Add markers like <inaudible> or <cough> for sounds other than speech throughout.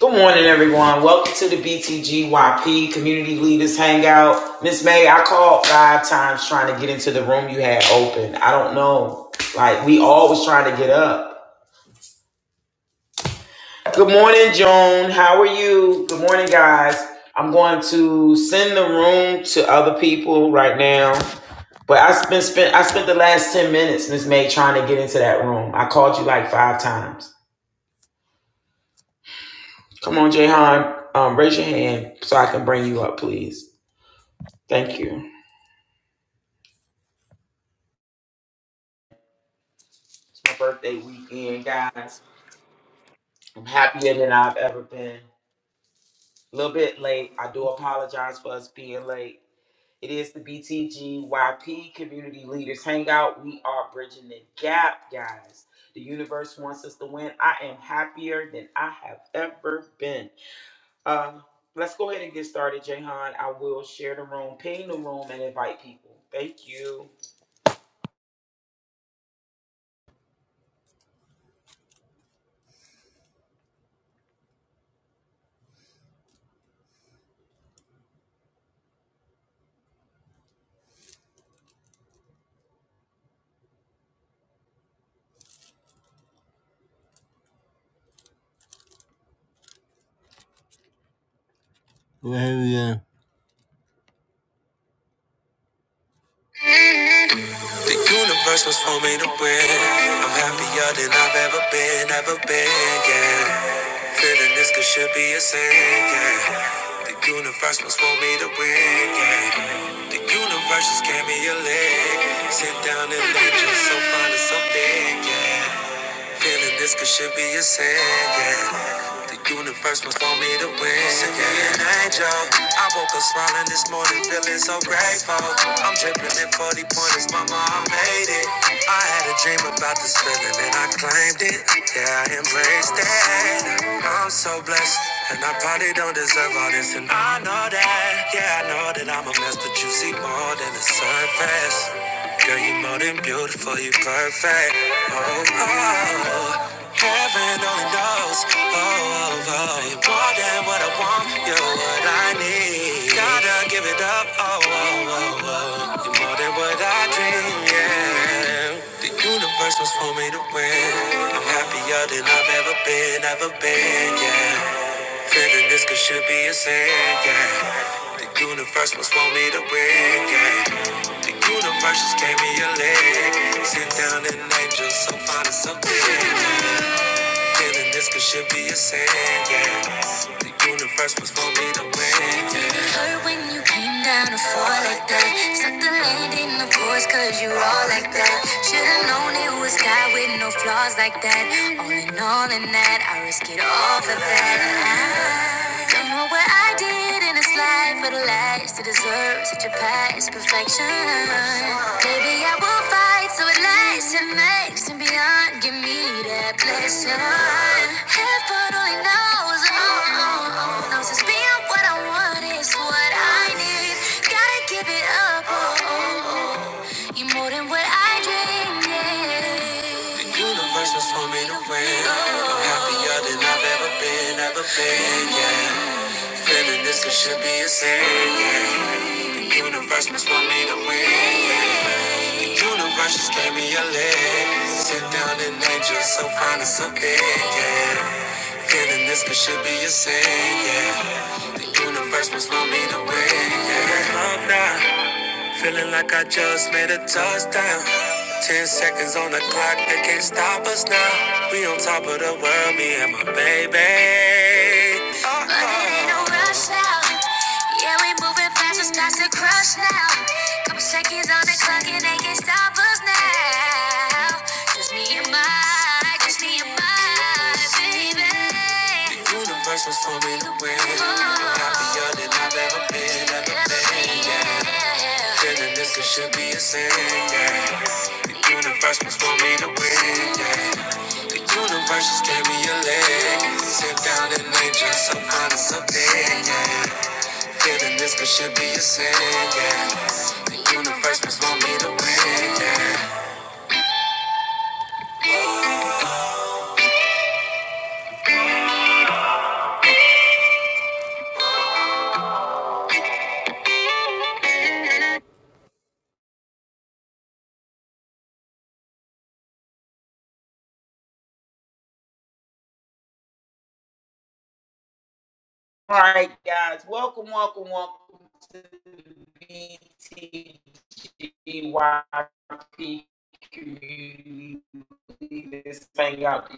Good morning, everyone. Welcome to the BTGYP Community Leaders Hangout. Miss May, I called five times trying to get into the room you had open. I don't know. Like, we all was trying to get up. Good morning, Joan. How are you? Good morning, guys. I'm going to send the room to other people right now. But I spent, spent I spent the last 10 minutes, Miss May, trying to get into that room. I called you like five times. Come on, Jayhan. Um, raise your hand so I can bring you up, please. Thank you. It's my birthday weekend, guys. I'm happier than I've ever been. A little bit late. I do apologize for us being late. It is the BTGYP Community Leaders Hangout. We are bridging the gap, guys. The universe wants us to win. I am happier than I have ever been. Um, let's go ahead and get started, Jahan. I will share the room, ping the room, and invite people. Thank you. Yeah, hell yeah. The universe was for me to win. I'm happier than I've ever been, ever been, yeah. Feeling this could should be a sin, yeah. The universe was for me to win, yeah. The universe just gave me a leg. Sit down and lay just so fine and so thick, Feeling this could should be a sin, yeah. The universe must want me to win. Send me an angel. I woke up smiling this morning, feeling so grateful. I'm dripping in 40 pointers, mama, I made it. I had a dream about this feeling and I claimed it. Yeah, I embraced it. I'm so blessed. And I probably don't deserve all this, and I know that. Yeah, I know that I'm a mess, but you see more than the surface. Girl, you are more than beautiful, you are perfect. Oh, oh, heaven only knows. Oh, oh, oh, you're more than what I want, you're what I need. Gotta give it up. Oh, oh, oh, oh, you're more than what I dream, yeah. The universe was for me to win. I'm happier than I've ever been, ever been, yeah. Feeling this could should be a sin, yeah. The universe must want me to win, yeah. The universe just gave me a leg. Sit down and angel, so fine and so big. Feeling this could should be a sin, yeah. The universe must want me to win, yeah. It hurt when you came down to fall like that. Suck the land in the voice, cause you all like that. Should've known it was God with no flaws like that. All in all, in that, I risk it all for that. I don't know what I did in this life for the last to deserve such a past perfection. Maybe I will fight so it lasts and makes and beyond. Give me that blessing. Heaven only knows, oh, oh, oh, knows it's being what I want is what I need. Gotta give it up, oh, oh, oh. you more than what I dreamed. yeah. The universe was for me to win. I'm happier than I've ever been, ever been, yeah. Feeling this it should be a sin. The Universe must want me to win. The Universe just gave me a leg. Sit down and angel, so fine and so big. Yeah. Feeling this it should be a sin. Yeah. The universe must want me to win. Yeah. now. Feeling like I just made a touchdown. Ten seconds on the clock, they can't stop us now. We on top of the world, me and my baby. Uh-oh. But it ain't no rush now. Yeah, we moving fast, it's not to crush now. Couple seconds on the clock, and they can't stop us now. Just me and my, just me and my my baby. universe was for me to win. Happier than I've ever been, ever been, yeah. Feeling this could should be a sin, yeah. The universe was for me to win, yeah. The universe just gave me a leg. Sit down and enjoy some fun and something, yeah. Feeling this could should be a sin, yeah. The universe was for me to win, yeah. All right, guys. Welcome, welcome, welcome to the BTGYP community. This thing out.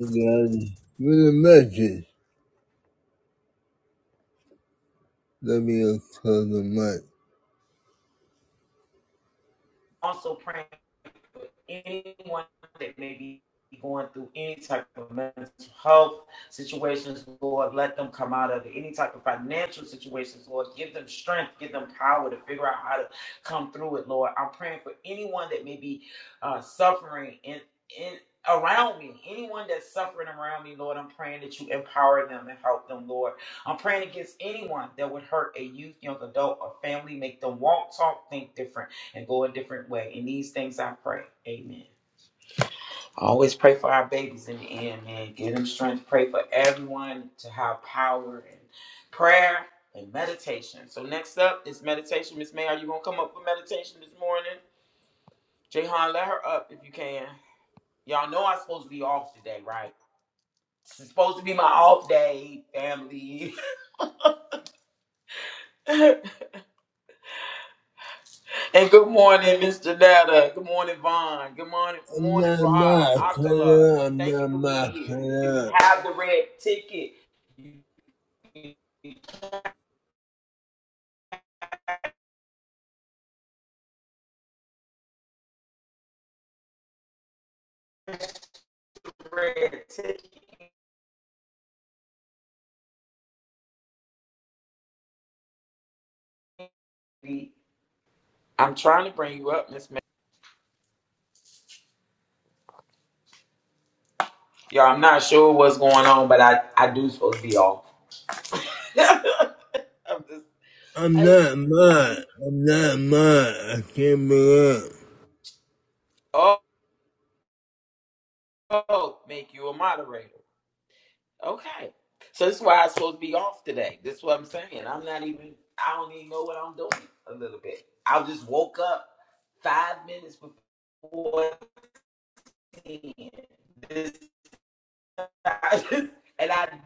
Good. With a message. W to the mic. Also praying. for anyone that may be going through any type of mental health situations, Lord, let them come out of Any type of financial situations, Lord, give them strength, give them power to figure out how to come through it, Lord. I'm praying for anyone that may be uh, suffering in in around me anyone that's suffering around me lord i'm praying that you empower them and help them lord i'm praying against anyone that would hurt a youth young adult or family make them walk talk think different and go a different way. In these things I pray. Amen. I always pray for our babies in the end, man. Give them strength. Pray for everyone to have power and prayer and meditation. So next up is meditation. Miss May, are you gonna come up for meditation this morning? Jayhan, let her up if you can. Y'all know I'm supposed to be off today, right? It's supposed to be my off day, family. <laughs> And good morning, Mr. Data. Good morning, Vaughn. Good morning, I'm morning, not Rod. mad, Akala. Taylor. I'm Thank you not for being mad, here. If you Taylor. have the red ticket, you red ticket. I'm trying to bring you up, Miss. Ma- Y'all, I'm not sure what's going on, but I I do supposed to be off. <laughs> I'm just. I'm I, not just mentioned. mad. I'm not mad. I can't be up. oh, make you a moderator. Okay. So this is why I'm supposed to be off today. This is what I'm saying. I'm not even I don't even know what I'm doing a little bit. I just woke up five minutes before 10. This <laughs> I just, and I don't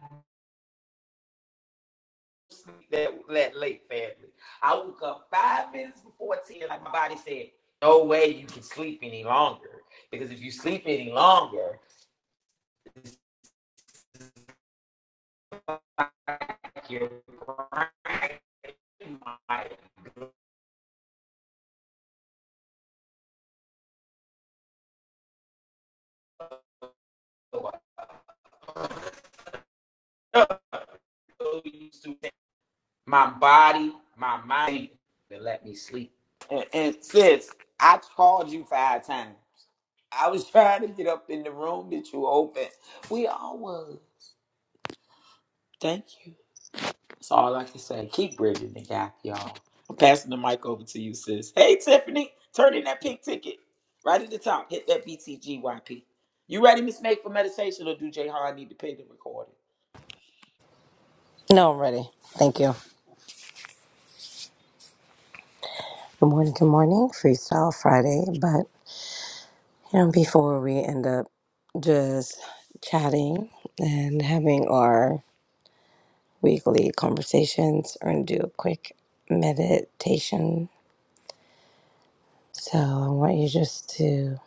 sleep that that late, family. I woke up five minutes before 10, like my body said, no way you can sleep any longer. Because if you sleep any longer, your brain might go up. <laughs> So used to my body, my mind to let me sleep. And, and sis, I called you five times. I was <laughs> trying to get up in the room that you opened. We all was. Thank you. That's all I can say. Keep bridging the gap, y'all. I'm passing the mic over to you, sis. Hey, Tiffany, turn in that pink ticket. Right at the top, hit that BTGYP. You ready, Miss Nate, for meditation, or do Jay Hard need to pay the recording? No, I'm ready. Thank you. Good morning. Good morning. Freestyle Friday. But you know, before we end up just chatting and having our weekly conversations, we're going to do a quick meditation. So I want you just to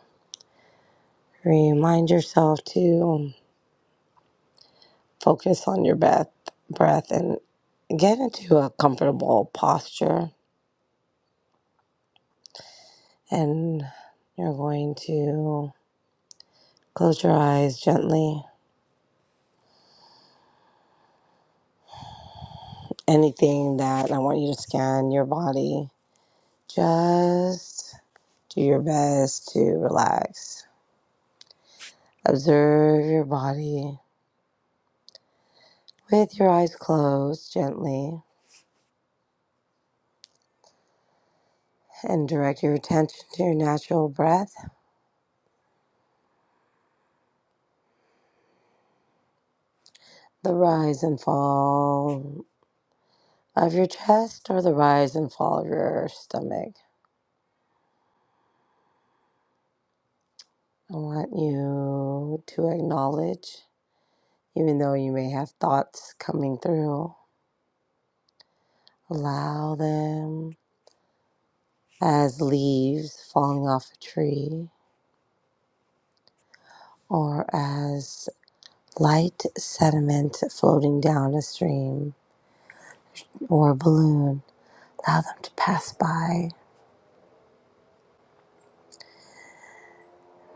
remind yourself to um, focus on your breath, breath and get into a comfortable posture. And you're going to close your eyes gently anything that I want you to scan your body, just do your best to relax. Observe your body with your eyes closed gently and direct your attention to your natural breath, the rise and fall of your chest or the rise and fall of your stomach. I want you to acknowledge, even though you may have thoughts coming through, allow them as leaves falling off a tree, or as light sediment floating down a stream or a balloon. Allow them to pass by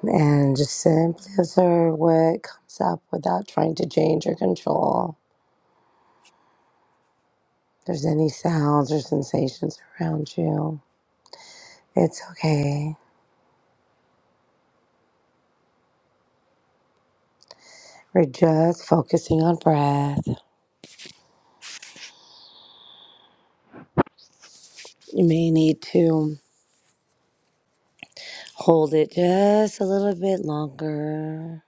and just simply observe what comes up without trying to change or control. If there's any sounds or sensations around you, it's okay. We're just focusing on breath. You may need to hold it just a little bit longer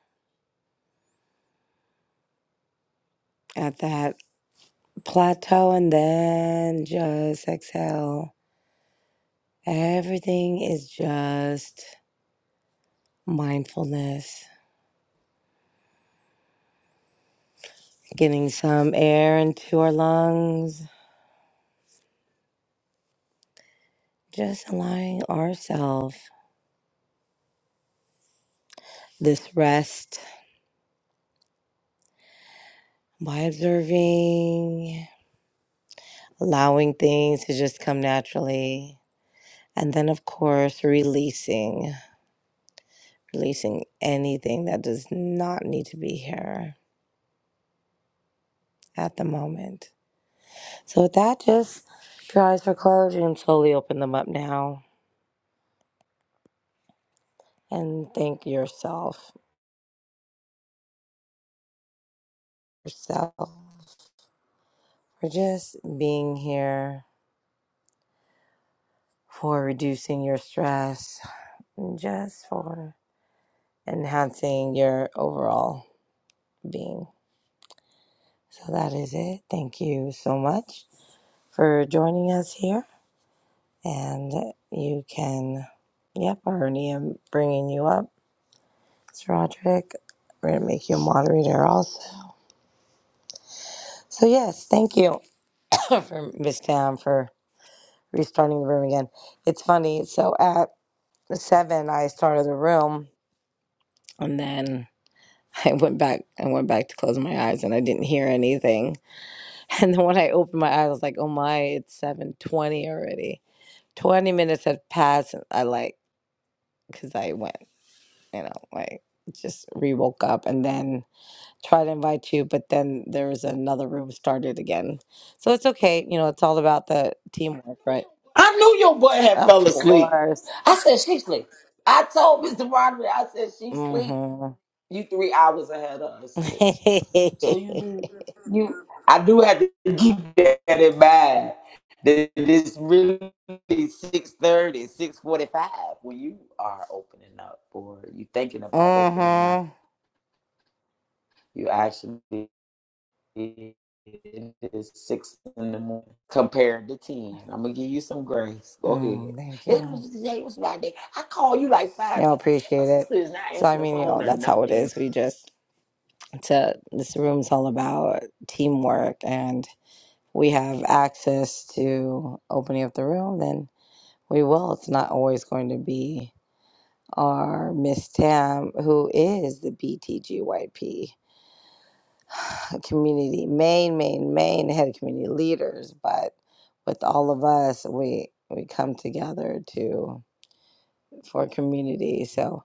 at that plateau and then just exhale. Everything is just mindfulness, getting some air into our lungs, just allowing ourselves this rest by observing, allowing things to just come naturally. And then, of course, releasing, releasing anything that does not need to be here at the moment. So with that, just if your eyes were closed, you can slowly open them up now and thank yourself, yourself for just being here, for reducing your stress, and just for enhancing your overall being. So that is it. Thank you so much for joining us here. And you can, yep, I already am bringing you up. It's Roderick. We're going to make you a moderator also. So, yes, thank you. <coughs> for Miss Tam for restarting the room again. It's funny. So at seven, I started the room, and then <laughs> I went back. I went back to close my eyes, and I didn't hear anything. <laughs> And then when I opened my eyes, I was like, "Oh my! It's seven twenty already. Twenty minutes had passed." And I like because I went, you know, like just re woke up and then tried to invite you, but then there was another room started again. So it's okay. You know, it's all about the teamwork, right? I knew your butt had Of fell asleep. course. I said she sleep. I told Mr. Roderick, I said she sleep. Mm-hmm. You three hours ahead of us, sis. So you mm-hmm. be you I do have to keep that in mind. That it's really six thirty, six forty five when you are opening up or you thinking about opening up. <laughs> You actually It is six in the morning compared to ten. I'm gonna give you some grace. Go ahead. Mm, thank It you. was today was my day. I called you like five Y'all times. I said my appreciate it. sister is not So I answering the mean, you phone know, or that's how it nothing. is. We just to this room's all about teamwork and we have access to opening up the room, then we will. It's not always going to be our Miss Tam, who is the BTGYP. community Maine, Maine, Maine had community leaders but with all of us we we come together to for community so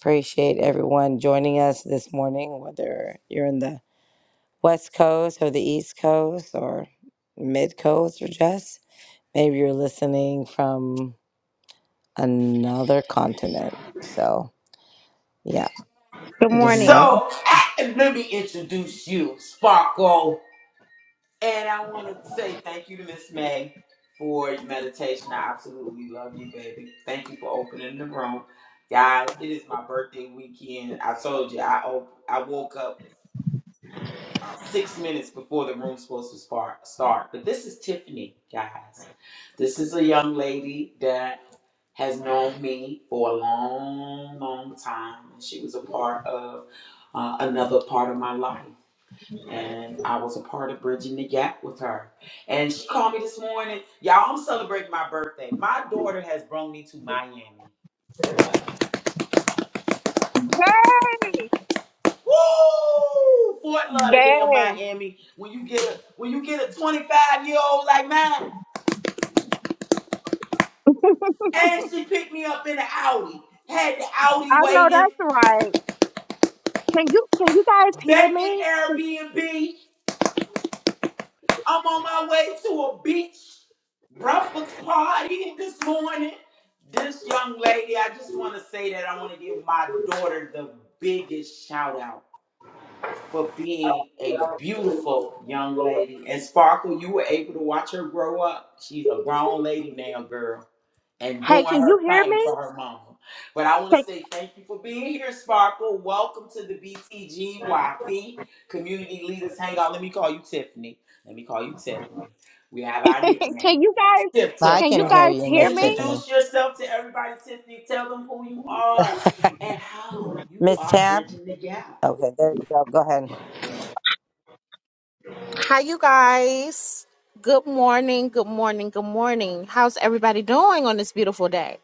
appreciate everyone joining us this morning whether you're in the west coast or the east coast or mid coast or just maybe you're listening from another continent so yeah Good good So morning. morning I, let me introduce you, Sparkle. And I want to say thank you to Miss May for your meditation. I absolutely love you, baby. Thank you for opening the room. Guys, it is my birthday weekend. I told you I op- I woke up six minutes before the room's supposed to spar- start. But this is Tiffany, guys. This is a young lady that has known me for a long, long time. And she was a part of uh, another part of my life. And I was a part of Bridging the Gap with her. And she called me this morning. Y'all, I'm celebrating my birthday. My daughter has brought me to Miami. Yay! Woo! Fort Lauderdale, Yay! Miami. When you get a when you get a 25 year old like mine, And she picked me up in an Audi. Had the Audi I know waiting, that's right. Can you can you guys hear banging me? Airbnb. I'm on my way to a beach breakfast party this morning. This young lady, I just want to say that I want to give my daughter the biggest shout out for being a beautiful young lady. And Sparkle, you were able to watch her grow up. She's a grown lady now, girl and Hey, doing can you her hear thing for me? her mama. But I want to say thank you for being here, Sparkle. Welcome to the BTGYP Community Leaders Hangout. Let me call you Tiffany. Let me call you Tiffany. We have our Can, <laughs> nickname. can you guys Tiff i Tiff, can can you hear guys y'all. you hear miss me? tiffany Introduce yourself to everybody, Tiffany. Tell them who you are <laughs> and how you miss are tab bridging the gap. okay there you go go ahead Hi you guys. Good morning, good morning, good morning. How's everybody doing on this beautiful day?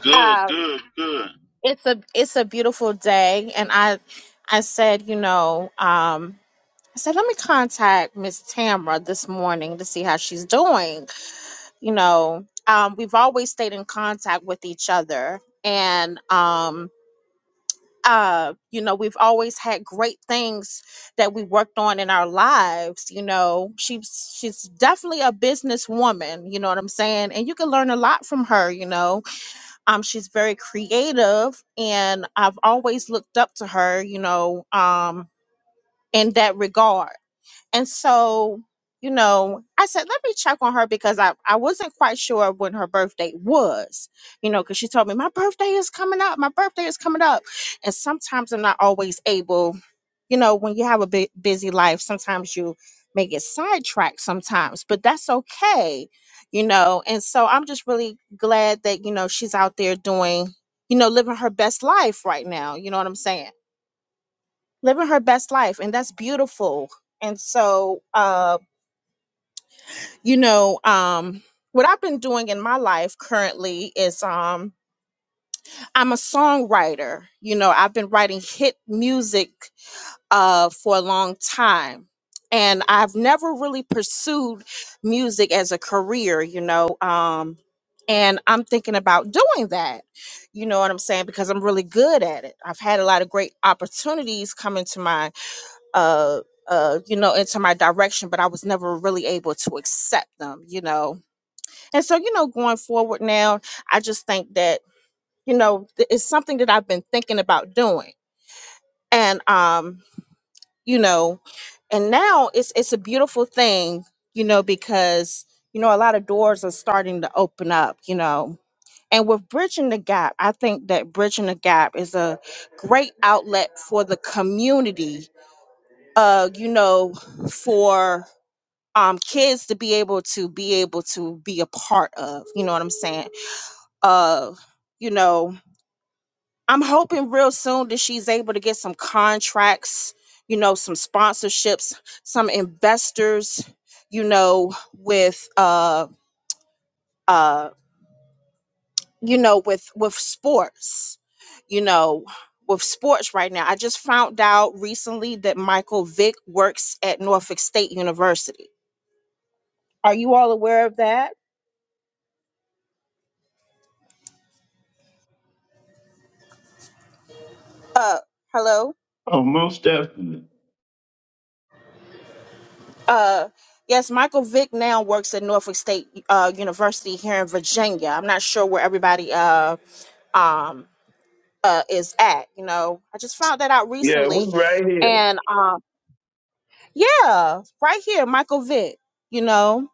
Good, Uh, good, good. it's a it's a beautiful day and I I said, you know, um I said let me contact Miss Tamra this morning to see how she's doing you know, um, we've always stayed in contact with each other. And, um, uh, you know, we've always had great things that we worked on in our lives. You know, she's she's definitely a businesswoman. You know what I'm saying? And you can learn a lot from her. You know, um, she's very creative, and I've always looked up to her. You know, um, in that regard and so, you know, I said, let me check on her because I, I wasn't quite sure when her birthday was, you know, because she told me, my birthday is coming up. My birthday is coming up. And sometimes I'm not always able, you know, when you have a big, busy life, sometimes you may get sidetracked sometimes, but that's okay, you know. And so I'm just really glad that, you know, she's out there doing, you know, living her best life right now. You know what I'm saying? Living her best life. And that's beautiful. And so, um, you know um what i've been doing in my life currently is um i'm a songwriter you know i've been writing hit music uh for a long time and i've never really pursued music as a career you know um and i'm thinking about doing that you know what i'm saying because i'm really good at it i've had a lot of great opportunities come into my uh uh you know into my direction but i was never really able to accept them you know and so, you know, going forward now, I just think that, you know, th- it's something that I've been thinking about doing. And um, you know, and now it's it's a beautiful thing, you know, because you know, a lot of doors are starting to open up, you know. And with Bridging the Gap, I think that Bridging the Gap is a great outlet for the community, uh, you know, for um kids to be able to be able to be a part of, you know what I'm saying? uh you know i'm hoping real soon that she's able to get some contracts you know some sponsorships some investors you know with uh uh you know with with sports you know with sports right now i just found out recently that michael vick works at norfolk state university are you all aware of that uh hello Oh, most definitely. Uh, yes, Michael Vick now works at Norfolk State uh, University here in Virginia. I'm not sure where everybody uh, um, uh, is at. You know, I just found that out Yeah, we recently, right here. and um, yeah, right here, Michael Vick. You know,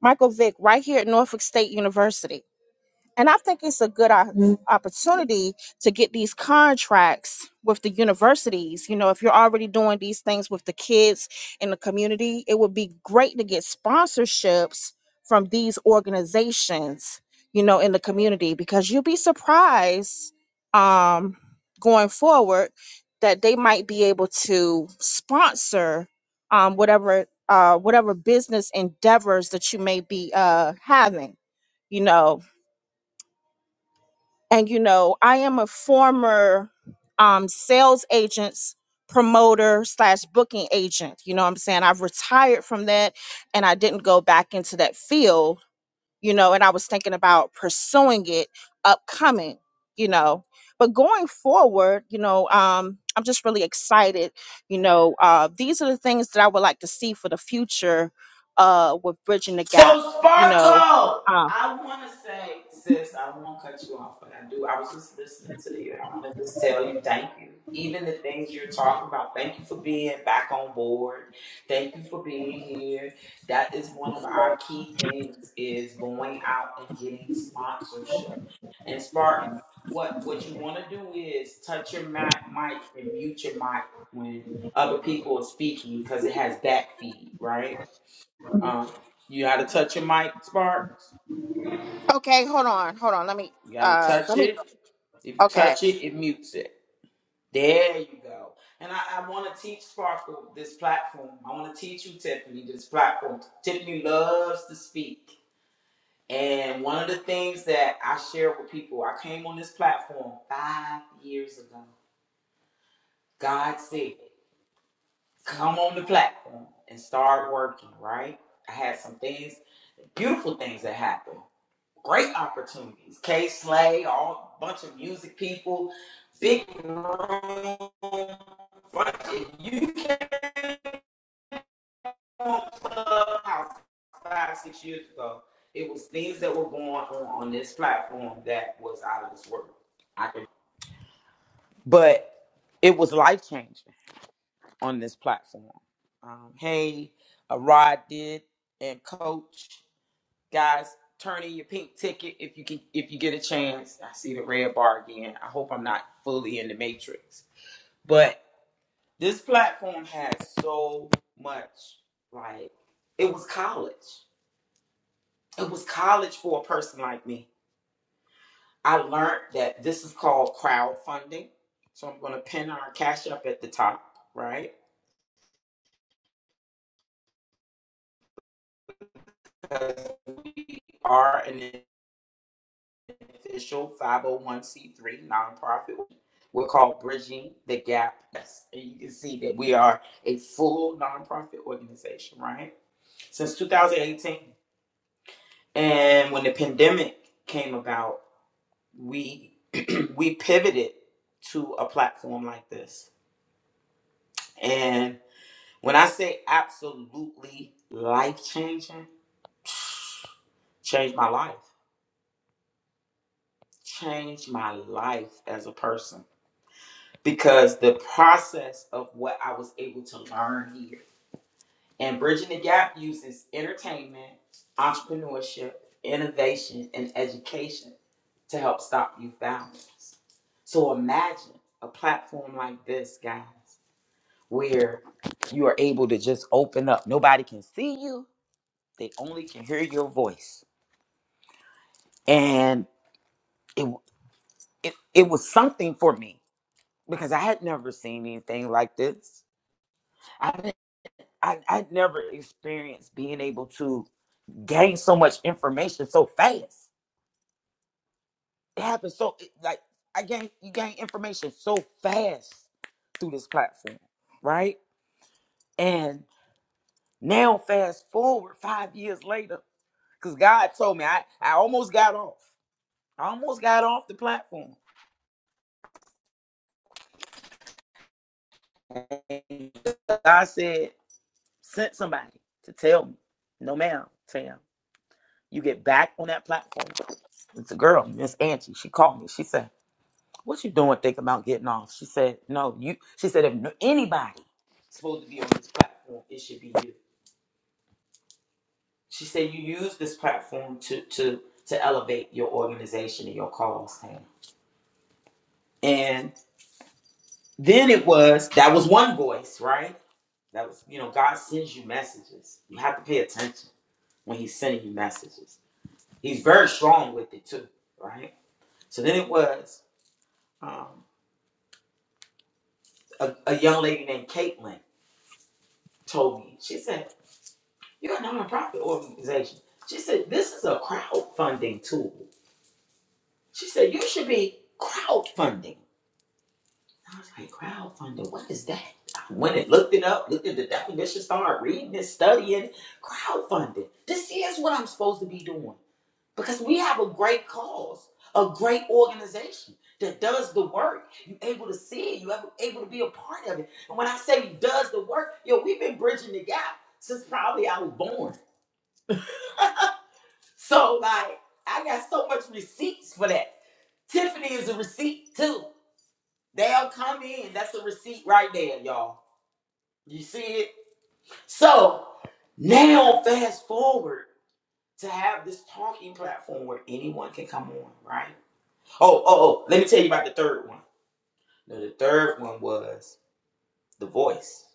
Michael Vick, right here at Norfolk State University. And I think it's a good o- Mhm. opportunity to get these contracts with the universities. You know, if you're already doing these things with the kids in the community, it would be great to get sponsorships from these organizations, you know, in the community because you'll be surprised um, going forward that they might be able to sponsor um, whatever uh, whatever business endeavors that you may be uh, having you know and you know, I am a former um, sales agent's promoter slash booking agent. You know what I'm saying? I've retired from that and I didn't go back into that field, you know, and I was thinking about pursuing it upcoming, you know. But going forward, you know, um, I'm just really excited. You know, uh, these are the things that I would like to see for the future uh, with Bridging the So Gap, you know. Sparkle, Um, I want to say, sis, I won't cut you off, but I do. I was just listening to you, and I want to just tell you, thank you. Even the things you're talking about, thank you for being back on board. Thank you for being here. That is one of our key things: is going out and getting sponsorship. And Spark, what what you want to do is touch your mic, mic and mute your mic when other people are speaking because it has back feed, right? Um, you gotta touch your mic, Sparks. okay, hold on, hold on. Let me You gotta uh, let touch me it. If you Okay. touch it, it mutes it. There you go. And I, I want to teach Sparkle this platform. I want to teach you, Tiffany, this platform. Tiffany loves to speak. And one of the things that I share with people, I came on this platform five years ago. God said, come on the platform and start working, right? I had some things, beautiful things that happened. great opportunities. K Slay, all bunch of music people, big room, bunch of, you came on Clubhouse five, six years ago. It was things that were going on on this platform that was out of this world. I could, but it was life changing on this platform. Um, hey, uh, Rod did and Coach. guys turn in your pink ticket if you can if you get a chance i see the red bar again i hope i'm not fully in the matrix but this platform has so much like it was college it was college for a person like me i learned that this is called crowdfunding so i'm going to pin our cash up at the top right Because we are an official 501c3 nonprofit. We're called Bridging the Gap. Yes, and you can see that we are a full nonprofit organization, right? Since 2018. And when the pandemic came about, we <clears throat> we pivoted to a platform like this. And when I say absolutely life changing, changed my life. Changed my life as a person because the process of what I was able to learn here and bridging the gap uses entertainment, entrepreneurship, innovation, and education to help stop youth violence. So imagine a platform like this, guys, where you are able to just open up. Nobody can see you; they only can hear your voice, and it it, it was something for me because I had never seen anything like this. I, i never experienced being able to gain so much information so fast. It happened so it- like I gain you gain information so fast through this platform, right? And now fast forward five years later, because God told me I, I almost got off. I almost got off the platform. And God said, sent somebody to tell me, no ma'am, Tam, you get back on that platform. It's a girl, Miss Angie. She called me. She said, what you doing thinking about getting off? She said, no, you, she said, if no- anybody supposed to be on this platform, it should be you. She said, you use this platform to, to, to elevate your organization and your cause, Tam. And then it was, that was one voice, right? That was, you know, God sends you messages. You have to pay attention when he's sending you messages. He's very strong with it too, right? So then it was, um, a, a young lady named Caitlin told me, she said, You're a nonprofit organization. She said, This is a crowdfunding tool. She said, You should be crowdfunding. I was like, Crowdfunding, what is that? I went and looked it up, looked at the definition, started reading and studying. Crowdfunding. This is what I'm supposed to be doing because we have a great cause, a great organization that does the work. You're able to see it, you're able to be a part of it. And when I say does the work, yo, we've been bridging the gap since probably I was born. So like I got so much receipts for that. Tiffany is a receipt too. They'll come in. That's a receipt right there, y'all. You see it? So now fast forward to have this talking platform where anyone can come on, right? Oh, oh, oh, let me tell you about the third one. No, the third one was the voice.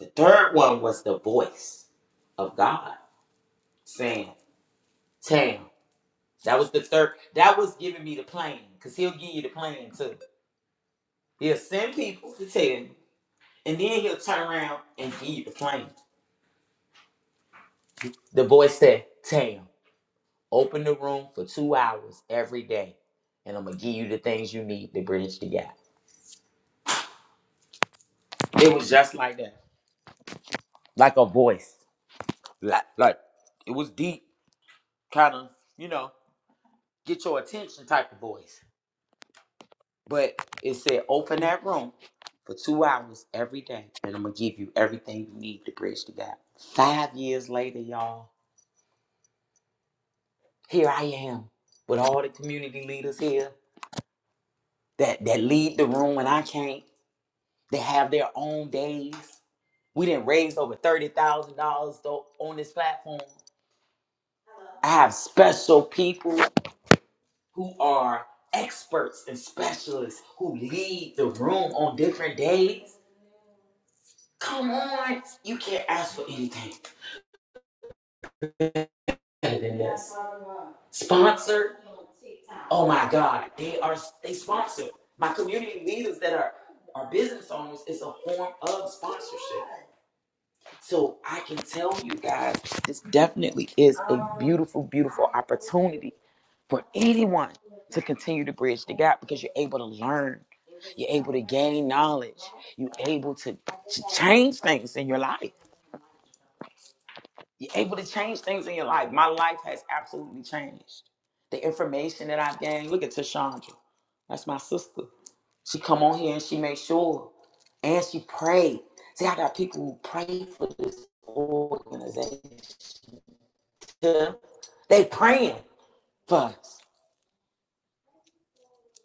The third one was the voice of God saying, Tam. That was the third. That was giving me the plan. Cause he'll give you the plan too He'll send people to tell you, and then he'll turn around and give you the plan. The boy said, Tam, open the room for two hours every day, and I'm going to give you the things you need to bridge the gap. It was just like that. Like a voice. Like, like it was deep, kind of, you know, get your attention type of voice. But it said, open that room for two hours every day, and I'm going to give you everything you need to bridge the gap. Five years later, y'all Here I am with all the community leaders here that, that lead the room when I can't. They have their own days. We didn't raise over $30,000 though on this platform. I have special people who are experts and specialists who lead the room on different days. Come on, you can't ask for anything better than this. Sponsored Oh my God, they are they sponsor my community leaders that are are business owners. is a form of sponsorship. So I can tell you guys, this definitely is a beautiful, beautiful opportunity for anyone to continue to bridge the gap because you're able to learn, you're able to gain knowledge, you're able to, to change things in your life. You're able to change things in your life. My life has absolutely changed. The information that I've gained. Look at Tashandra. That's my sister. She come on here and she made sure, and she prayed. See, I got people who pray for this organization. They praying for us.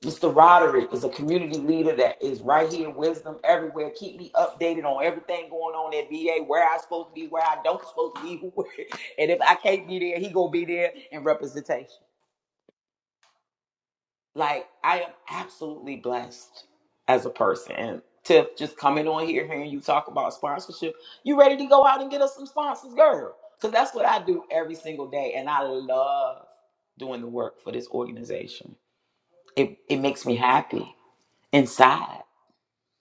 Mr. Roderick is a community leader that is right here, wisdom everywhere. Keep me updated on everything going on at VA, where I supposed to be, where I don't supposed to be, who- <laughs> and if I can't be there, he gonna be there in representation. Like I am absolutely blessed as a person. And Tiff, just coming on here, hearing you talk about sponsorship, you ready to go out and get us some sponsors, girl? Because that's what I do every single day, and I love doing the work for this organization. It it makes me happy inside.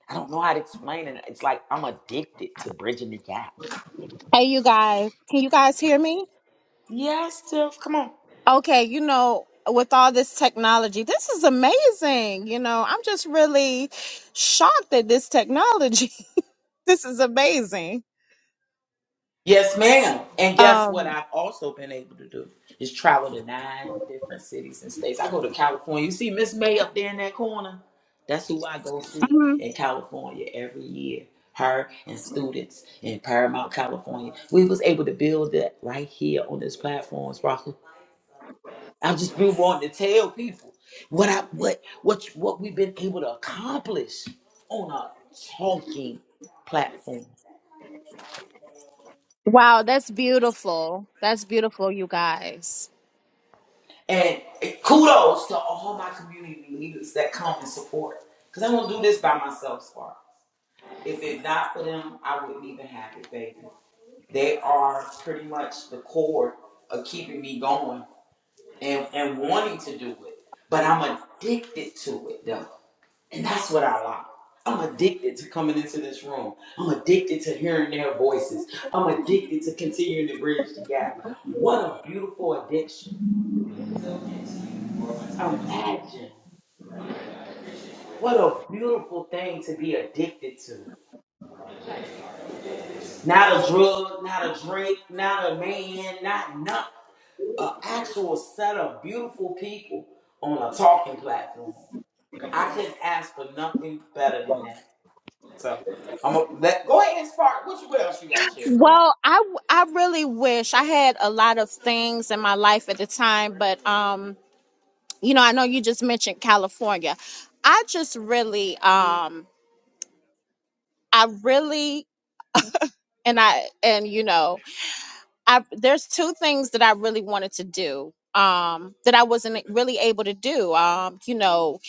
I don't know how to explain it. It's like I'm addicted to bridging the gap. Hey, you guys, can you guys hear me? Yes, Tiff, come on. Okay, you know, with all this technology, this is amazing. You know, I'm just really shocked at this technology. <laughs> this is amazing. Yes, ma'am. And guess what? Um, I've also been able to do is travel to nine different cities and states. I go to California. You see Miss May up there in that corner? That's who I go see Mhm. in California every year. Her and students in Paramount, California. We was able to build that right here on this platform, Sparkle. I just been wanting to tell people what I what what what we've been able to accomplish on a talking platform. wow, that's beautiful. That's beautiful, you guys. And kudos to all my community leaders that come and support. Because I don't do this by myself, Spark. If it's not for them, I wouldn't even have it, baby. They are pretty much the core of keeping me going and, and wanting to do it. But I'm addicted to it, though. And that's what I like. I'm addicted to coming into this room. I'm addicted to hearing their voices. I'm addicted to continuing to bridge the gap. What a beautiful addiction. Imagine. What a beautiful thing to be addicted to. Not a drug, not a drink, not a man, not nothing. An actual set of beautiful people on a talking platform. I couldn't ask for nothing better than that. So I'm gonna let go ahead and spark. What you what else you got to share? Come on. Well, I w- I really wish I had a lot of things in my life at the time, but um, you know, I know you just mentioned California. I just really um I really and I and you know, I there's two things that I really wanted to do um that I wasn't really able to do um you know,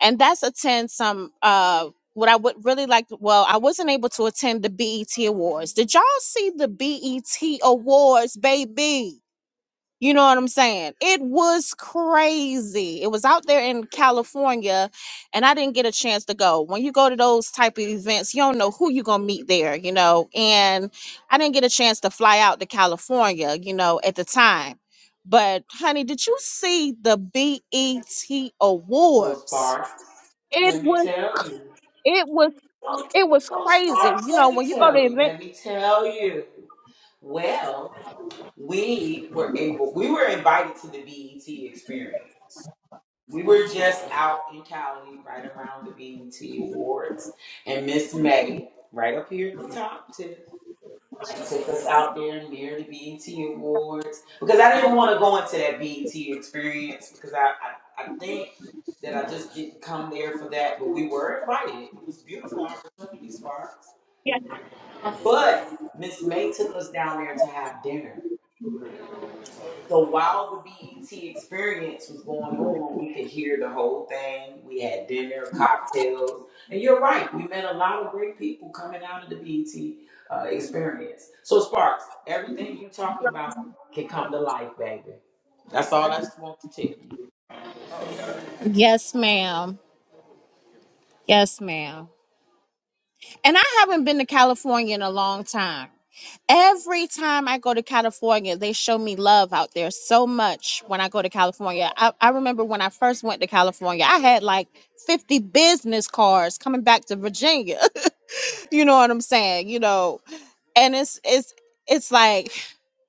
and that's attend some uh what I would really like to- well, I wasn't able to attend the BET Awards. Did y'all see the BET Awards, baby? You know what I'm saying? It was crazy. It was out there in California, and I didn't get a chance to go. When you go to those type of events, you don't know who you're gonna meet there, you know. And I didn't get a chance to fly out to California, you know, at the time. But honey, did you see the BET So Awards? spark, It let me was tell you. it was Oh, it was oh spark, crazy. You know, let me when you go to tell you. event. Let me tell you. Well, we were able. We were invited to the BET experience. We were just out in Cali, right around the BET Awards, and Miss May, right up here at the top, too. She took us out there near the BET Awards because I didn't want to go into that BET experience because I, I, I think that I just didn't come there for that, but we were invited. It was a beautiful opportunity, Sparks. Yes, But Miss May took us down there to have dinner. So while the BET experience was going on, we could hear the whole thing. We had dinner, cocktails, and you're right. We met a lot of great people coming out of the BET uh, experience. So Sparks, everything you talking about can come to life, baby. That's all I just want to tell you. yes ma'am. Yes, ma'am. And I haven't been to California in a long time every time I go to California, they show me love out there so much when I go to California. I, I remember when I first went to California, I had like 50 business cards coming back to Virginia. <laughs> you know what I'm saying? You know, and it's it's it's like,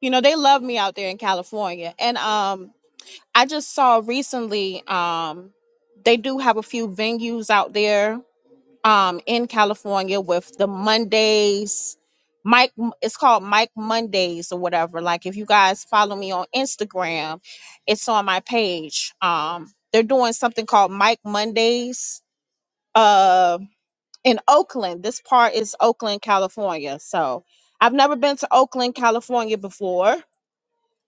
you know, they love me out there in California. And um I just saw recently um they do have a few venues out there um in California with the Mondays. Mike, it's called Mike Mondays or whatever. Like if you guys follow me on Instagram, it's on my page. Um, they're doing something called Mike Mondays. Uh, in Oakland, this part is Oakland, California. So I've never been to Oakland, California before,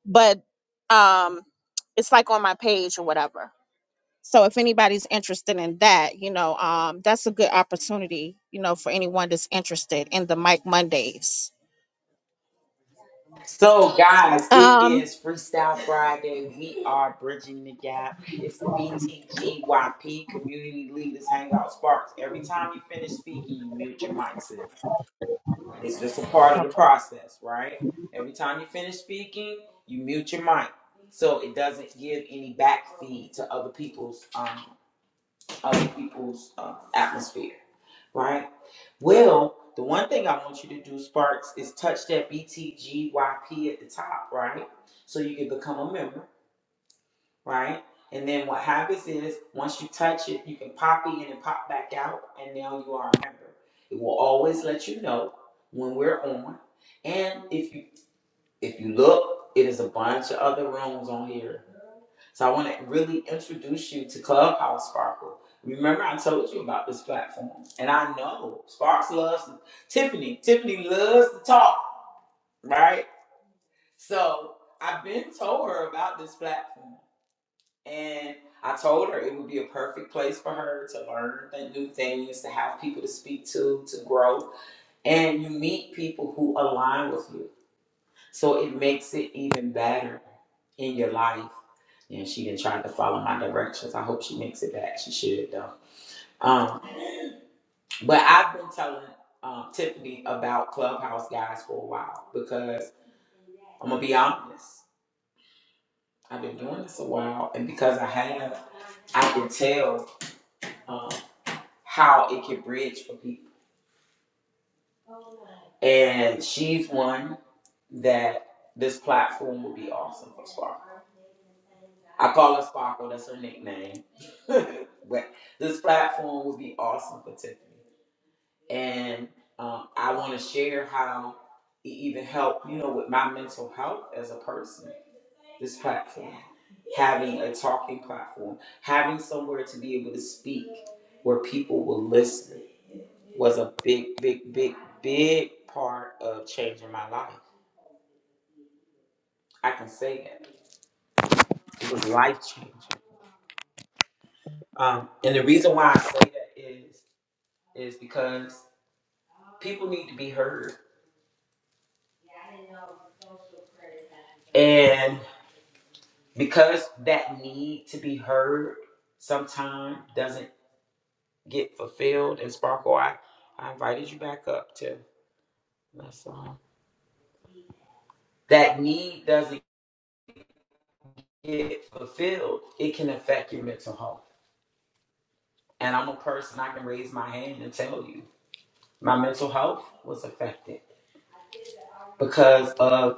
but um, it's like on my page or whatever so if anybody's interested in that you know um that's a good opportunity you know for anyone that's interested in the mike mondays So, guys, it um is Freestyle Friday. We are bridging the gap. It's the BTGYP Community Leaders Hangout Sparks. Every time you finish speaking, you mute your mic, sis. It's just a part of the process, right? Every time you finish speaking, you mute your mic so it doesn't give any back feed to other people's um, other people's uh, atmosphere, right? Well, the one thing I want you to do, Sparks, is touch that BTGYP at the top, right? So you can become a member right? And then what happens is once you touch it, you can pop in and pop back out, and now you are a member. It will always let you know when we're on. And if you if you look, it is a bunch of other rooms on here. So I want to really introduce you to Clubhouse Sparkle. Remember, I told you about this platform, and I know Sparks loves Tiffany. Tiffany loves to talk, right? So I've been told her about this platform. And I told her it would be a perfect place for her to learn th- new things, to have people to speak to, to grow. And you meet people who align with you. So it makes it even better in your life. And she didn't try to follow my directions. I hope she makes it back. She should, though. Um, but I've been telling um, Tiffany about Clubhouse guys for a while because I'm going to be honest. I've been doing this a while. And because I have, I can tell. um, how it can bridge for people. And she's one that this platform would be awesome for Sparkle. I call her Sparkle, that's her nickname. <laughs> but this platform would be awesome for Tiffany. And um, I want to share how it even helped, you know, with my mental health as a person, this platform. Having a talking platform, having somewhere to be able to speak where people will listen was a big, big, big, big part of changing my life. I can say that. It was life changing. Um, and the reason why I say that is is because people need to be heard. And because that need to be heard sometimes doesn't get fulfilled. And Sparkle, I, I invited you back up to that's all. That need doesn't get fulfilled, it can affect your mental health. And I'm a person I can raise my hand and tell you my mental health was affected because of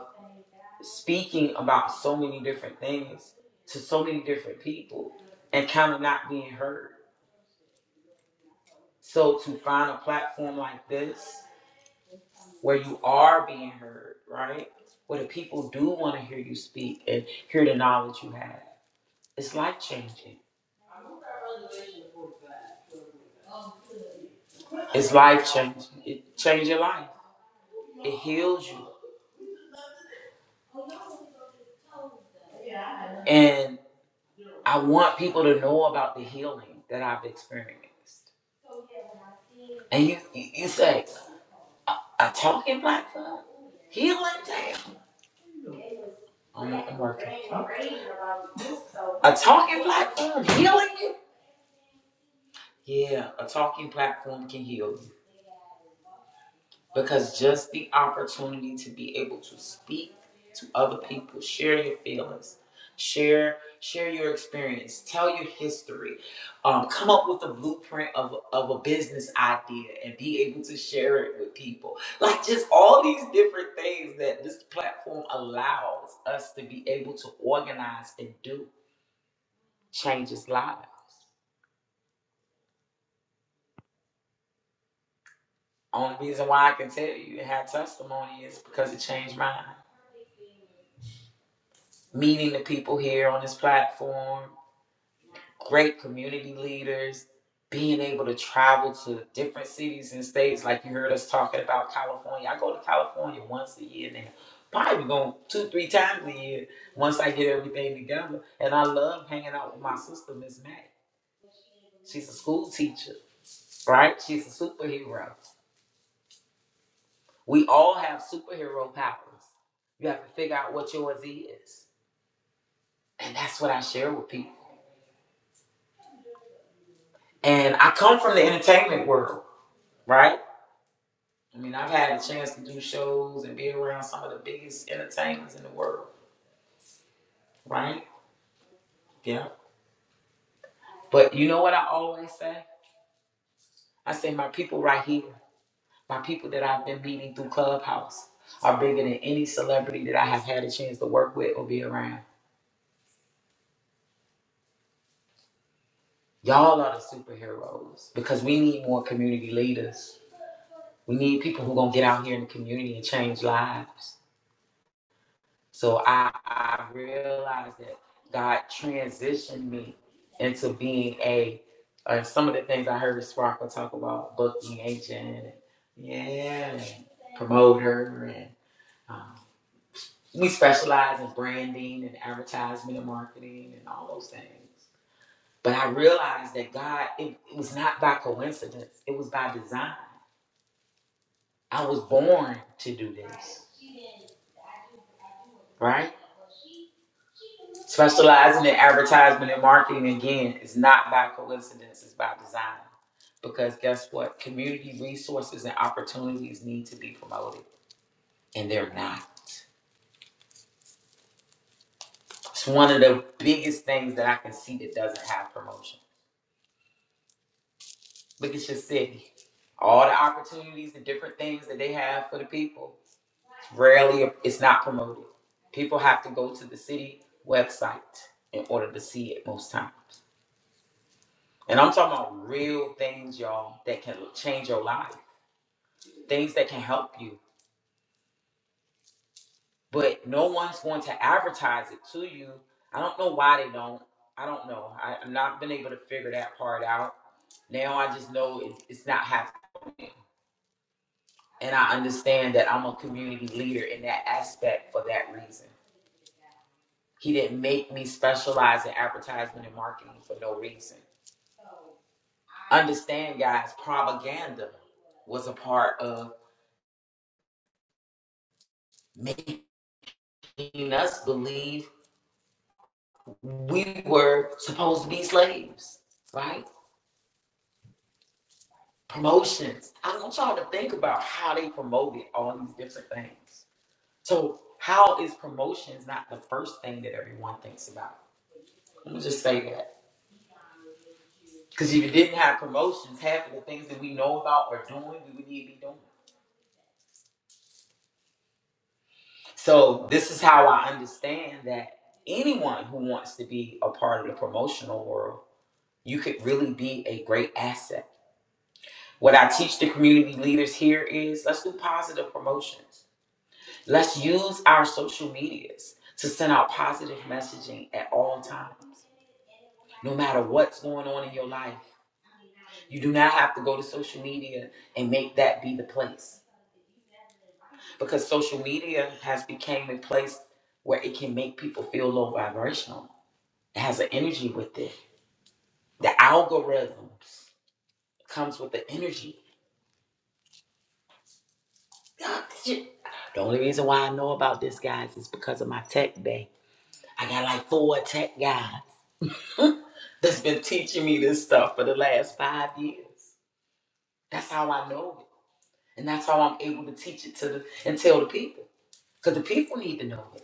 speaking about so many different things to so many different people and kind of not being heard. So to find a platform like this where you are being heard, right? Where the people do want to hear you speak and hear the knowledge you have. It's life changing. It's life changing. It changes your life. It heals you. And I want people to know about the healing that I've experienced. And you, you, you say, A talking black fella? He in town. I'm not working. A talking black fella healing you? Yeah, a talking platform can heal you. because just the opportunity to be able to speak to other people share your feelings share share your experience tell your history um, come up with a blueprint of, of a business idea and be able to share it with people like just all these different things that this platform allows us to be able to organize and do changes lives only reason why i can tell you and have testimony is because it changed mine meeting the people here on this platform, great community leaders, being able to travel to different cities and states. Like you heard us talking about California. I go to California once a year now. Probably going two, three times a year once I get everything together. And I love hanging out with my sister, Miss Mac. She's a school teacher, right? She's a superhero. We all have superhero powers. You have to figure out what yours is. And that's what I share with people. And I come from the entertainment world, right? I mean, I've had a chance to do shows and be around some of the biggest entertainers in the world, right? Yeah. But you know what I always say? I say, my people right here, my people that I've been meeting through Clubhouse are bigger than any celebrity that I have had a chance to work with or be around. Y'all are the superheroes because we need more community leaders. We need people who going to get out here in the community and change lives. So I, I realized that God transitioned me into being a, uh, some of the things I heard Sparkle talk about, booking agent, and, yeah, and promoter, and um, we specialize in branding and advertisement and marketing and all those things. But I realized that God, it, it was not by coincidence, it was by design. I was born to do this, right? Specializing in advertisement and marketing again is not by coincidence, it's by design. Because guess what? Community resources and opportunities need to be promoted, and they're not. It's one of the biggest things that I can see that doesn't have promotion. Look at your city. All the opportunities, the different things that they have for the people, it's rarely, it's not promoted. People have to go to the city website in order to see it most times. And I'm talking about real things, y'all, that can change your life, things that can help you. But no one's going to advertise it to you. I don't know why they don't. I don't know. I, I've not been able to figure that part out. Now I just know it, it's not happening. And I understand that I'm a community leader in that aspect for that reason. He didn't make me specialize in advertisement and marketing for no reason. Understand, guys, propaganda was a part of making us believe we were supposed to be slaves, right? Promotions. I want y'all to think about how they promoted all these different things. So, how is promotions not the first thing that everyone thinks about? Let me just say that. Because if you didn't have promotions, half of the things that we know about or doing, we would need to be doing. So, this is how I understand that anyone who wants to be a part of the promotional world, you could really be a great asset What I teach the community leaders here is let's do positive promotions. Let's use our social medias to send out positive messaging at all times, no matter what's going on in your life. You do not have to go to social media and make that be the place because social media has become a place where it can make people feel low vibrational. It has an energy with it. The algorithms comes with the energy. <laughs> The only reason why I know about this, guys, is because of my tech day. I got like four tech guys that's been teaching me this stuff for the last five years. That's how I know it. And that's how I'm able to teach it to the and tell the people. Because the people need to know it.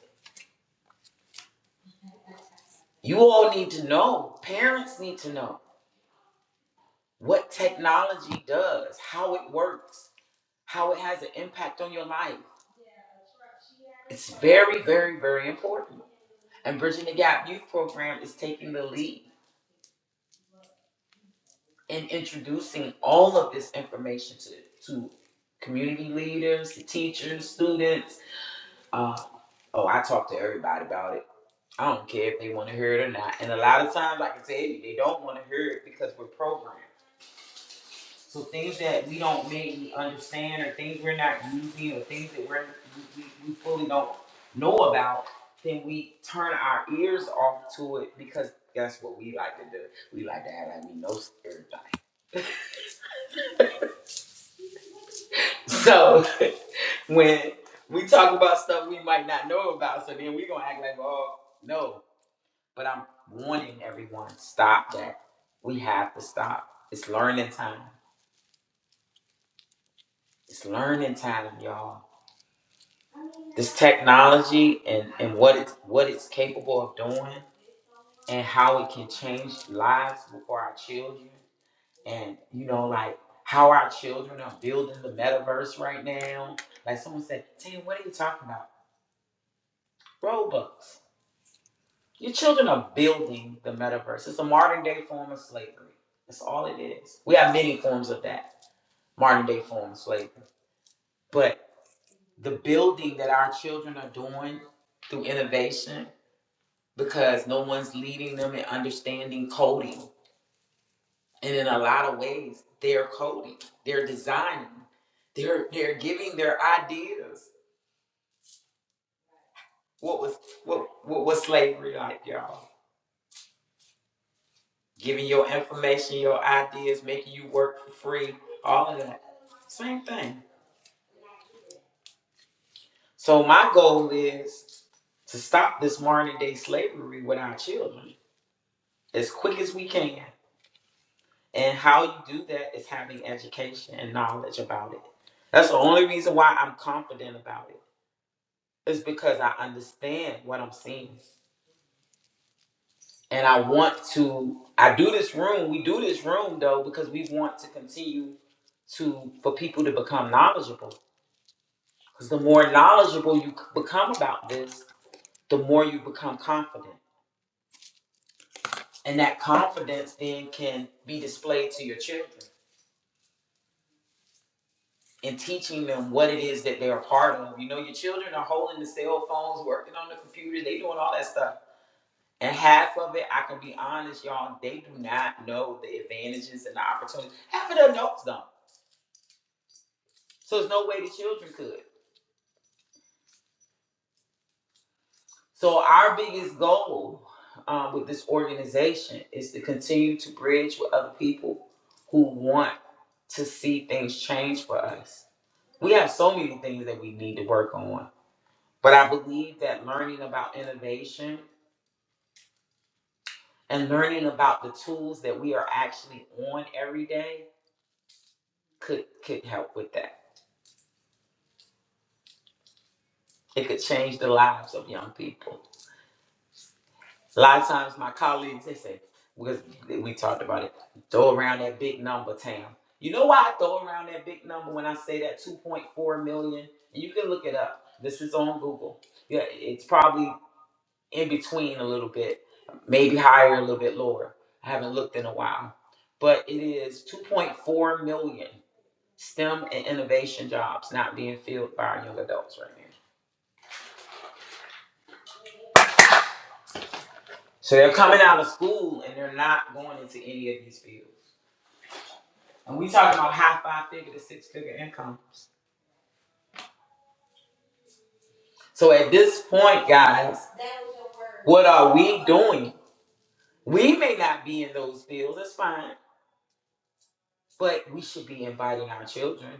You all need to know. Parents need to know what technology does, how it works, how it has an impact on your life. It's very, very, very important. And Bridging the Gap Youth Program is taking the lead. in introducing all of this information to to community leaders, to teachers, students. Uh, oh, I talk to everybody about it. I don't care if they want to hear it or not. And a lot of times, like I tell you, they don't want to hear it because we're programmed. So things that we don't maybe understand, or things we're not using, or things that we're we, we fully don't know about, then we turn our ears off to it because that's what we like to do. We like to act like we know everything. <laughs> So when we talk about stuff we might not know about. So then we gonna act like, oh no. But I'm warning everyone, stop that. We have to stop. It's learning time. It's learning time, y'all. This technology and, and what it's what it's capable of doing and how it can change lives for our children. And you know, like how our children are building the metaverse right now. Like someone said, Tim, what are you talking about? Robux. Your children are building the metaverse. It's a modern day form of slavery. That's all it is. We have many forms of that modern day form of slavery. But the building that our children are doing through innovation, because no one's leading them in understanding coding. And in a lot of ways, they're coding, they're designing, they're they're giving their ideas. What was what what was slavery like, y'all? giving your information, your ideas, making you work for free, all of that. Same thing. So my goal is to stop this modern day slavery with our children as quick as we can. And how you do that is having education and knowledge about it. That's the only reason why I'm confident about it. Is because I understand what I'm seeing. And I want to I do this room, we do this room though, because we want to continue to for people to become knowledgeable Because the more knowledgeable you become about this, the more you become confident. And that confidence then can be displayed to your children in teaching them what it is that they're a part of. You know, your children are holding the cell phones, working on the computer, they doing all that stuff. And half of it, I can be honest, y'all, they do not know the advantages and the opportunities. Half of the adults don't. So there's no way the children could. So our biggest goal um, with this organization is to continue to bridge with other people who want to see things change for us. We have so many things that we need to work on, but I believe that learning about innovation and learning about the tools that we are actually on every day could could help with that. It could change the lives of young people. A lot of times my colleagues, they say, because we talked about it, throw around that big number, Tam. You know why I throw around that big number when I say that 2.4 million? And you can look it up. This is on Google. Yeah, it's probably in between a little bit, maybe higher, a little bit lower. I haven't looked in a while. But it is 2.4 million STEM and innovation jobs not being filled by our young adults right now. So they're coming out of school and they're not going into any of these fields. And we talking about high five figure to six figure incomes. So at this point, guys, what are we doing? We may not be in those fields, that's fine. But we should be inviting our children.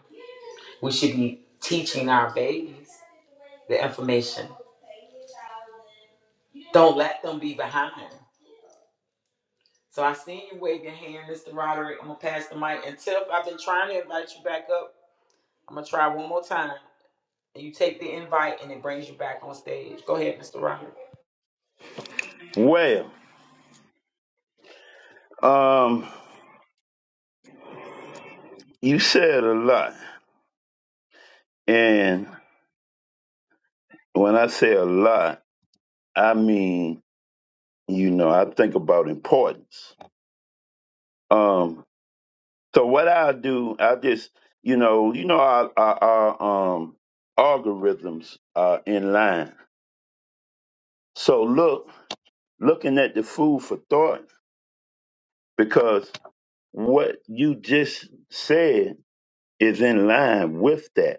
We should be teaching our babies the information. Don't let them be behind. So I seen you wave your hand, Mr. Roderick. I'm gonna pass the mic. And Tiff, I've been trying to invite you back up. I'm gonna try one more time. And you take the invite and it brings you back on stage. Go ahead, Mr. Roderick. Well, um, you said a lot, and when I say a lot, I mean you know I think about importance. Um, so what I do, I just you know you know our our, our um algorithms are in line. So look, looking at the food for thought because what you just said is in line with that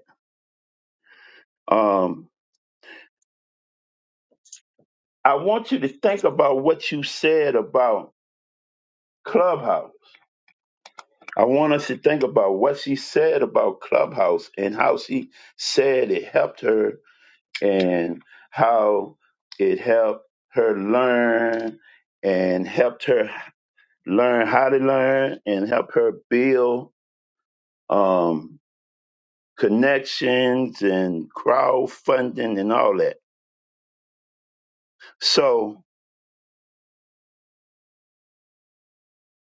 Um, I want you to think about what you said about Clubhouse. I want us to think about what she said about Clubhouse and how she said it helped her and how it helped her learn and helped her learn how to learn and help her build um, connections and crowdfunding and all that. So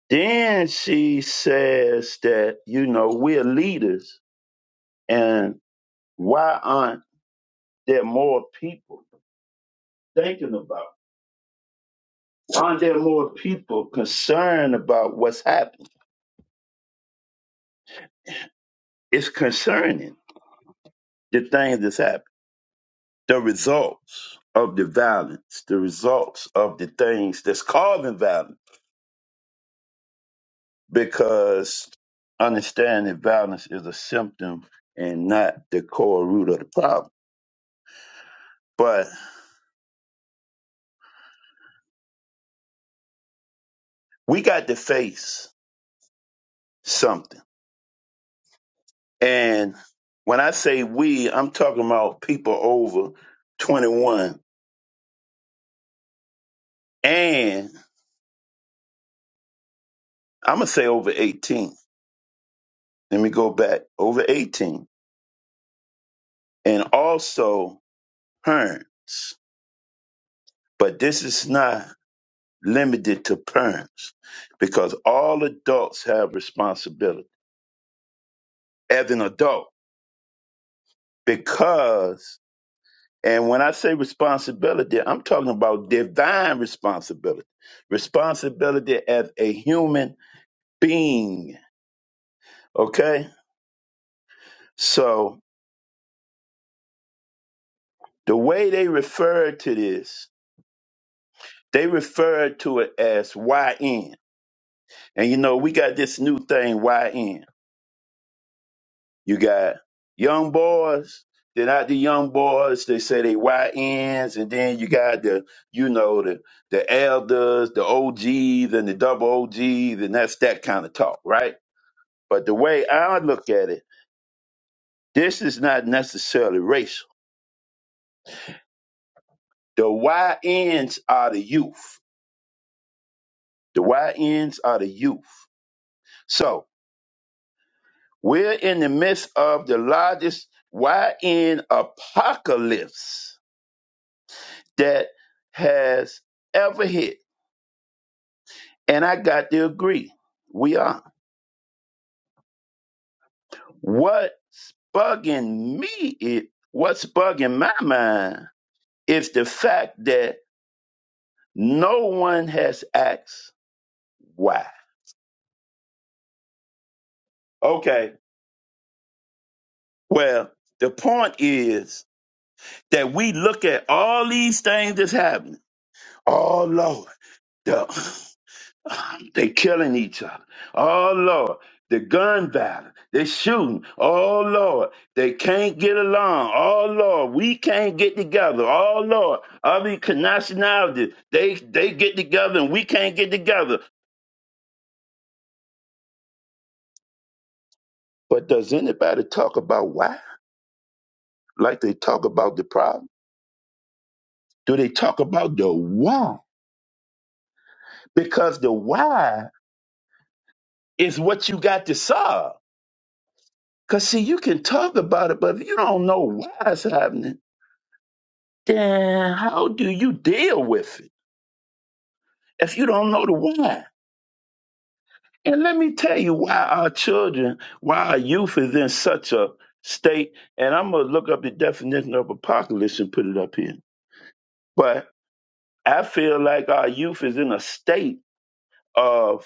Then she says that, you know, we're leaders and why aren't there more people thinking about? Why aren't there more people concerned about what's happening? It's concerning the things that's happening, the results of the violence, the results of the things that's causing violence, because understanding violence is a symptom and not the core root of the problem. But we got to face something And when I say we, I'm talking about people over 21 and I'm going to say over 18. Let me go back over 18 and also parents. But this is not limited to parents because all adults have responsibility as an adult because and when I say responsibility, I'm talking about divine responsibility, responsibility as a human being Okay? So the way they refer to this, they refer to it as YN. And you know, we got this new thing, YN. You got young boys, then out the young boys, they say they YNs, and then you got the, you know, the the elders, the OGs and the double OGs, and that's that kind of talk, right? But the way I look at it, this is not necessarily racial. The YNs are the youth The Y YNs are the youth. So we're in the midst of the largest YN apocalypse that has ever hit. And I got to agree, we are. What's bugging me, it, what's bugging my mind is the fact that no one has asked why. Okay, well, the point is that we look at all these things that's happening. Oh, Lord. Yeah, They killing each other. Oh Lord, the gun battle. They shooting. Oh Lord, they can't get along. Oh Lord, we can't get together. Oh Lord, other nationalities they they get together and we can't get together. But does anybody talk about why? Like they talk about the problem? Do they talk about the why? Because the why is what you got to solve. Cause see, you can talk about it, but if you don't know why it's happening then how do you deal with it if you don't know the why? And let me tell you why our children, why our youth is in such a state. And I'm going to look up the definition of apocalypse and put it up here. But I feel like our youth is in a state of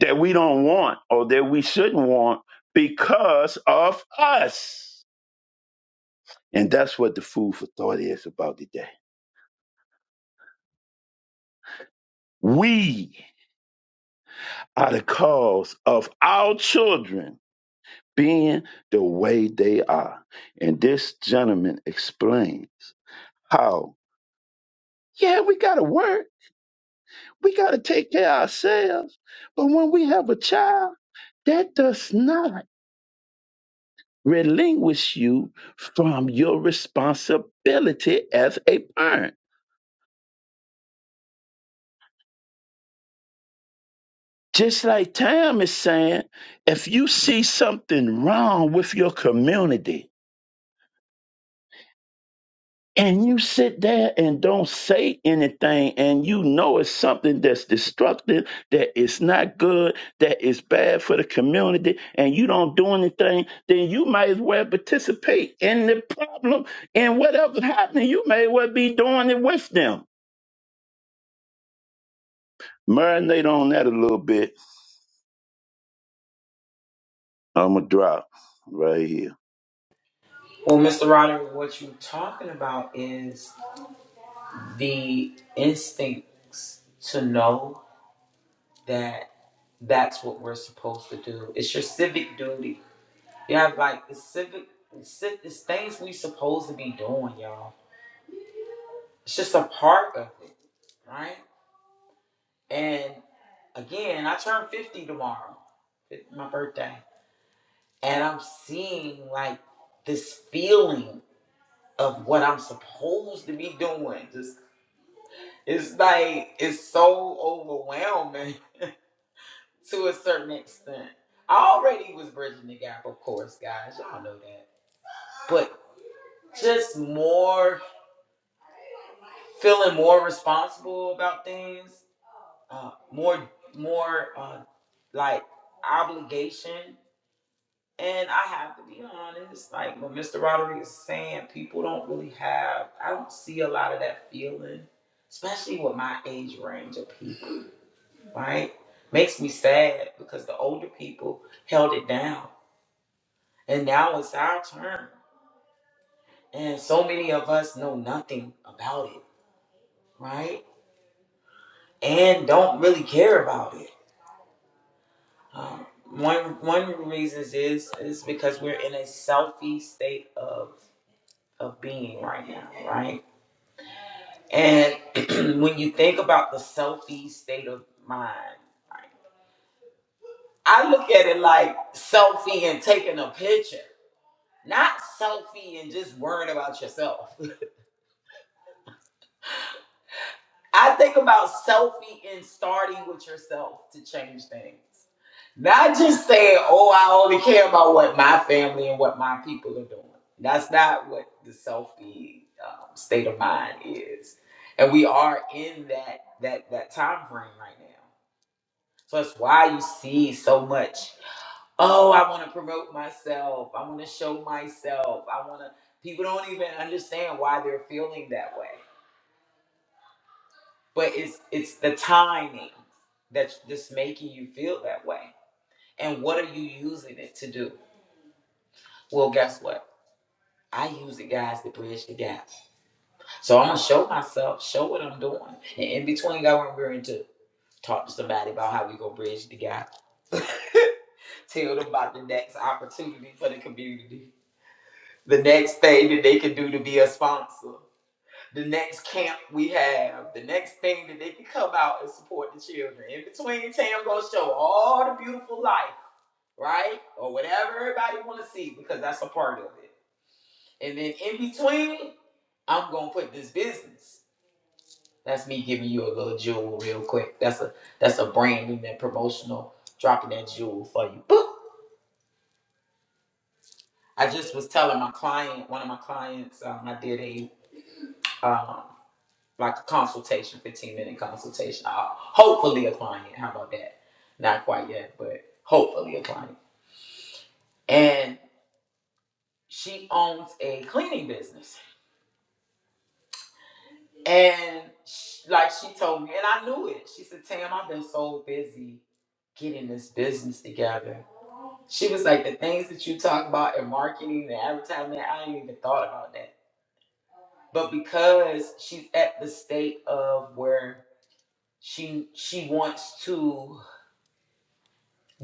that we don't want or that we shouldn't want because of us. And that's what the food for thought is about today. We are the cause of our children being the way they are. And this gentleman explains how, yeah, we got to work, we got to take care of ourselves. But when we have a child, that does not relinquish you from your responsibility as a parent. Just like Tam is saying, if you see something wrong with your community, and you sit there and don't say anything and you know it's something that's destructive that is not good that is bad for the community and you don't do anything then you might as well participate in the problem and whatever's happening you may well be doing it with them marinate on that a little bit i'm gonna drop right here Well, Mr. Roderick, what you're talking about is the instincts to know that that's what we're supposed to do. It's your civic duty. You have like the civic, it's, civ- it's things we supposed to be doing, y'all. It's just a part of it, right? And again, I turn 50 tomorrow, It's my birthday, and I'm seeing like this feeling of what I'm supposed to be doing. Just. It's like it's so overwhelming <laughs> to a certain extent. I already was bridging the gap, of course, guys. Y'all know that. But just more feeling more responsible about things, uh, more more uh, like obligation. And I have to be honest, like what Mr. Rodriguez is saying, people don't really have. I don't see a lot of that feeling, especially with my age range of people. right? Makes me sad because the older people held it down. And now it's our turn. And so many of us know nothing about it, right? And don't really care about it. Um, one one of the reasons is is because we're in a selfie state of of being right now, right? And <clears throat> when you think about the selfie state of mind, right, I look at it like selfie and taking a picture. Not selfie and just worrying about yourself. <laughs> I think about selfie and starting with yourself to change things. Not just saying, oh, I only care about what my family and what my people are doing. That's not what the selfie um, state of mind is. And we are in that that that time frame right now. So that's why you see so much. oh, I want to promote myself. I want to show myself. I want to. People don't even understand why they're feeling that way. But it's it's the timing that's just making you feel that way. And what are you using it to do? Well, guess what? I use it, guys, to bridge the gap. So I'm gonna show myself, show what I'm doing, and in between, I want we're into talk to somebody about how we gonna bridge the gap. <laughs> Tell them about the next opportunity for the community. the next thing that they can do to be a sponsor, the next camp we have, the next thing that they can come out and support the children. In between, Tam gonna show all the beautiful life, right? Or whatever everybody wanna see because that's a part of it. And then in between, I'm gonna put this business. That's me giving you a little jewel real quick. That's a that's a branding and promotional dropping that jewel for you. Boop. I just was telling my client, one of my clients, um, I did a um, like a consultation, 15 minute consultation. Uh, hopefully a client. How about that? Not quite yet, but hopefully a client. And she owns a cleaning business. And sh like she told me, and I knew it. She said, Tam, I've been so busy getting this business together. She was like, the things that you talk about in marketing and advertising, I ain't even thought about that. But because she's at the state of where she she wants to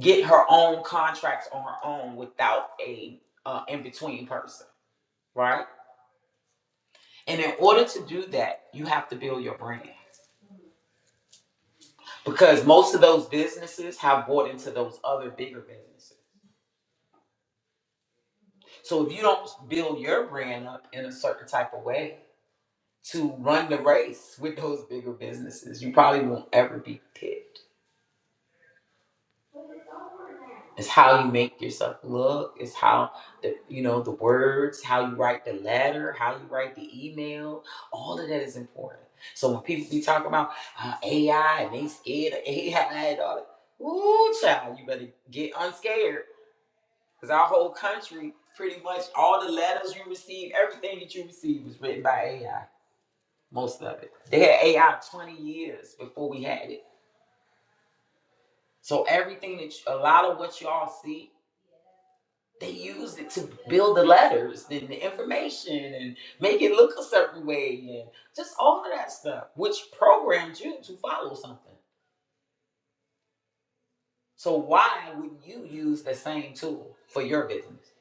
get her own contracts on her own without a uh, in between person, right? And in order to do that, you have to build your brand because most of those businesses have bought into those other bigger businesses. So if you don't build your brand up in a certain type of way to run the race with those bigger businesses, you probably won't ever be picked. It's how you make yourself look. It's how the you know the words, how you write the letter, how you write the email. All of that is important. So when people be talking about uh, AI and they scared of <laughs> AI and all that, ooh child, you better get unscared because our whole country, pretty much all the letters you receive, everything that you receive was written by AI. Most of it. They had AI twenty years before we had it. So everything that you, a lot of what y'all see They used it to build the letters and the information and make it look a certain way and just all of that stuff, which programmed you to follow something. So why wouldn't you use the same tool for your business?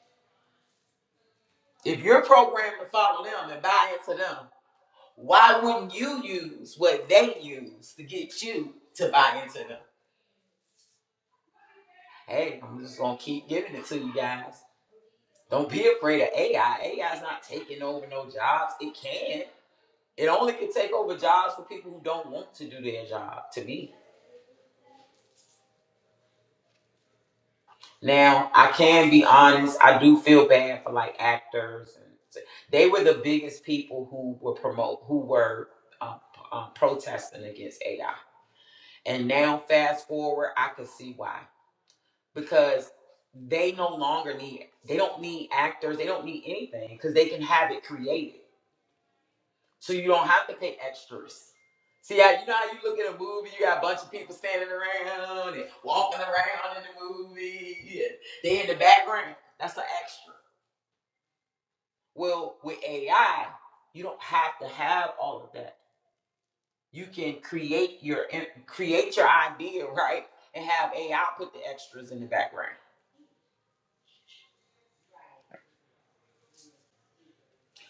If you're programmed to follow them and buy into them, why wouldn't you use what they use to get you to buy into them? Hey, I'm just gonna keep giving it to you guys. Don't be afraid of AI. AI is not taking over no jobs. It can. It only can take over jobs for people who don't want to do their job, to me. Now, I can be honest, I do feel bad for like actors and they were the biggest people who were promote who were uh, uh, protesting against AI. And now fast forward, I can see why. Because they no longer need they don't need actors, they don't need anything cuz they can have it created. so you don't have to pay extras. See, how, you know how you look at a movie, you got a bunch of people standing around and walking around in the movie, and they in the background. That's an extra. Well, with AI, you don't have to have all of that. You can create your create your idea right and have AI put the extras in the background.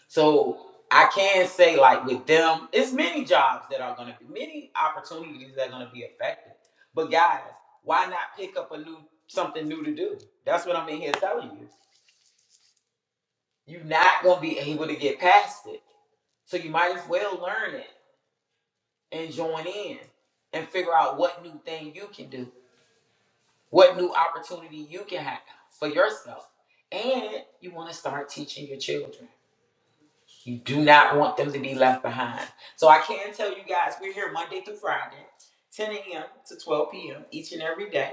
So I can say like with them, it's many jobs that are gonna be many opportunities that are gonna be affected. But guys, why not pick up a new something new to do? That's what I'm in here telling you. You're not gonna be able to get past it. So you might as well learn it and join in and figure out what new thing you can do, what new opportunity you can have for yourself. And you wanna start teaching your children. You do not want them to be left behind. So I can tell you guys, we're here Monday through Friday, 10 a.m. to 12 p.m. each and every day.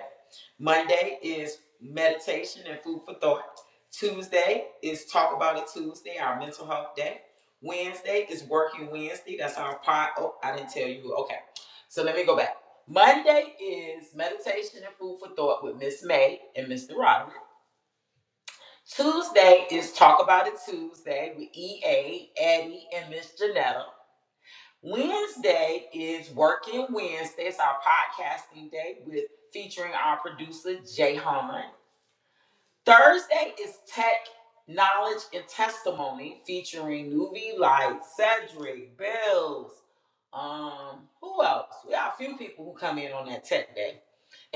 Monday is meditation and food for thought. Tuesday is Talk About It Tuesday, our mental health day. Wednesday is Working Wednesday. That's our pod. Oh, I didn't tell you. Okay. So let me go back. Monday is meditation and food for thought with Miss May and Mr. Roderick. Tuesday is Talk About It Tuesday with EA, Addie, and Miss Janetta. Wednesday is Working Wednesday. It's our podcasting day with featuring our producer Jay Harmon. Thursday is Tech Knowledge and Testimony featuring Nuvi Light, Cedric, Bills. Um, who else? We got a few people who come in on that tech day.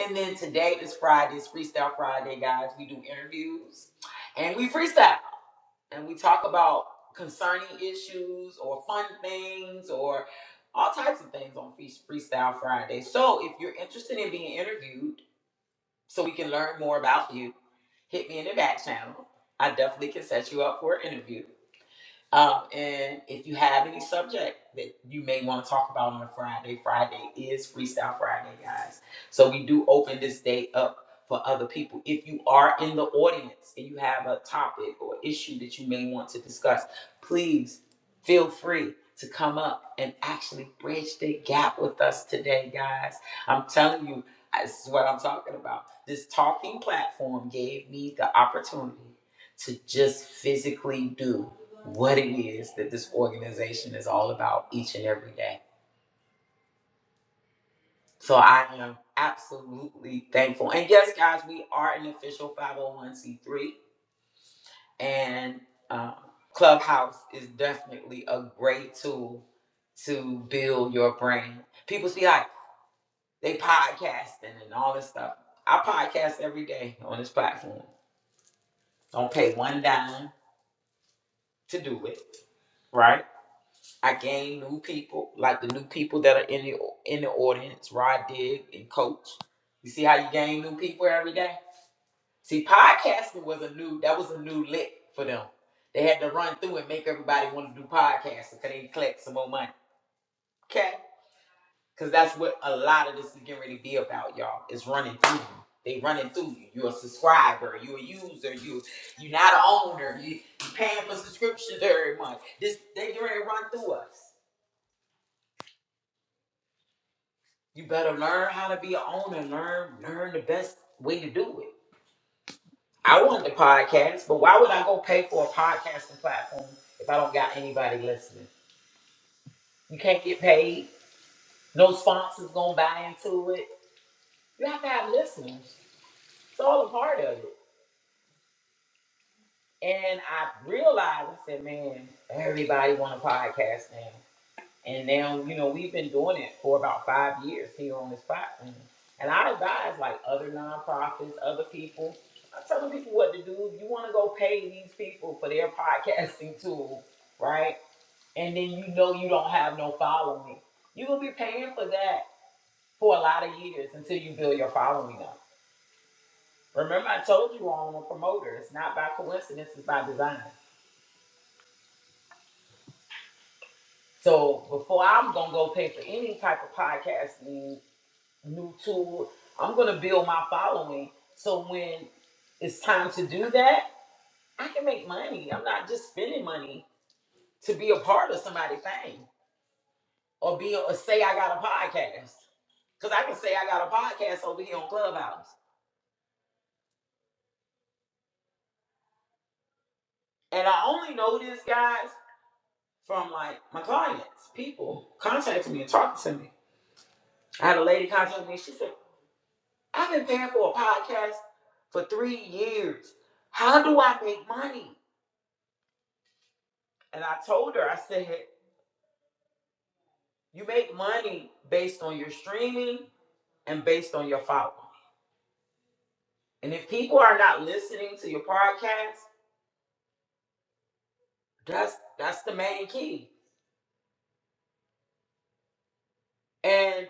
And then today is Friday, it's Freestyle Friday, guys. We do interviews and we freestyle and we talk about concerning issues or fun things or all types of things on Free- Freestyle Friday. So if you're interested in being interviewed so we can learn more about you, hit me in the back channel. I definitely can set you up for an interview. Um, and if you have any subject that you may want to talk about on a Friday, Friday is Freestyle Friday, guys. So we do open this day up for other people. If you are in the audience and you have a topic or issue that you may want to discuss, please feel free to come up and actually bridge the gap with us today, guys. I'm telling you, this is what I'm talking about. This talking platform gave me the opportunity to just physically do what it is that this organization is all about each and every day. So I am absolutely thankful. And yes, guys, we are an official 501c3, and uh, Clubhouse is definitely a great tool to build your brand. People see like they podcasting and all this stuff. I podcast every day on this platform. Don't pay one dime to do it, right? I gained new people, like the new people that are in the in the audience, Rod Dig and Coach. You see how you gain new people every day? See, podcasting was a new that was a new lick for them. They had to run through and make everybody want to do podcasting because they collect some more money. Okay? Because that's what a lot of this is getting ready to be about, y'all. It's running through you. They running through you. You're a subscriber. You're a user. You you're not an owner. You you paying for subscriptions every month. This they getting ready to run through us. You better learn how to be an owner. Learn, learn the best way to do it. I want the podcast, but why would I go pay for a podcasting platform if I don't got anybody listening? You can't get paid. No sponsors gonna buy into it. You have to have listeners. It's all a part of it. And I realized, I said, man, everybody want a podcast now. And now, you know, we've been doing it for about five years here on this platform. And I advise like other nonprofits, other people, I'm telling people what to do. If you want to go pay these people for their <laughs> podcasting tool, right? And then you know you don't have no following. You're gonna be paying for that for a lot of years until you build your following up. Remember, I told you all I'm a promoter. It's not by coincidence, it's by design. So before I'm gonna go pay for any type of podcasting new tool. I'm gonna build my following. So when it's time to do that, I can make money. I'm not just spending money to be a part of somebody's thing or be or say I got a podcast. Cause I can say I got a podcast over here on Clubhouse. And I only know this guys from like my clients, people contacting me and talking to me. I had a lady contact me, she said, I've been paying for a podcast for three years. How do I make money? And I told her, I said, You make money based on your streaming and based on your following. And if people are not listening to your podcast, that's that's the main key. And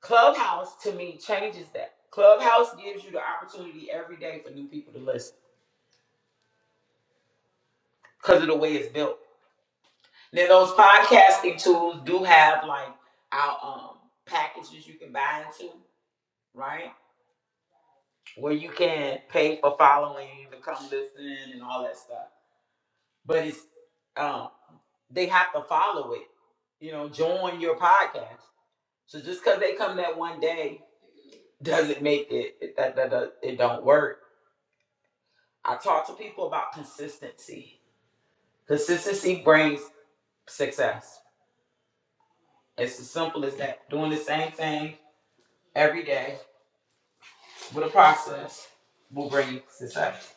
Clubhouse to me changes that. Clubhouse gives you the opportunity every day for new people to listen because of the way it's built. Now, those podcasting tools do have like our um packages you can buy into, right? Where you can pay for following, to come listen, and all that stuff. But it's um. they have to follow it. You know, join your podcast. So just because they come that one day doesn't make it, it that, that that it don't work. I talk to people about consistency. Consistency brings success. It's as simple as that. Doing the same thing every day with a process will bring success.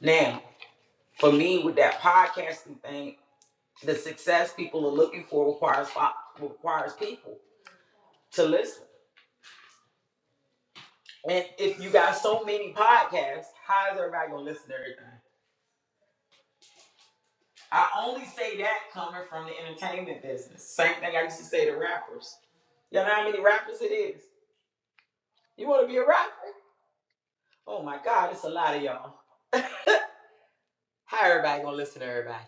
Now, for me, with that podcasting thing, the success people are looking for requires requires people to listen And if you got so many podcasts, how is everybody gonna listen to everything? I only say that coming from the entertainment business. Same thing I used to say to rappers. Y'all know how many rappers it is? You wanna be a rapper? Oh my god, it's a lot of y'all. How everybody gonna listen to everybody?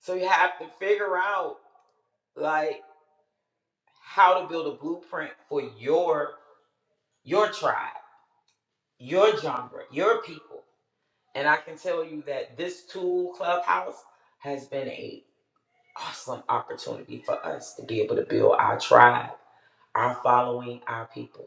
So you have to figure out like how to build a blueprint for your your tribe, your genre, your people. And I can tell you that this tool, Clubhouse, has been a awesome opportunity for us to be able to build our tribe, our following, our people.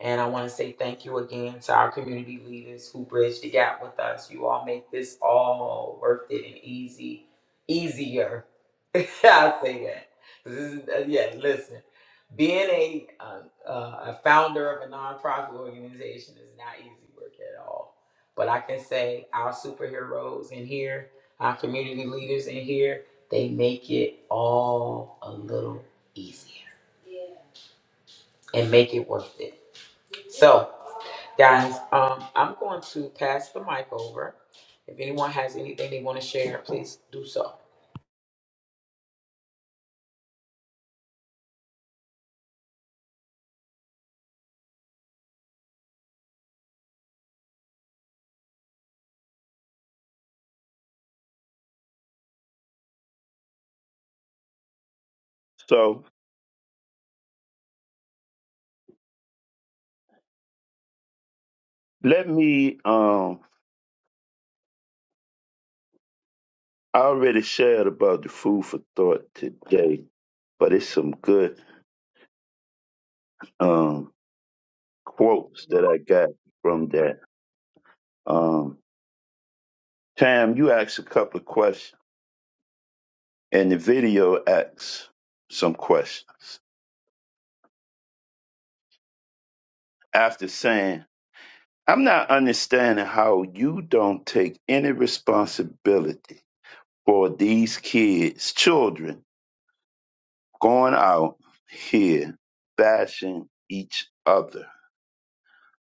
And I want to say thank you again to our community leaders who bridged the gap with us. You all make this all worth it and easy, easier. <laughs> I'll say that. This is, uh, yeah, listen. Being a, uh, uh, a founder of a nonprofit organization is not easy work at all. But I can say our superheroes in here, our community leaders in here, they make it all a little easier and make it worth it. So, Guys, um, I'm going to pass the mic over. If anyone has anything they want to share, please do so. so let me um i already shared about the food for thought today but it's some good um quotes that I got from that. Um, Tam, you asked a couple of questions, and the video asks some questions. After saying, I'm not understanding how you don't take any responsibility for these kids, children, going out here bashing each other,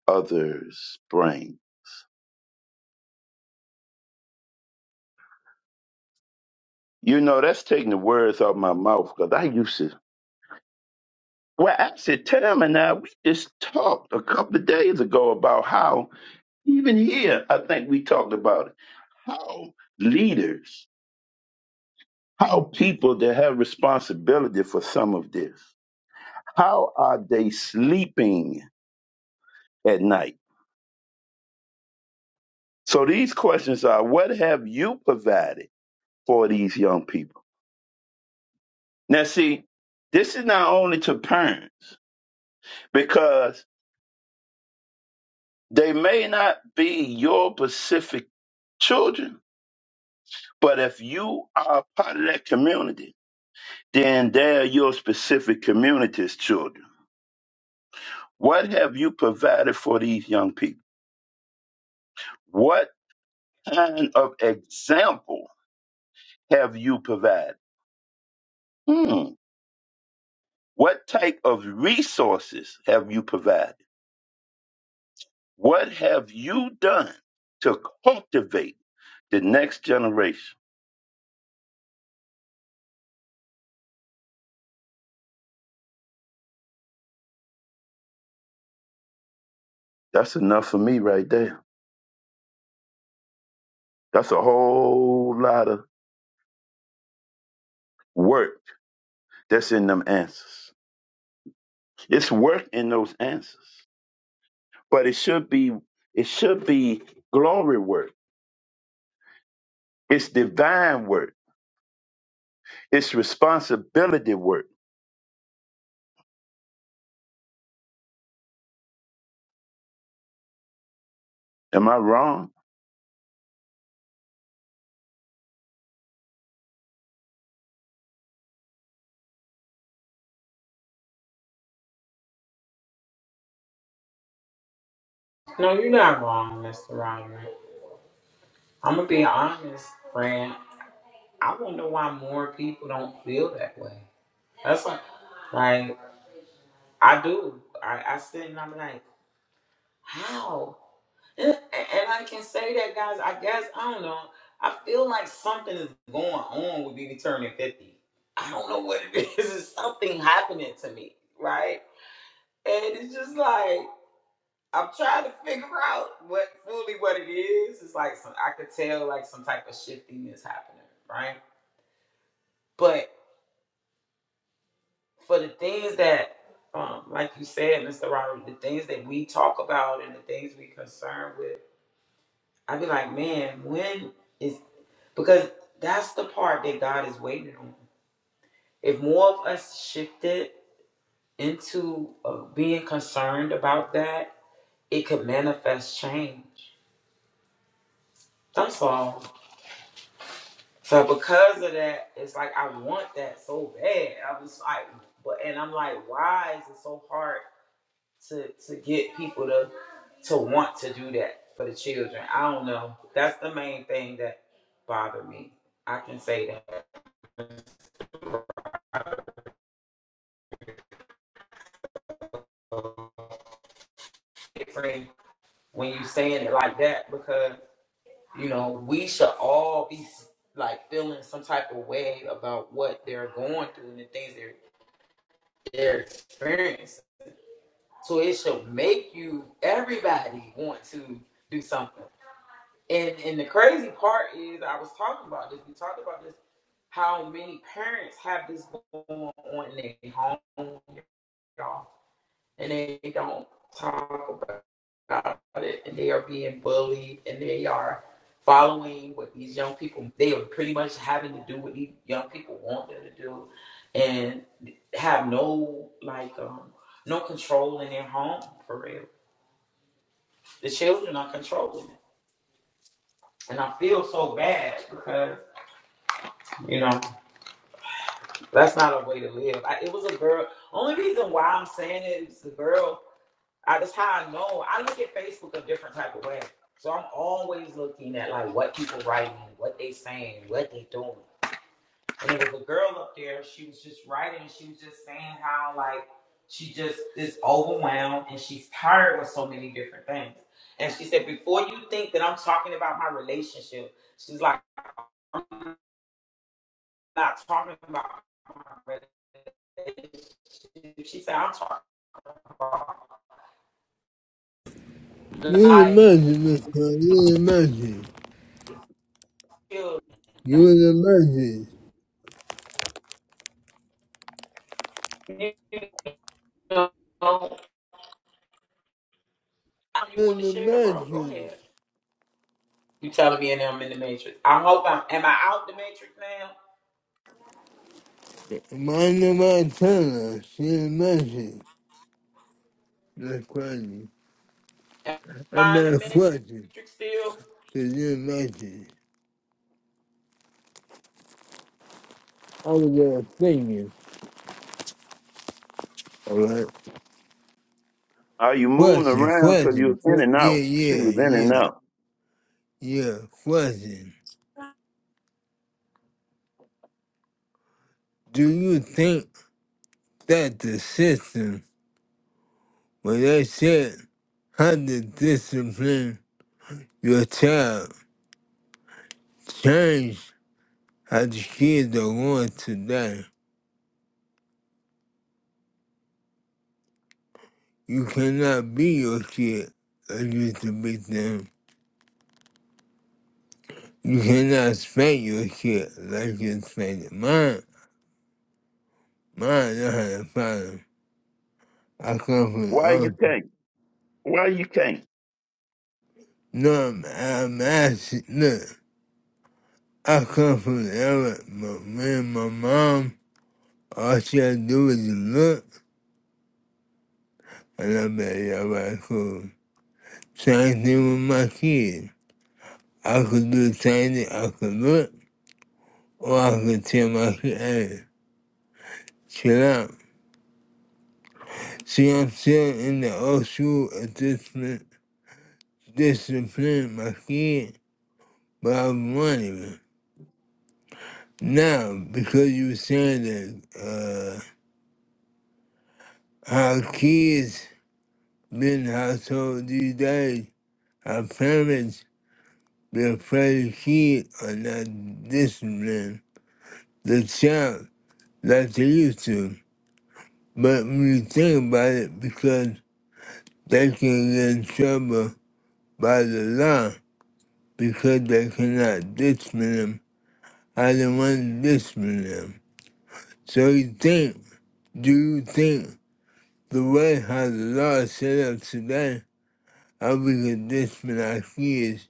others' brain. You know, that's taking the words out of my mouth because I used to Well, actually, Tim and I, we just talked a couple of days ago about how, even here, I think we talked about it, how leaders, how people that have responsibility for some of this, how are they sleeping at night? So these questions are what have you provided for these young people? Now, see, this is not only to parents because they may not be your specific children But if you are a part of that community, then they're your specific community's children. What have you provided for these young people? What kind of example have you provided? Hmm. What type of resources have you provided? What have you done to cultivate the next generation? That's enough for me right there. That's a whole lot of work that's in them answers. It's work in those answers. but it should be it should be glory work. It's divine work. It's responsibility work. Am I wrong? No, you're not wrong, Mr. Roderick. I'm gonna be honest, friend. I don't know why more people don't feel that way. That's like, like I do. I, I sit and I'm like, how? And, and I can say that, guys. I guess I don't know. I feel like something is going on with me turning fifty. I don't know what it is. <laughs> It's something happening to me, right? and it's just like I'm trying to figure out what fully what it is. It's like some I could tell like some type of shifting is happening, right? But for the things that, um, like you said, Mr. Robert, the things that we talk about and the things we concerned with, I'd be like, man, when is because that's the part that God is waiting on. If more of us shifted into uh, being concerned about that, it could manifest change. That's all So because of that, it's like I want that so bad. I was like, but and I'm like, why is it so hard to to get people to to want to do that for the children? I don't know. That's the main thing that bothered me. I can say that friend, when you saying it like that because you know we should all be like feeling some type of way about what they're going through and the things they're they're experiencing So it should make you everybody want to do something. And and the crazy part is I was talking about this. We talked about this. How many parents have this going on in their home, y'all, and they don't talk about it, and they are being bullied, and they are following what these young people. They are pretty much having to do what these young people want them to do, and have no like um no control in their home for real the children are controlling it. And I feel so bad because, you know, that's not a way to live. I, it was a girl. Only reason why I'm saying it is the girl. I, that's how I know. I look at Facebook a different type of way. So I'm always looking at like what people writing, what they saying, what they doing. And there was a girl up there. She was just writing. and She was just saying how like she just is overwhelmed and she's tired with so many different things. And she said, before you think that I'm talking about my relationship, she's like. I'm not talking about my relationship. She said, I'm talking about You're the life, magic, Mister. You're the magic. children. You're the magic. You know, you You're want to the share, bro? Go magic. ahead. You telling me and I'm in the matrix. I hope I'm. Am I out the matrix now? Mind the Montana. She's the magic. That's crazy. Am I'm I in not a the question. matrix still? Cause you're the magic. I was gonna sing you. Alright. Are you moving Question, around because you question. are in que- and out? She Yeah, was yeah, in and yeah. out. Yeah, question. Do you think that the system, when they said how to discipline your child, change how the kids are going today? You cannot be your kid like you used to be them. You cannot spank your kid like you spanked mine. Mine, I had a problem. I come from the Why you old. can't? Why you can't? No, I'm, I'm asking, look, I come from the era, but me and my mom. All she had to do was look, and I made all right, cool. Same thing with my kids. I could do the same thing. I could look, or I could tell my kid, hey, chill out. See, I'm still in the old school of discipline, discipline my kid, but I was running. it. Now, because you were saying that uh, how kids been household these days, our parents the first kid or not disciplined the child like they used to. But when you think about it, because they can get in trouble by the law because they cannot discipline them, I didn't want to discipline them. So you think, do you think the way how the law is set up today, how we can discipline our kids,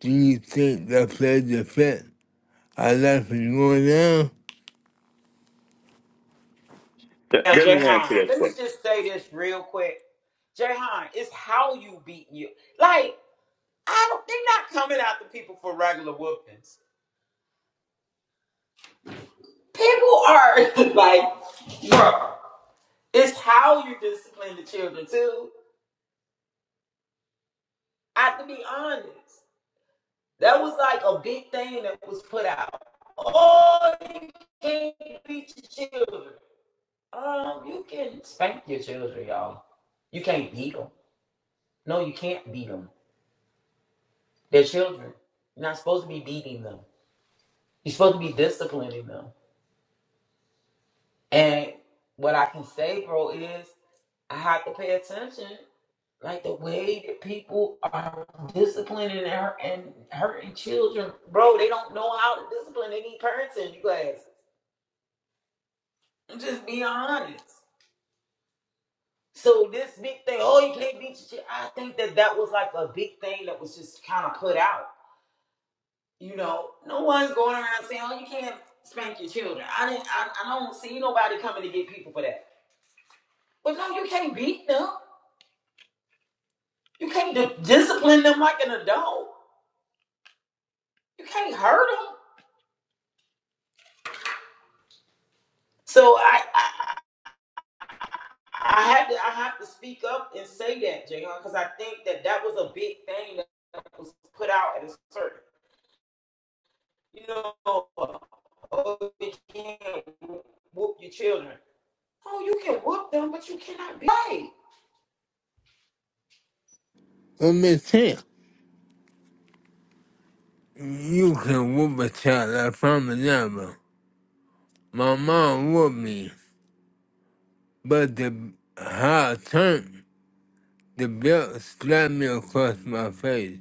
do you think that plays a effect? Our life is going down? Th- Now, Let me answer Jayhan, that let me question. just say this real quick. Jayhan, it's how you beat you. Like I don't. They're not coming after people for regular whoopings. People are <laughs> like, bro, it's how you discipline the children too. I have to be honest. That was like a big thing that was put out. Oh, you can't beat your children. Um, you can spank your children, y'all. You can't beat them. No, you can't beat them. They're children. You're not supposed to be beating them. You're supposed to be disciplining them. And what I can say, bro, is I have to pay attention. Like the way that people are disciplining and, hurt, and hurting children, bro. They don't know how to discipline any parents in classes. Just be honest. So this big thing, oh, you can't beat your child. I think that that was like a big thing that was just kind of put out. You know, no one's going around saying, oh, you can't spank your children. I didn't. I, I don't see nobody coming to get people for that. But no, you can't beat them. You can't di- discipline them like an adult. You can't hurt them. So I, I I had to I have to speak up and say that, Jay, because I think that that was a big thing that was put out at a certain, you know, oh, you can't whoop your children. Oh, you can whoop them, but you cannot be. right. Let me think. You can whoop a child, I promise never. My mom whooped me, but the how I turned, the belt slapped me across my face.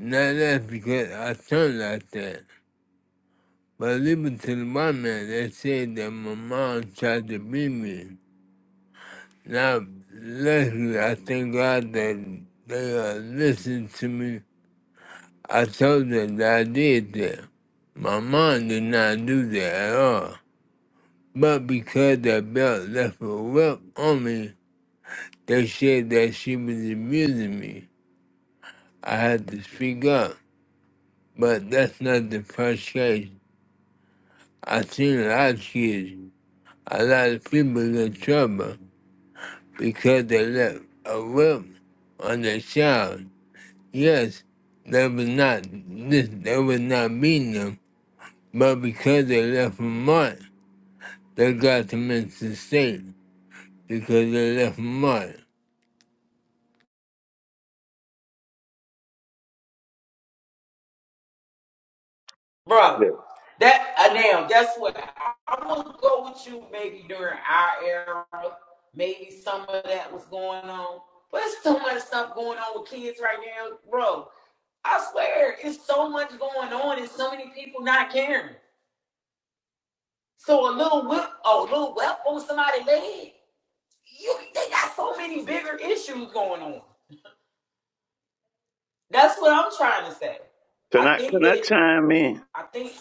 Now that's because I turned like that. But even to the white man, they said that my mom tried to beat me. Now, luckily, I thank God that they uh, listened to me. I told them that I did that. My mom did not do that at all. But because the belt left a welt on me, they said that she was abusing me. I had to speak up. But that's not the first case. I've seen a lot of kids, a lot of people in trouble because they left a welt on their child. Yes, they was not this they was not beating them, but because they left a mark, they got them into state because they left a mark. Bro, Yeah. that uh, now guess what? I, I to go with you maybe during our era, maybe some of that was going on. But there's so much stuff going on with kids right now, bro. I swear, it's so much going on and so many people not caring. So a little whip, oh, a little whip on somebody's leg. You, they got so many bigger issues going on. That's what I'm trying to say. I Can I think can I that chime in? I think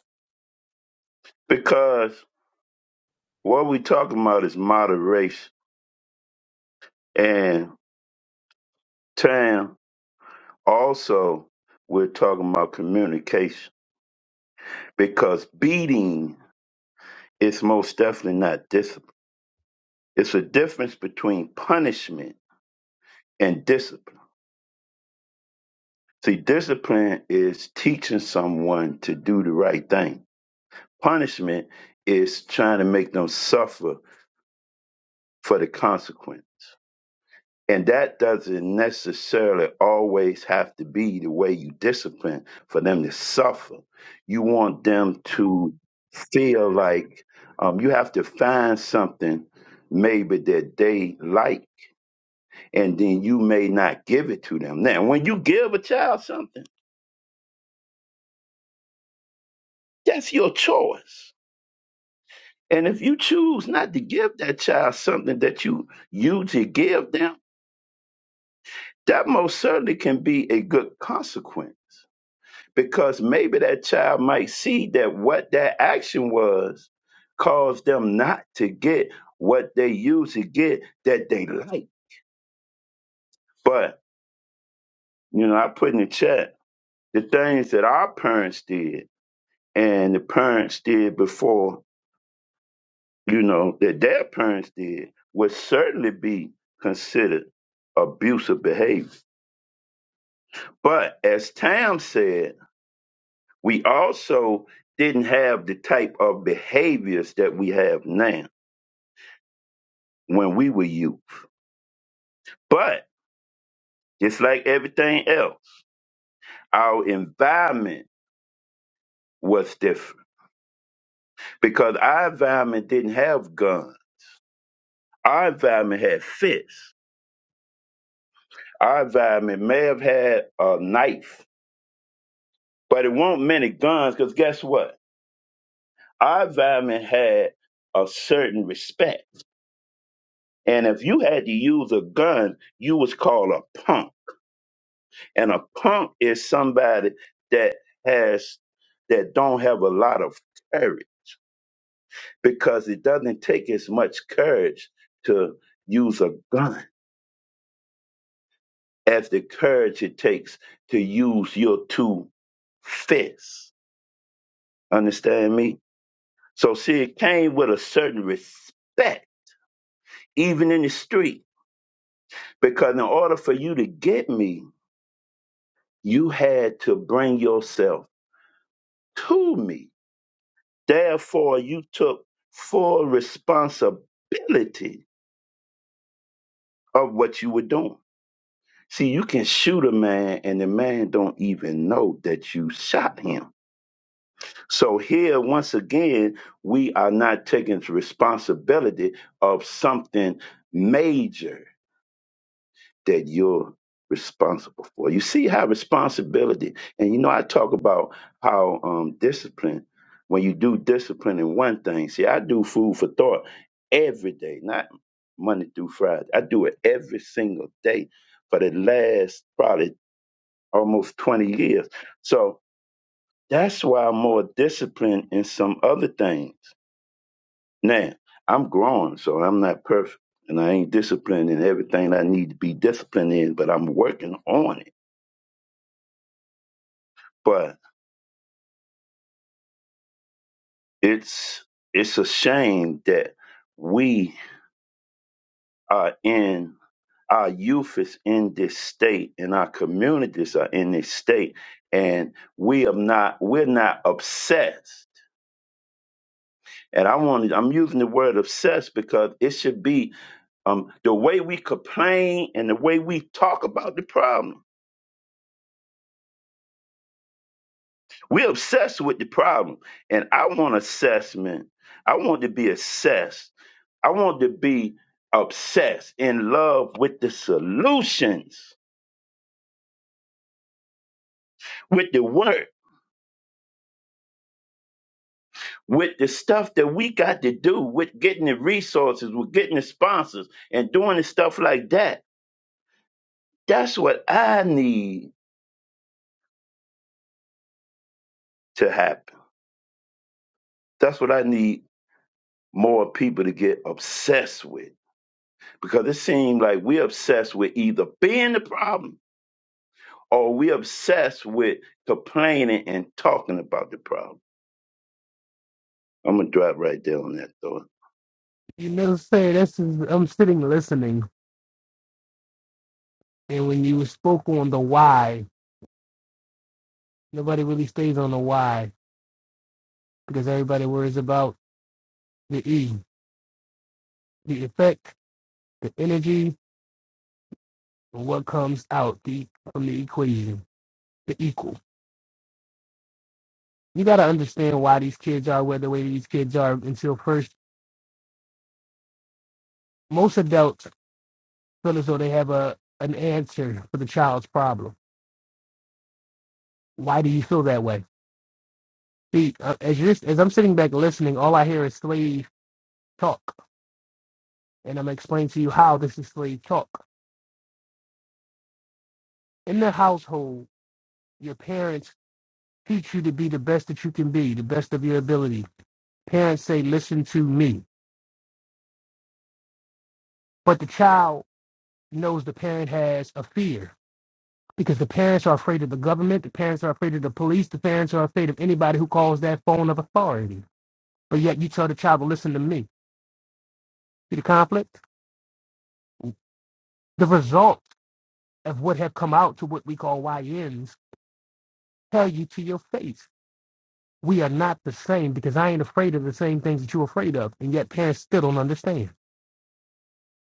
Because what we talking about is moderation and time. Also, we're talking about communication because beating is most definitely not discipline It's a difference between punishment and discipline. See, discipline is teaching someone to do the right thing. Punishment is trying to make them suffer for the consequence. And that doesn't necessarily always have to be the way you discipline for them to suffer. You want them to feel like um, you have to find something maybe that they like and then you may not give it to them. Now, when you give a child something, that's your choice. And if you choose not to give that child something that you usually give them, that most certainly can be a good consequence because maybe that child might see that what that action was caused them not to get what they usually get that they like. But, you know, I put in the chat the things that our parents did and the parents did before you know, that their parents did would certainly be considered abusive behavior. But as Tam said, we also didn't have the type of behaviors that we have now when we were youth. But it's like everything else, our environment was different because our environment didn't have guns. Our environment had fists. Our environment may have had a knife, but it won't many guns because guess what? Our environment had a certain respect. And if you had to use a gun, you was called a punk. And a punk is somebody that has that don't have a lot of courage because it doesn't take as much courage to use a gun as the courage it takes to use your two fists. Understand me? So see, it came with a certain respect, even in the street Because in order for you to get me, you had to bring yourself to me. Therefore, you took full responsibility of what you were doing. See, you can shoot a man and the man don't even know that you shot him. So here, once again, we are not taking responsibility of something major that you're responsible for. You see how responsibility, and you know, I talk about how um, discipline, when you do discipline in one thing, see, I do food for thought every day, not Monday through Friday. I do it every single day for the last probably almost 20 years. So that's why I'm more disciplined in some other things. Now, I'm growing, so I'm not perfect. And I ain't disciplined in everything I need to be disciplined in, but I'm working on it but it's it's a shame that we are in our youth is in this state and our communities are in this state and we are not we're not obsessed and i want i'm using the word obsessed because it should be um, the way we complain and the way we talk about the problem We're obsessed with the problem. And I want assessment. I want to be assessed. I want to be obsessed in love with the solutions, with the work, with the stuff that we got to do, with getting the resources, with getting the sponsors, and doing the stuff like that. That's what I need to happen. That's what I need more people to get obsessed with because it seems like we're obsessed with either being the problem or are we obsessed with complaining and talking about the problem. I'm gonna drop right there on that thought. You know, say this is I'm sitting listening, and when you spoke on the why, nobody really stays on the why because everybody worries about the E, the effect, the energy, and what comes out the from the equation, the equal. You got to understand why these kids are where the way these kids are until first. Most adults feel as though they have a an answer for the child's problem. Why do you feel that way? See, uh, as you're, as I'm sitting back listening, all I hear is slave talk and I'm gonna explain to you how this is slave talk. In the household, your parents teach you to be the best that you can be, the best of your ability. Parents say, "Listen to me," but the child knows the parent has a fear because the parents are afraid of the government, the parents are afraid of the police, the parents are afraid of anybody who calls that phone of authority. But yet, you tell the child to listen to me. See the conflict? The results of what have come out to what we call Y YNs tell you to your face we are not the same because I ain't afraid of the same things that you're afraid of. And yet parents still don't understand.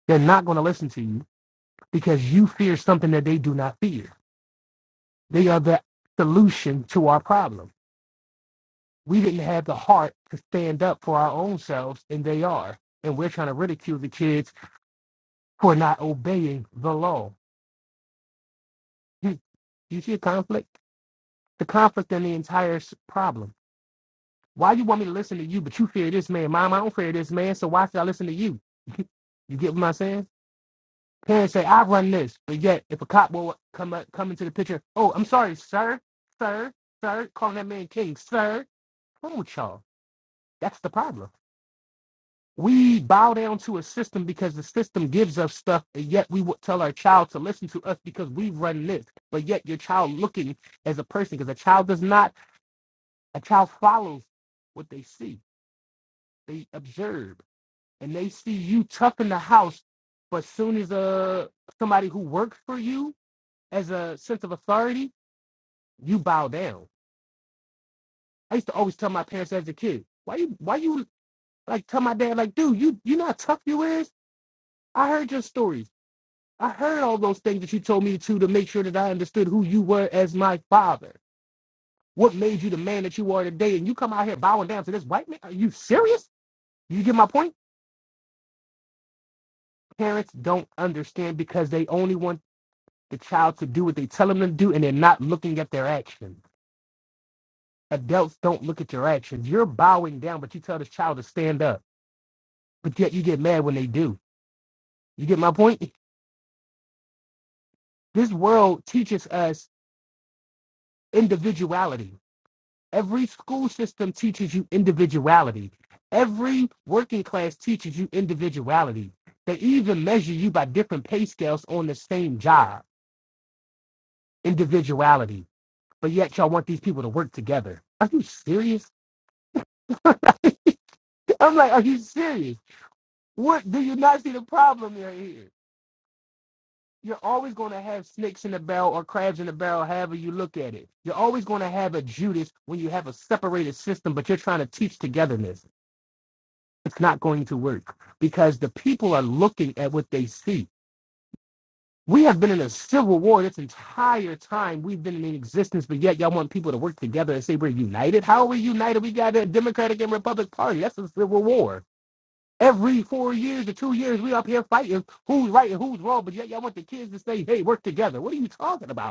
They're not going to listen to you because you fear something that they do not fear. They are the solution to our problem. We didn't have the heart to stand up for our own selves, and they are. And we're trying to ridicule the kids for not obeying the law. You, you see a conflict? The conflict in the entire s- problem. Why you want me to listen to you, but you fear this man? Mom, I don't fear this man, so why should I listen to you? <laughs> You get what I'm saying? Can't say I run this, but yet if a cop will come up, come into the picture, oh, I'm sorry, sir, sir, sir, calling that man king, sir. What's Wrong with y'all? That's the problem. We bow down to a system because the system gives us stuff, and yet we would tell our child to listen to us because we run this. But yet your child looking as a person, because a child does not, a child follows what they see, they observe, and they see you tough in the house. But soon as uh somebody who works for you as a sense of authority, you bow down. I used to always tell my parents as a kid, why you why you like tell my dad like, dude, you you know how tough you is? I heard your stories. I heard all those things that you told me to to make sure that I understood who you were as my father. What made you the man that you are today? And you come out here bowing down to this white man? Are you serious? You get my point? Parents don't understand because they only want the child to do what they tell them to do and they're not looking at their actions. Adults don't look at your actions. You're bowing down, but you tell this child to stand up. But yet you get mad when they do. You get my point? This world teaches us individuality. Every school system teaches you individuality. Every working class teaches you individuality. They even measure you by different pay scales on the same job. Individuality. But yet y'all want these people to work together. Are you serious? I'm like, are you serious? What do you not see the problem you're here? you're always going to have snakes in the barrel or crabs in the barrel, however you look at it. You're always going to have a Judas when you have a separated system, but you're trying to teach togetherness. It's not going to work because the people are looking at what they see. We have been in a civil war this entire time we've been in existence, but yet y'all want people to work together and say we're united. How are we united? We got a Democratic and Republican Party. That's a civil war. Every four years or two years, we up here fighting who's right and who's wrong, but yet y'all want the kids to say, hey, work together. What are you talking about?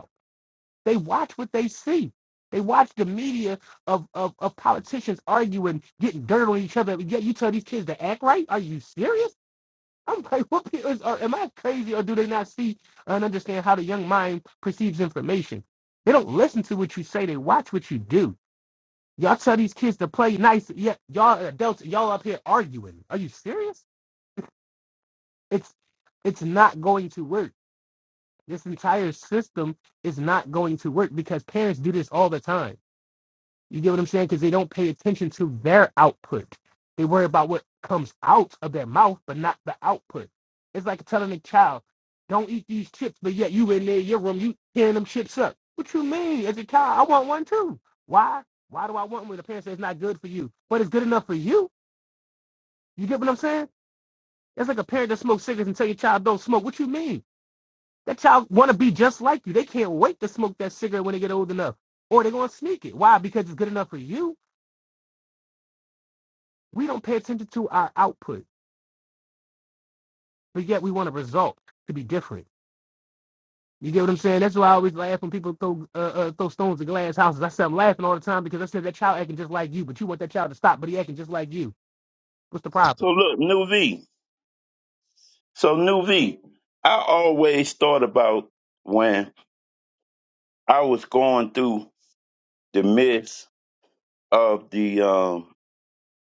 They watch what they see. They watch the media of, of, of politicians arguing, getting dirt on each other. Yet you tell these kids to act right? Are you serious? I'm like, <laughs> what people is, are, am I crazy or do they not see and understand how the young mind perceives information? They don't listen to what you say. They watch what you do. Y'all tell these kids to play nice. Yet y'all adults, y'all up here arguing. Are you serious? It's it's not going to work. This entire system is not going to work because parents do this all the time You get what I'm saying? Because they don't pay attention to their output. They worry about what comes out of their mouth, but not the output. It's like telling a child, don't eat these chips, but yet you in there, your room, you tearing them chips up. What you mean? As a child, I want one too. Why? Why do I want one? when The parent says it's not good for you, but it's good enough for you. You get what I'm saying? It's like a parent that smokes cigarettes and tell your child don't smoke. What you mean? That child want to be just like you. They can't wait to smoke that cigarette when they get old enough. Or they're going to sneak it. Why? Because it's good enough for you We don't pay attention to our output, but yet we want a result to be different. You get what I'm saying? That's why I always laugh when people throw uh, uh, throw stones at glass houses. I said I'm laughing all the time because I said that child acting just like you, but you want that child to stop, but he acting just like you. What's the problem? So look, new V. So new V. I always thought about when I was going through the midst of the um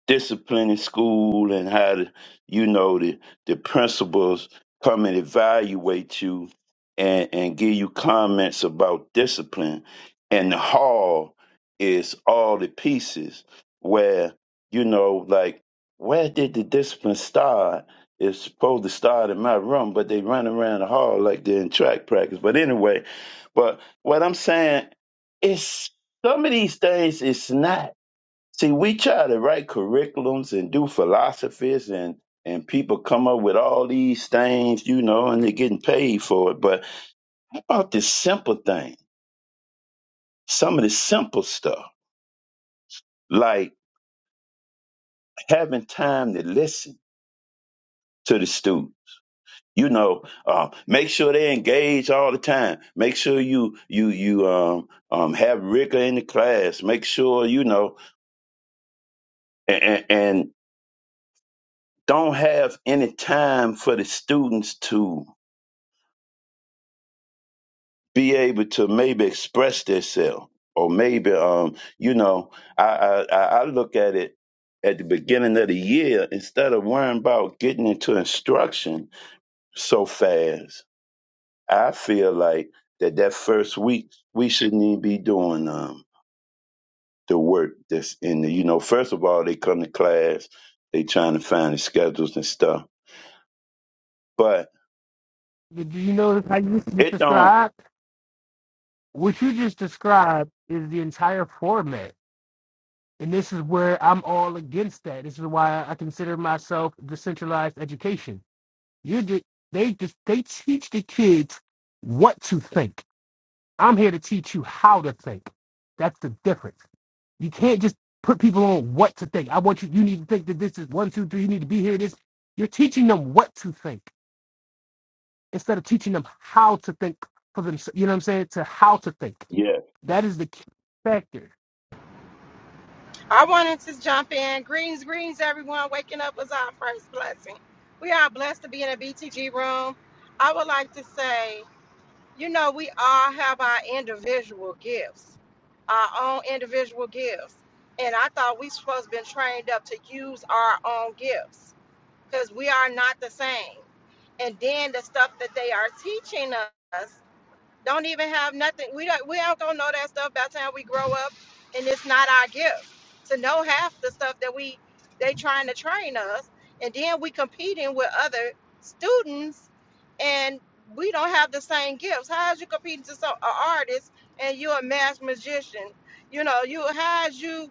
discipline in school and how the, you know the the principals come and evaluate you and and give you comments about discipline and the hall is all the pieces where you know like where did the discipline start it's supposed to start in my room but they run around the hall like they're in track practice but anyway but what i'm saying is some of these things it's not See, we try to write curriculums and do philosophies and and people come up with all these things, you know, and they're getting paid for it. But how about this simple thing, some of the simple stuff, like having time to listen to the student. You know, uh, make sure they engage all the time. Make sure you you you um um have rigor in the class. Make sure you know and and, and don't have any time for the students to be able to maybe express themselves or maybe um you know I, I i I look at it at the beginning of the year instead of worrying about getting into instruction so fast i feel like that that first week we shouldn't even be doing um the work that's in the you know first of all they come to class they trying to find the schedules and stuff but Do you notice how you just it don't described? What you just described is the entire format, and this is where I'm all against that. This is why I consider myself decentralized education. You did they just they teach the kids what to think I'm here to teach you how to think. That's the difference. You can't just put people on what to think. I want you, you need to think that this is one, two, three, you need to be here, this. You're teaching them what to think instead of teaching them how to think for them. You know what I'm saying? To how to think. yeah That is the key factor. I wanted to jump in. Greens, greens, everyone. Waking up was our first blessing. We are blessed to be in a BTG room. I would like to say, you know, we all have our individual gifts, our own individual gifts. And I thought we supposed to been trained up to use our own gifts because we are not the same. And then the stuff that they are teaching us don't even have nothing. We don't we don't gonna know that stuff by the time we grow up and it's not our gift to know half the stuff that we they trying to train us and then we competing with other students and we don't have the same gifts. How is you competing to some an artist and you're a mass magician? You know, you how is you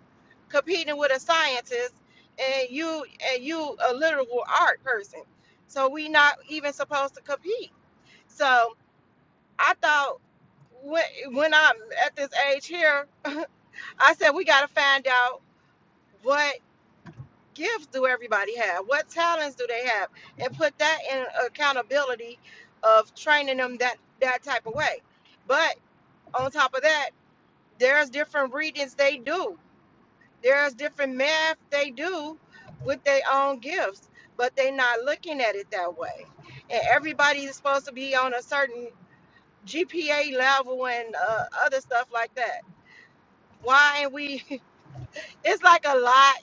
competing with a scientist and you and you a literal art person. So we not even supposed to compete. So I thought when when I'm at this age here, <laughs> I said we got to find out what gifts do everybody have, what talents do they have, and put that in accountability of training them that that type of way. But on top of that, there's different readings they do. There's different math they do with their own gifts, but they're not looking at it that way. And everybody's supposed to be on a certain GPA level and uh, other stuff like that. Why ain't we? <laughs> It's like a lot.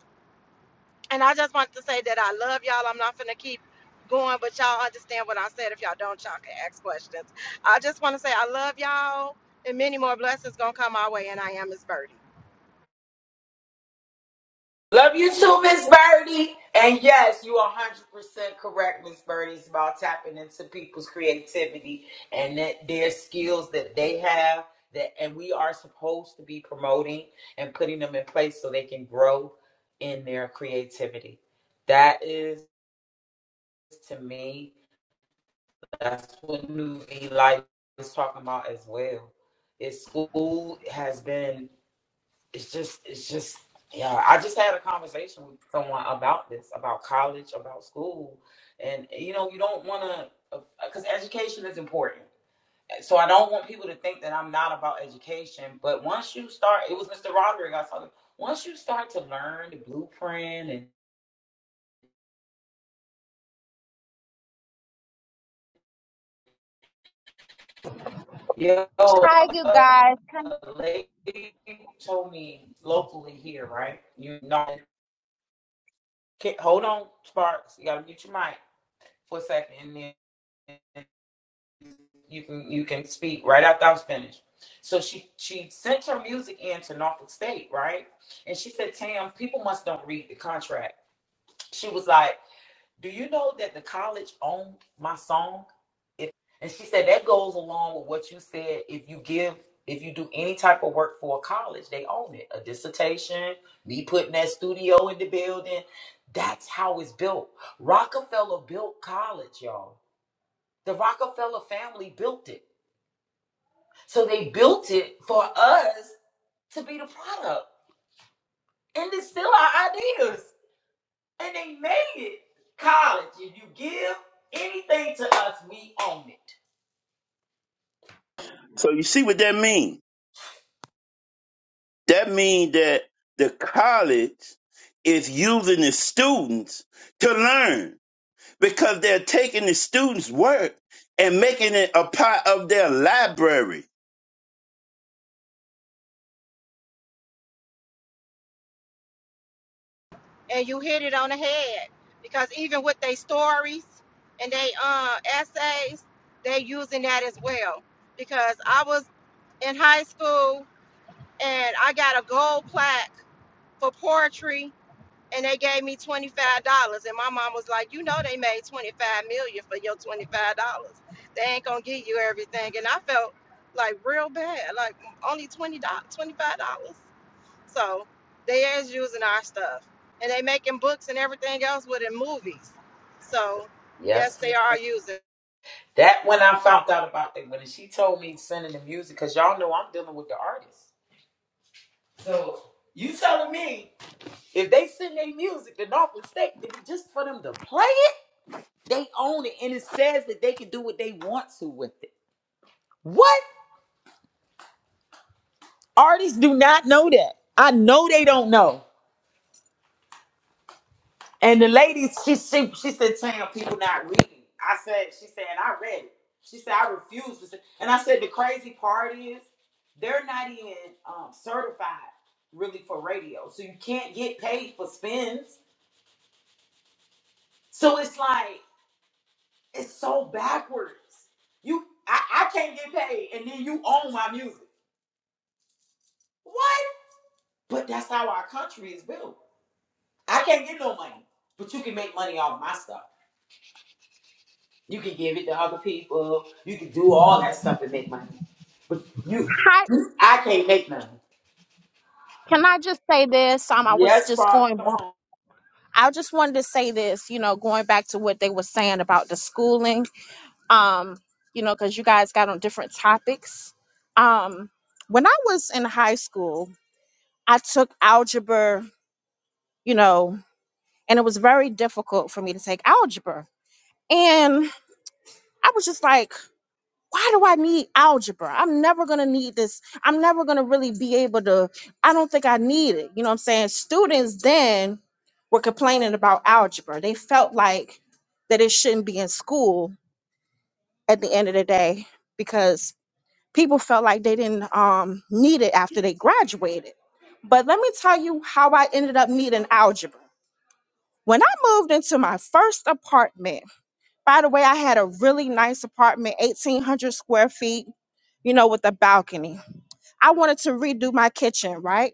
And I just wanted to say that I love y'all. I'm not finna keep going, but y'all understand what I said. If y'all don't, y'all can ask questions. I just want to say I love y'all, and many more blessings gonna come our way. And I am Miss Birdie. Love you too, Miss Birdie. And yes, you are 100% correct, Miss Birdie. It's about tapping into people's creativity and that their skills that they have that and we are supposed to be promoting and putting them in place so they can grow in their creativity. That is to me, that's what New V Life is talking about as well. Is school has been it's just it's just yeah i just had a conversation with someone about this about college about school and you know you don't want to because education is important so i don't want people to think that i'm not about education but once you start it was mr roderick i was talking once you start to learn the blueprint and yo hi you uh, guys a lady told me locally here right you know okay, hold on sparks you gotta mute your mic for a second and then. you can you can speak right after I was finished. So she she sent her music in to Norfolk State, right? And she said, Tam, people must don't read the contract. She was like, Do you know that the college owned my song? If and she said that goes along with what you said. If you give if you do any type of work for a college, they own it. A dissertation, me putting that studio in the building. That's how it's built. Rockefeller built college, y'all. The Rockefeller family built it. So they built it for us to be the product. And it's still our ideas. And they made it. College, if you give anything to us, we own it. so you see what that means That means that the college is using the students to learn because they're taking the students' work and making it a part of their library. And you hit it on the head because even with their stories and they uh, essays, they using that as well. Because I was in high school and I got a gold plaque for poetry and they gave me $25 and my mom was like you know they made 25 million dollars for your $25 they ain't gonna give you everything and i felt like real bad like only $20 dollars, $25 so they is using our stuff and they making books and everything else with it movies so yes Yes. they are using That when I found out about that, when she told me sending the music, because y'all know I'm dealing with the artists. So you telling me if they send their music to Norfolk State, then it's just for them to play it, they own it. And it says that they can do what they want to with it. What? Artists do not know that. I know they don't know. And the lady, she she, she said, Tam, people not reading. I said, she said, and I read it. She said, I refuse to. Say. And I said, the crazy part is they're not even um, certified really for radio, so you can't get paid for spins. So it's like it's so backwards. You, I, I can't get paid, and then you own my music. What? But that's how our country is built. I can't get no money, but you can make money off my stuff. You can give it to other people. You can do all that stuff and make money. But you, hi I can't make money. can i just say this um i was Yes, just Bart. going Come back on, i just wanted to say this you know going back to what they were saying about the schooling um, you know, because you guys got on different topics. Um, when I was in high school, I took algebra, you know, and it was very difficult for me to take algebra. And I was just like, why do I need algebra? I'm never going to need this. I'm never going to really be able to. I don't think I need it. You know what I'm saying? Students then were complaining about algebra. They felt like that it shouldn't be in school at the end of the day because people felt like they didn't um, need it after they graduated. But let me tell you how I ended up needing algebra. When I moved into my first apartment, by the way, I had a really nice apartment, 1,800 square feet, you know, with a balcony. I wanted to redo my kitchen, right?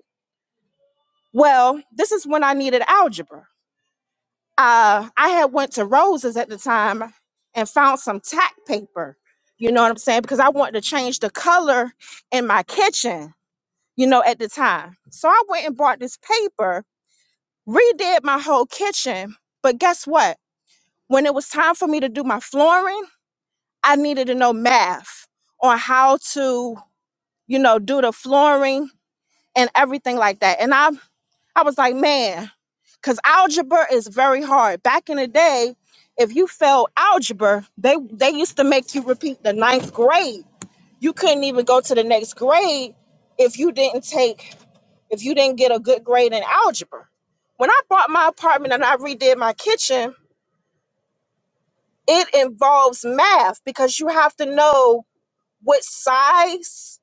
Well, this is when I needed algebra. Uh, I had went to Rose's at the time and found some tack paper, you know what I'm saying? Because I wanted to change the color in my kitchen you know, at the time. So I went and bought this paper, redid my whole kitchen. But guess what? When it was time for me to do my flooring, I needed to know math on how to, you know, do the flooring and everything like that. And I I was like, man, because algebra is very hard. Back in the day, if you failed algebra, they they used to make you repeat the ninth grade. You couldn't even go to the next grade if you didn't take if you didn't get a good grade in algebra. When I bought my apartment and I redid my kitchen, it involves math because you have to know what size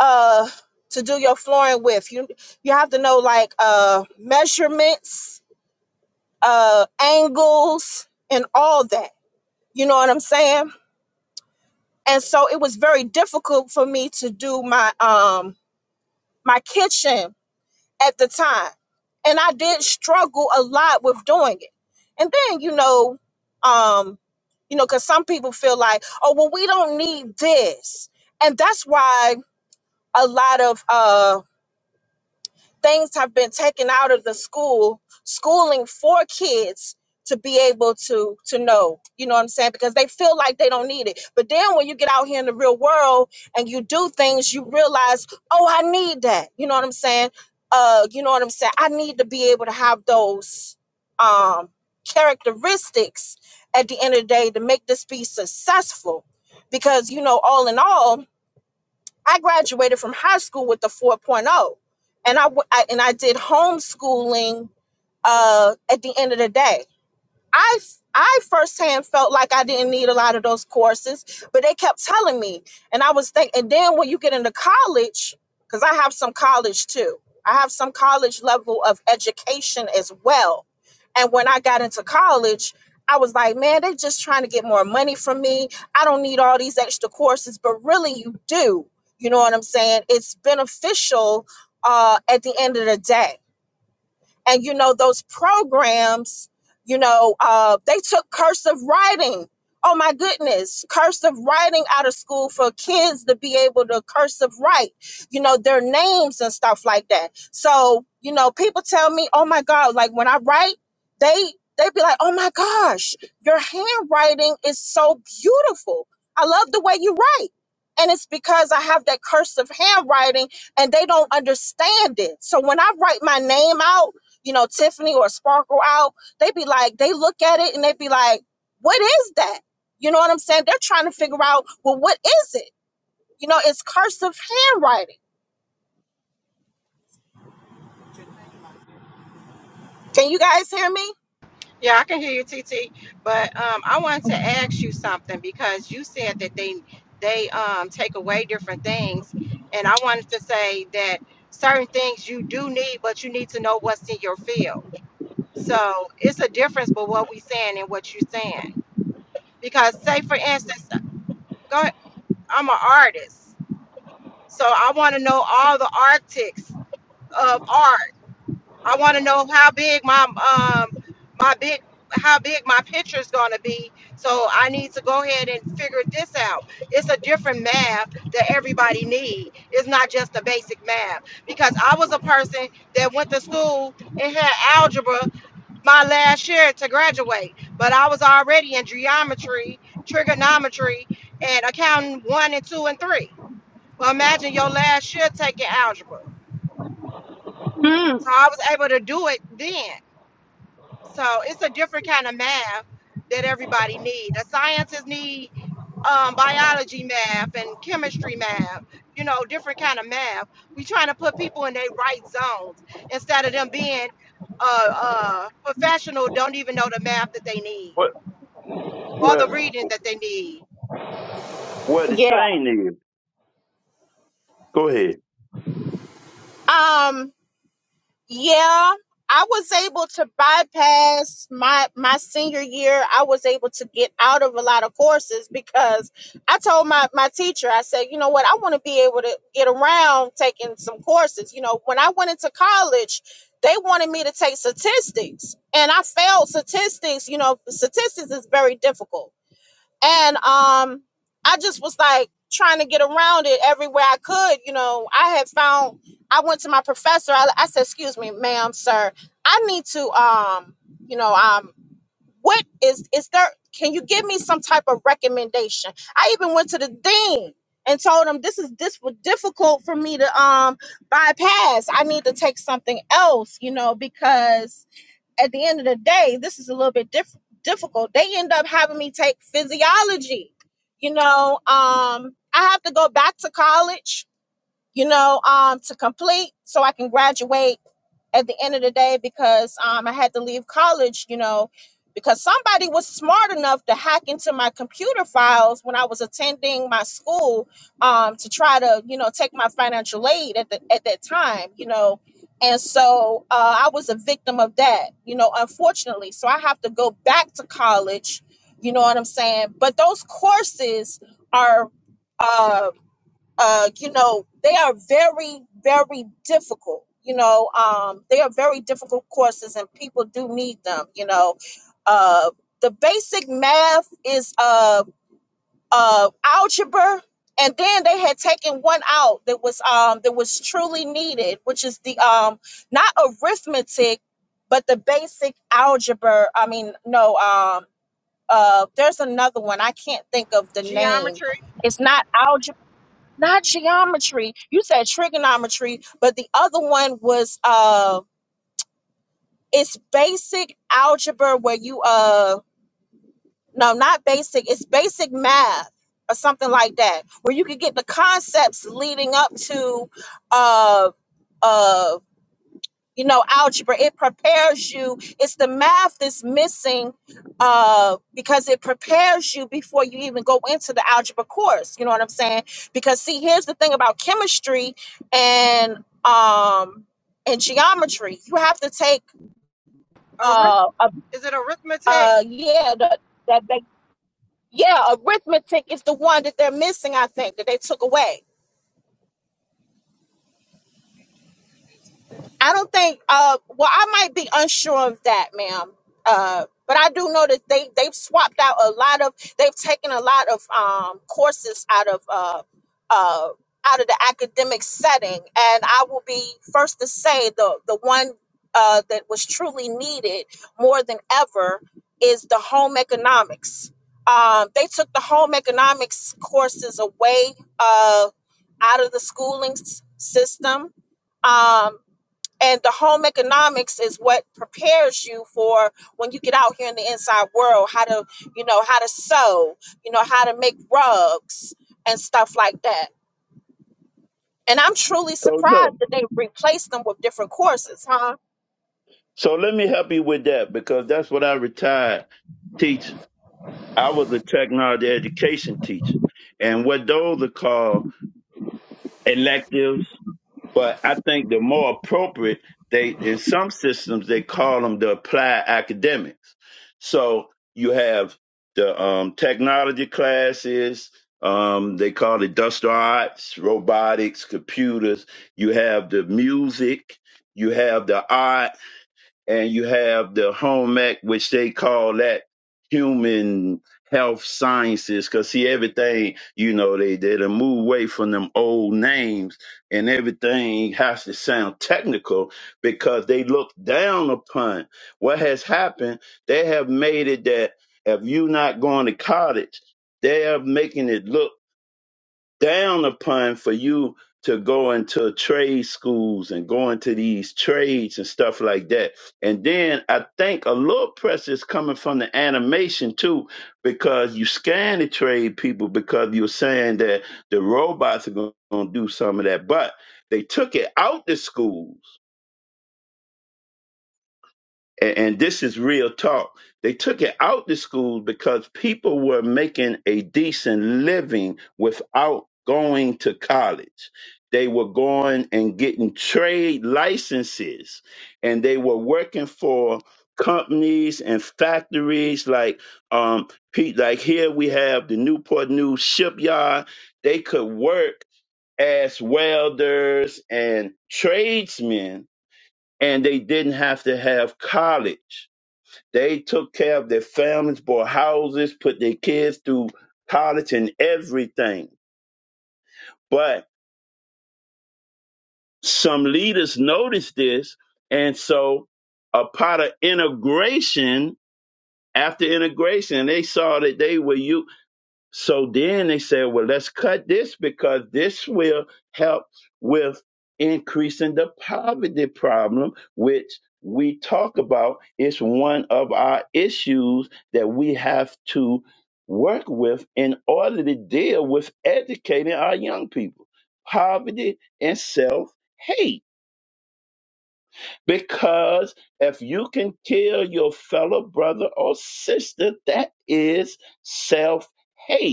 uh to do your flooring with. You you have to know like uh measurements, uh angles and all that. You know what I'm saying? And so it was very difficult for me to do my um my kitchen at the time. And I did struggle a lot with doing it. And then, you know, um, you know, because some people feel like, oh, well, we don't need this. And that's why a lot of uh things have been taken out of the school schooling for kids to be able to to know you know what i'm saying because they feel like they don't need it but then when you get out here in the real world and you do things you realize oh i need that you know what i'm saying uh you know what i'm saying i need to be able to have those um characteristics at the end of the day to make this be successful because you know all in all I graduated from high school with a 4.0 and I, w- I- and I did homeschooling uh, at the end of the day. I I firsthand felt like I didn't need a lot of those courses, but they kept telling me, and I was thinking. And then when you get into college, because I have some college too, I have some college level of education as well. And when I got into college, I was like, man, they're just trying to get more money from me. I don't need all these extra courses, but really, you do. You know what I'm saying? It's beneficial uh, at the end of the day and you know those programs you know uh, they took cursive writing oh my goodness cursive writing out of school for kids to be able to cursive write you know their names and stuff like that so you know people tell me oh my god like when i write they they be like oh my gosh your handwriting is so beautiful i love the way you write and it's because i have that cursive handwriting and they don't understand it so when i write my name out you know, Tiffany or Sparkle out, they be like, they look at it and they be like, what is that? You know what I'm saying? They're trying to figure out, well, what is it? You know, it's cursive handwriting. Can you guys hear me? Yeah, I can hear you, TT. But um, I wanted to ask you something because you said that they they um, take away different things, and I wanted to say that certain things you do need, but you need to know what's in your field. So it's a difference, but what we saying and what you saying. Because say for instance, go ahead, I'm an artist, so I want to know all the arctics of art I want to know how big my um my big how big my picture is going to be. So I need to go ahead and figure this out. It's a different math that everybody need. It's not just the basic math because I was a person that went to school and had algebra my last year to graduate, but I was already in geometry, trigonometry, and accounting one and two and three. Well, imagine your last year taking algebra. Mm, So I was able to do it then. So it's a different kind of math that everybody needs. The scientists need um, biology math and chemistry math, you know, different kind of math. We trying to put people in their right zones instead of them being uh, uh, professional, don't even know the math that they need What or the what reading that they need. what the yeah. thing is. Go ahead. Um, Yeah, I was able to bypass my my senior year. I was able to get out of a lot of courses because I told my my teacher, I said, you know what, I want to be able to get around taking some courses. You know, when I went into college, they wanted me to take statistics, and I failed statistics. You know, statistics is very difficult and um i just was like trying to get around it everywhere i could you know i had found i went to my professor i, I said excuse me ma'am sir i need to um you know um what is is there can you give me some type of recommendation i even went to the dean and told him this is this was difficult for me to um bypass i need to take something else you know because at the end of the day, this is a little bit diff- difficult. They end up having me take physiology. You know, um, I have to go back to college you know, um, to complete so I can graduate at the end of the day because um, I had to leave college, you know, because somebody was smart enough to hack into my computer files when I was attending my school um, to try to, you know, take my financial aid at, the, at that time, you know. And so uh, I was a victim of that, you know, unfortunately. So I have to go back to college, you know what I'm saying? But those courses are. uh uh, you know, they are very, very difficult. You know, um, they are very difficult courses, and people do need them. You know, uh, the basic math is uh, uh, algebra, and then they had taken one out that was um, that was truly needed, which is the um, not arithmetic, but the basic algebra. I mean, no, um, uh, there's another one I can't think of the name. Geometry, It's not algebra not geometry. You said trigonometry, but the other one was uh it's basic algebra where you uh no, not basic, it's basic math or something like that, where you could get the concepts leading up to uh uh you know algebra it prepares you it's the math that's missing uh because it prepares you before you even go into the algebra course you know what i'm saying because see here's the thing about chemistry and um and geometry you have to take arith- uh a, is it arithmetic? uh yeah the, that they yeah arithmetic is the one that they're missing i think that they took away I don't think. Uh, well, I might be unsure of that, ma'am. Uh, but I do know that they they've swapped out a lot of. They've taken a lot of um, courses out of uh, uh, out of the academic setting, and I will be first to say the the one uh, that was truly needed more than ever is the home economics. Um, they took the home economics courses away uh, out of the schooling s- system. Um, and the home economics is what prepares you for when you get out here in the inside world, how to, you know, how to sew, you know, how to make rugs and stuff like that. And I'm truly So no. surprised that they replaced them with different courses, huh? So let me help you with that because that's what I retired teaching. I was a technology education teacher. And what those are called electives But I think the more appropriate they in some systems they call them the applied academics. So you have the um, technology classes. Um, they call it industrial arts, robotics, computers. You have the music. You have the art and you have the home ec, which they call that human health sciences, because see everything you know they they done move away from them old names and everything has to sound technical because they look down upon what has happened they have made it that if you're not going to college they are making it look down upon for you to go into trade schools and go into these trades and stuff like that. And then I think a little pressure is coming from the animation too, because you scan the trade people because you're saying that the robots are going to do some of that. But they took it out the schools and, and this is real talk. They took it out the schools because people were making a decent living without going to college. They were going and getting trade licenses, and they were working for companies and factories like um pe- like here we have the Newport News shipyard. They could work as welders and tradesmen, and they didn't have to have college they took care of their families, bought houses, put their kids through college and everything. But some leaders noticed this, and so a part of integration after integration, they saw that they were you. So then they said, well, let's cut this because this will help with increasing the poverty problem, which we talk about. It's one of our issues that we have to work with in order to deal with educating our young people. Poverty and self hate. Because if you can kill your fellow brother or sister, that is self hate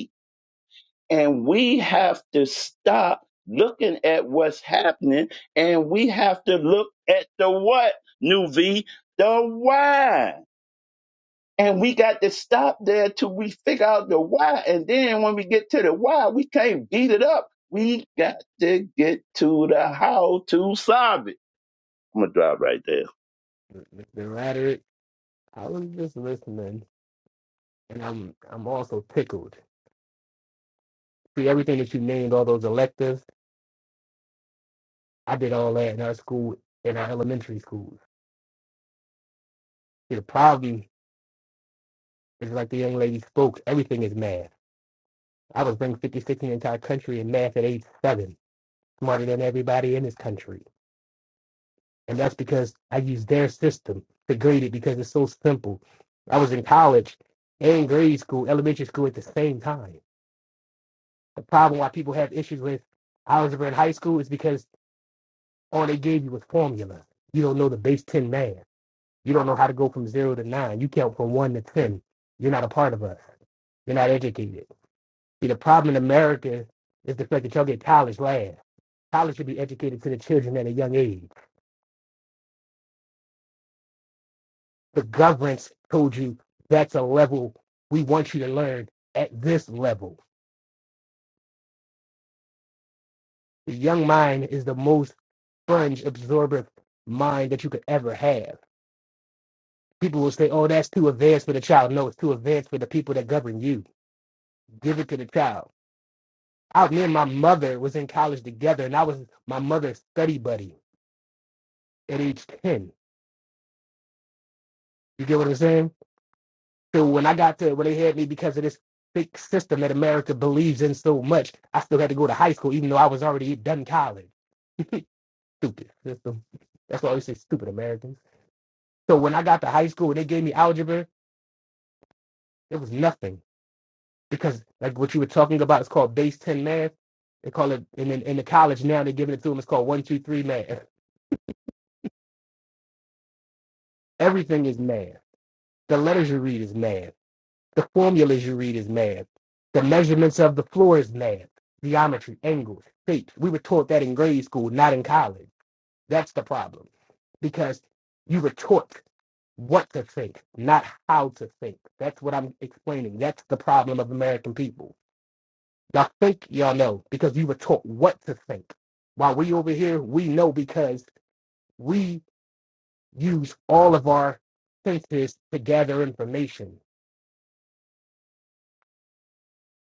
and we have to stop looking at what's happening and we have to look at the what, new V, the why. And we got to stop there till we figure out the why. And then when we get to the why, we can't beat it up. We got to get to the how to solve it. I'm gonna drop right there. Mr. Roderick, I was just listening and I'm I'm also tickled. See everything that you named, all those electives, I did all that in our school, in our elementary schools. See the problem is like the young lady spoke, everything is math. I was ranked 56th in the entire country in math at age seven, smarter than everybody in this country. And that's because I used their system to grade it because it's so simple. I was in college and grade school, elementary school at the same time. The problem why people have issues with algebra in high school is because all they gave you was formulas. You don't know the base 10 math. You don't know how to go from zero to nine. You count from one to 10. You're not a part of us. You're not educated. See, the problem in America is the fact that y'all get college last. College should be educated to the children at a young age. The government's told you that's a level we want you to learn at this level. The young mind is the most sponge absorber mind that you could ever have. People will say, oh, that's too advanced for the child. No, it's too advanced for the people that govern you. Give it to the child. Out me and my mother was in college together, and I was my mother's study buddy at age 10. You get what I'm saying? So when I got to it, when they had me because of this fake system that America believes in so much, I still had to go to high school even though I was already done college. <laughs> stupid system. That's why we say stupid Americans. So when I got to high school and they gave me algebra, it was nothing because like what you were talking about is called base ten math. They call it in in, in the college now they're giving it to them. It's called one two three math. Everything is math. The letters you read is math The formulas you read is mad. The measurements of the floor is mad. Geometry, angles, shapes. We were taught that in grade school, not in college. That's the problem. Because you were taught what to think, not how to think. That's what I'm explaining. That's the problem of American people. Y'all think y'all know because you were taught what to think. While we over here, we know because we use all of our senses to gather information.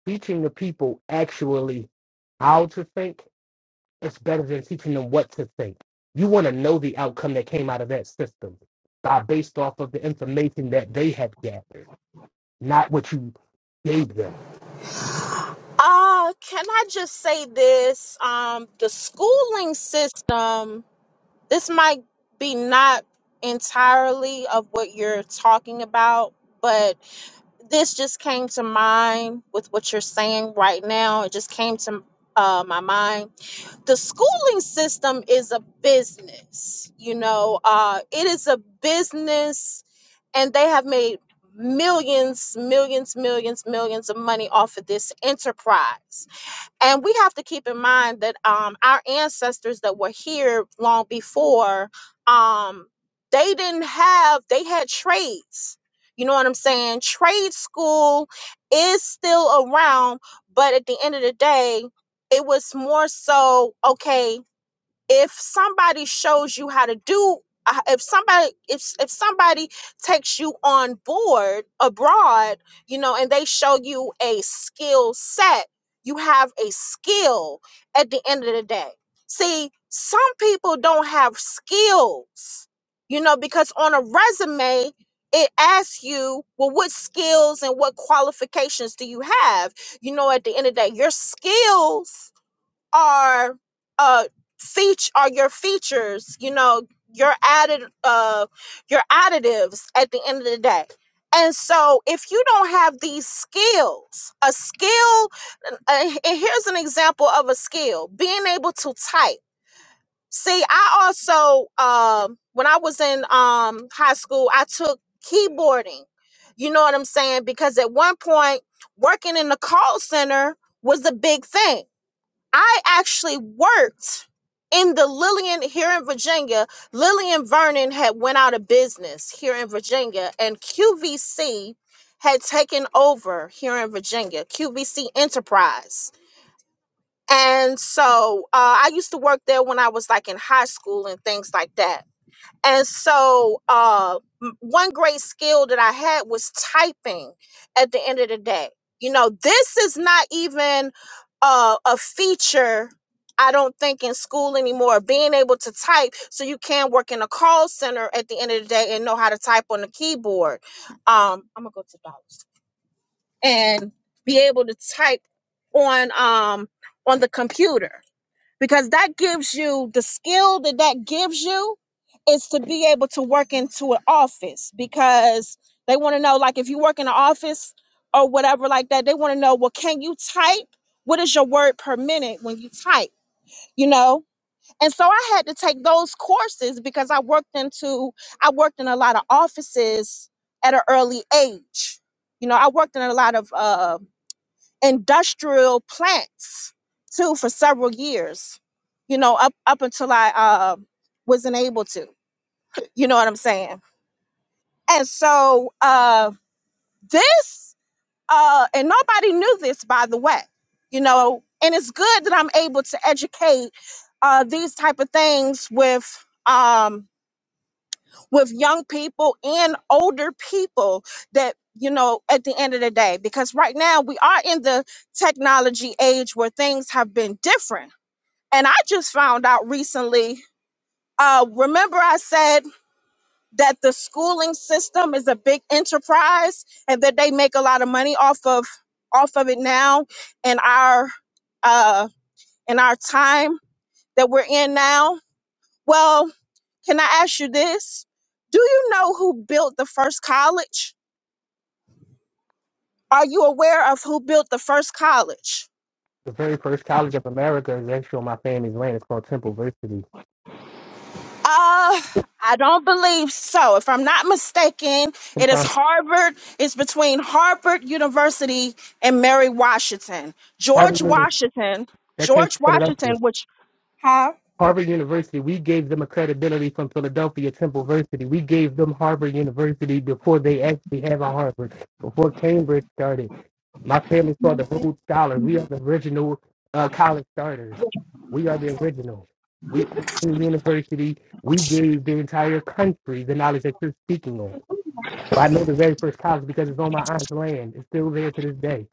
teaching the people actually how to think is better than teaching them what to think. You want to know the outcome that came out of that system by based off of the information that they had gathered, not what you gave them. Uh, can I just say this? Um, the schooling system, this might be not entirely of what you're talking about, but this just came to mind with what you're saying right now. It just came to uh, my mind. The schooling system is a business, you know, uh, it is a business, and they have made millions, millions, millions, millions of money off of this enterprise and we have to keep in mind that um, our ancestors that were here long before um, they didn't have they had trades you know what i'm saying trade school is still around but at the end of the day it was more so okay if somebody shows you how to do uh, if somebody if if somebody takes you on board abroad you know and they show you a skill set you have a skill at the end of the day see some people don't have skills you know because on a resume it asks you well what skills and what qualifications do you have you know at the end of the day your skills are uh feature are your features you know your added uh your additives at the end of the day and so if you don't have these skills a skill uh, and and here's an example of a skill being able to type see i also um when i was in um high school i took keyboarding you know what i'm saying because at one point working in the call center was a big thing I actually worked in the Lillian here in Virginia. Lillian Vernon had went out of business here in Virginia, and QVC had taken over here in Virginia, QVC Enterprise. And so uh, I used to work there when I was like in high school and things like that. And so, uh, m- one great skill that I had was typing at the end of the day. You know, this is not even uh, a feature, I don't think, in school anymore, being able to type so you can work in a call center at the end of the day and know how to type on the keyboard. Um, I'm going to go to dollars and be able to type on um, on the computer because that gives you the skill that that gives you is to be able to work into an office because they want to know like if you work in an office or whatever like that they want to know well can you type what is your word per minute when you type you know and so i had to take those courses because i worked into i worked in a lot of offices at an early age you know i worked in a lot of um industrial plants too for several years you know up up until i uh, wasn't able to you know what i'm saying and so uh this uh and nobody knew this by the way you know and it's good that i'm able to educate uh these type of things with um with young people and older people that you know at the end of the day because right now we are in the technology age where things have been different and i just found out recently uh remember i said that the schooling system is a big enterprise and that they make a lot of money off of off of it now in our uh in our time that we're in now well can i ask you this do you know who built the first college Are you aware of who built the first college? The very first college of America is actually on my family's land. It's called Temple University. Uh, I don't believe so. If I'm not mistaken, Some it is pri- Harvard. It's between Harvard University and Mary Washington. private George members Washington, that came from George Philadelphia. Washington, which, huh? Harvard University, we gave them a credibility from Philadelphia Temple University. We gave them Harvard University before they actually have a Harvard, before Cambridge started. My family saw the Rhodes Scholars. We are the original uh, college starters. We are the original. We university. We gave the entire country the knowledge that you're speaking on. So I know the very first college because it's on my aunt's land. It's still there to this day.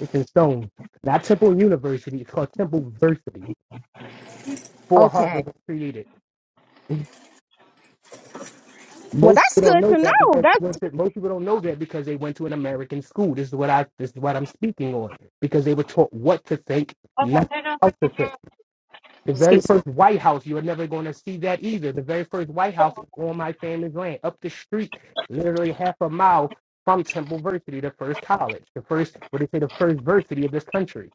It's in stone. Not Temple University. It's called Temple Versity. Before Okay. Harvard was created. Well, Most that's people don't good know to that know. because you went That's, to, most people don't know that because they went to an American school. This is what I this is what I'm speaking on because they were taught what to think, not how to think. The very first White House, you are never going to see that either. The very first White House is on my family's land, up the street, literally half a mile from Temple University, the first college, the first what they say, the first varsity of this country.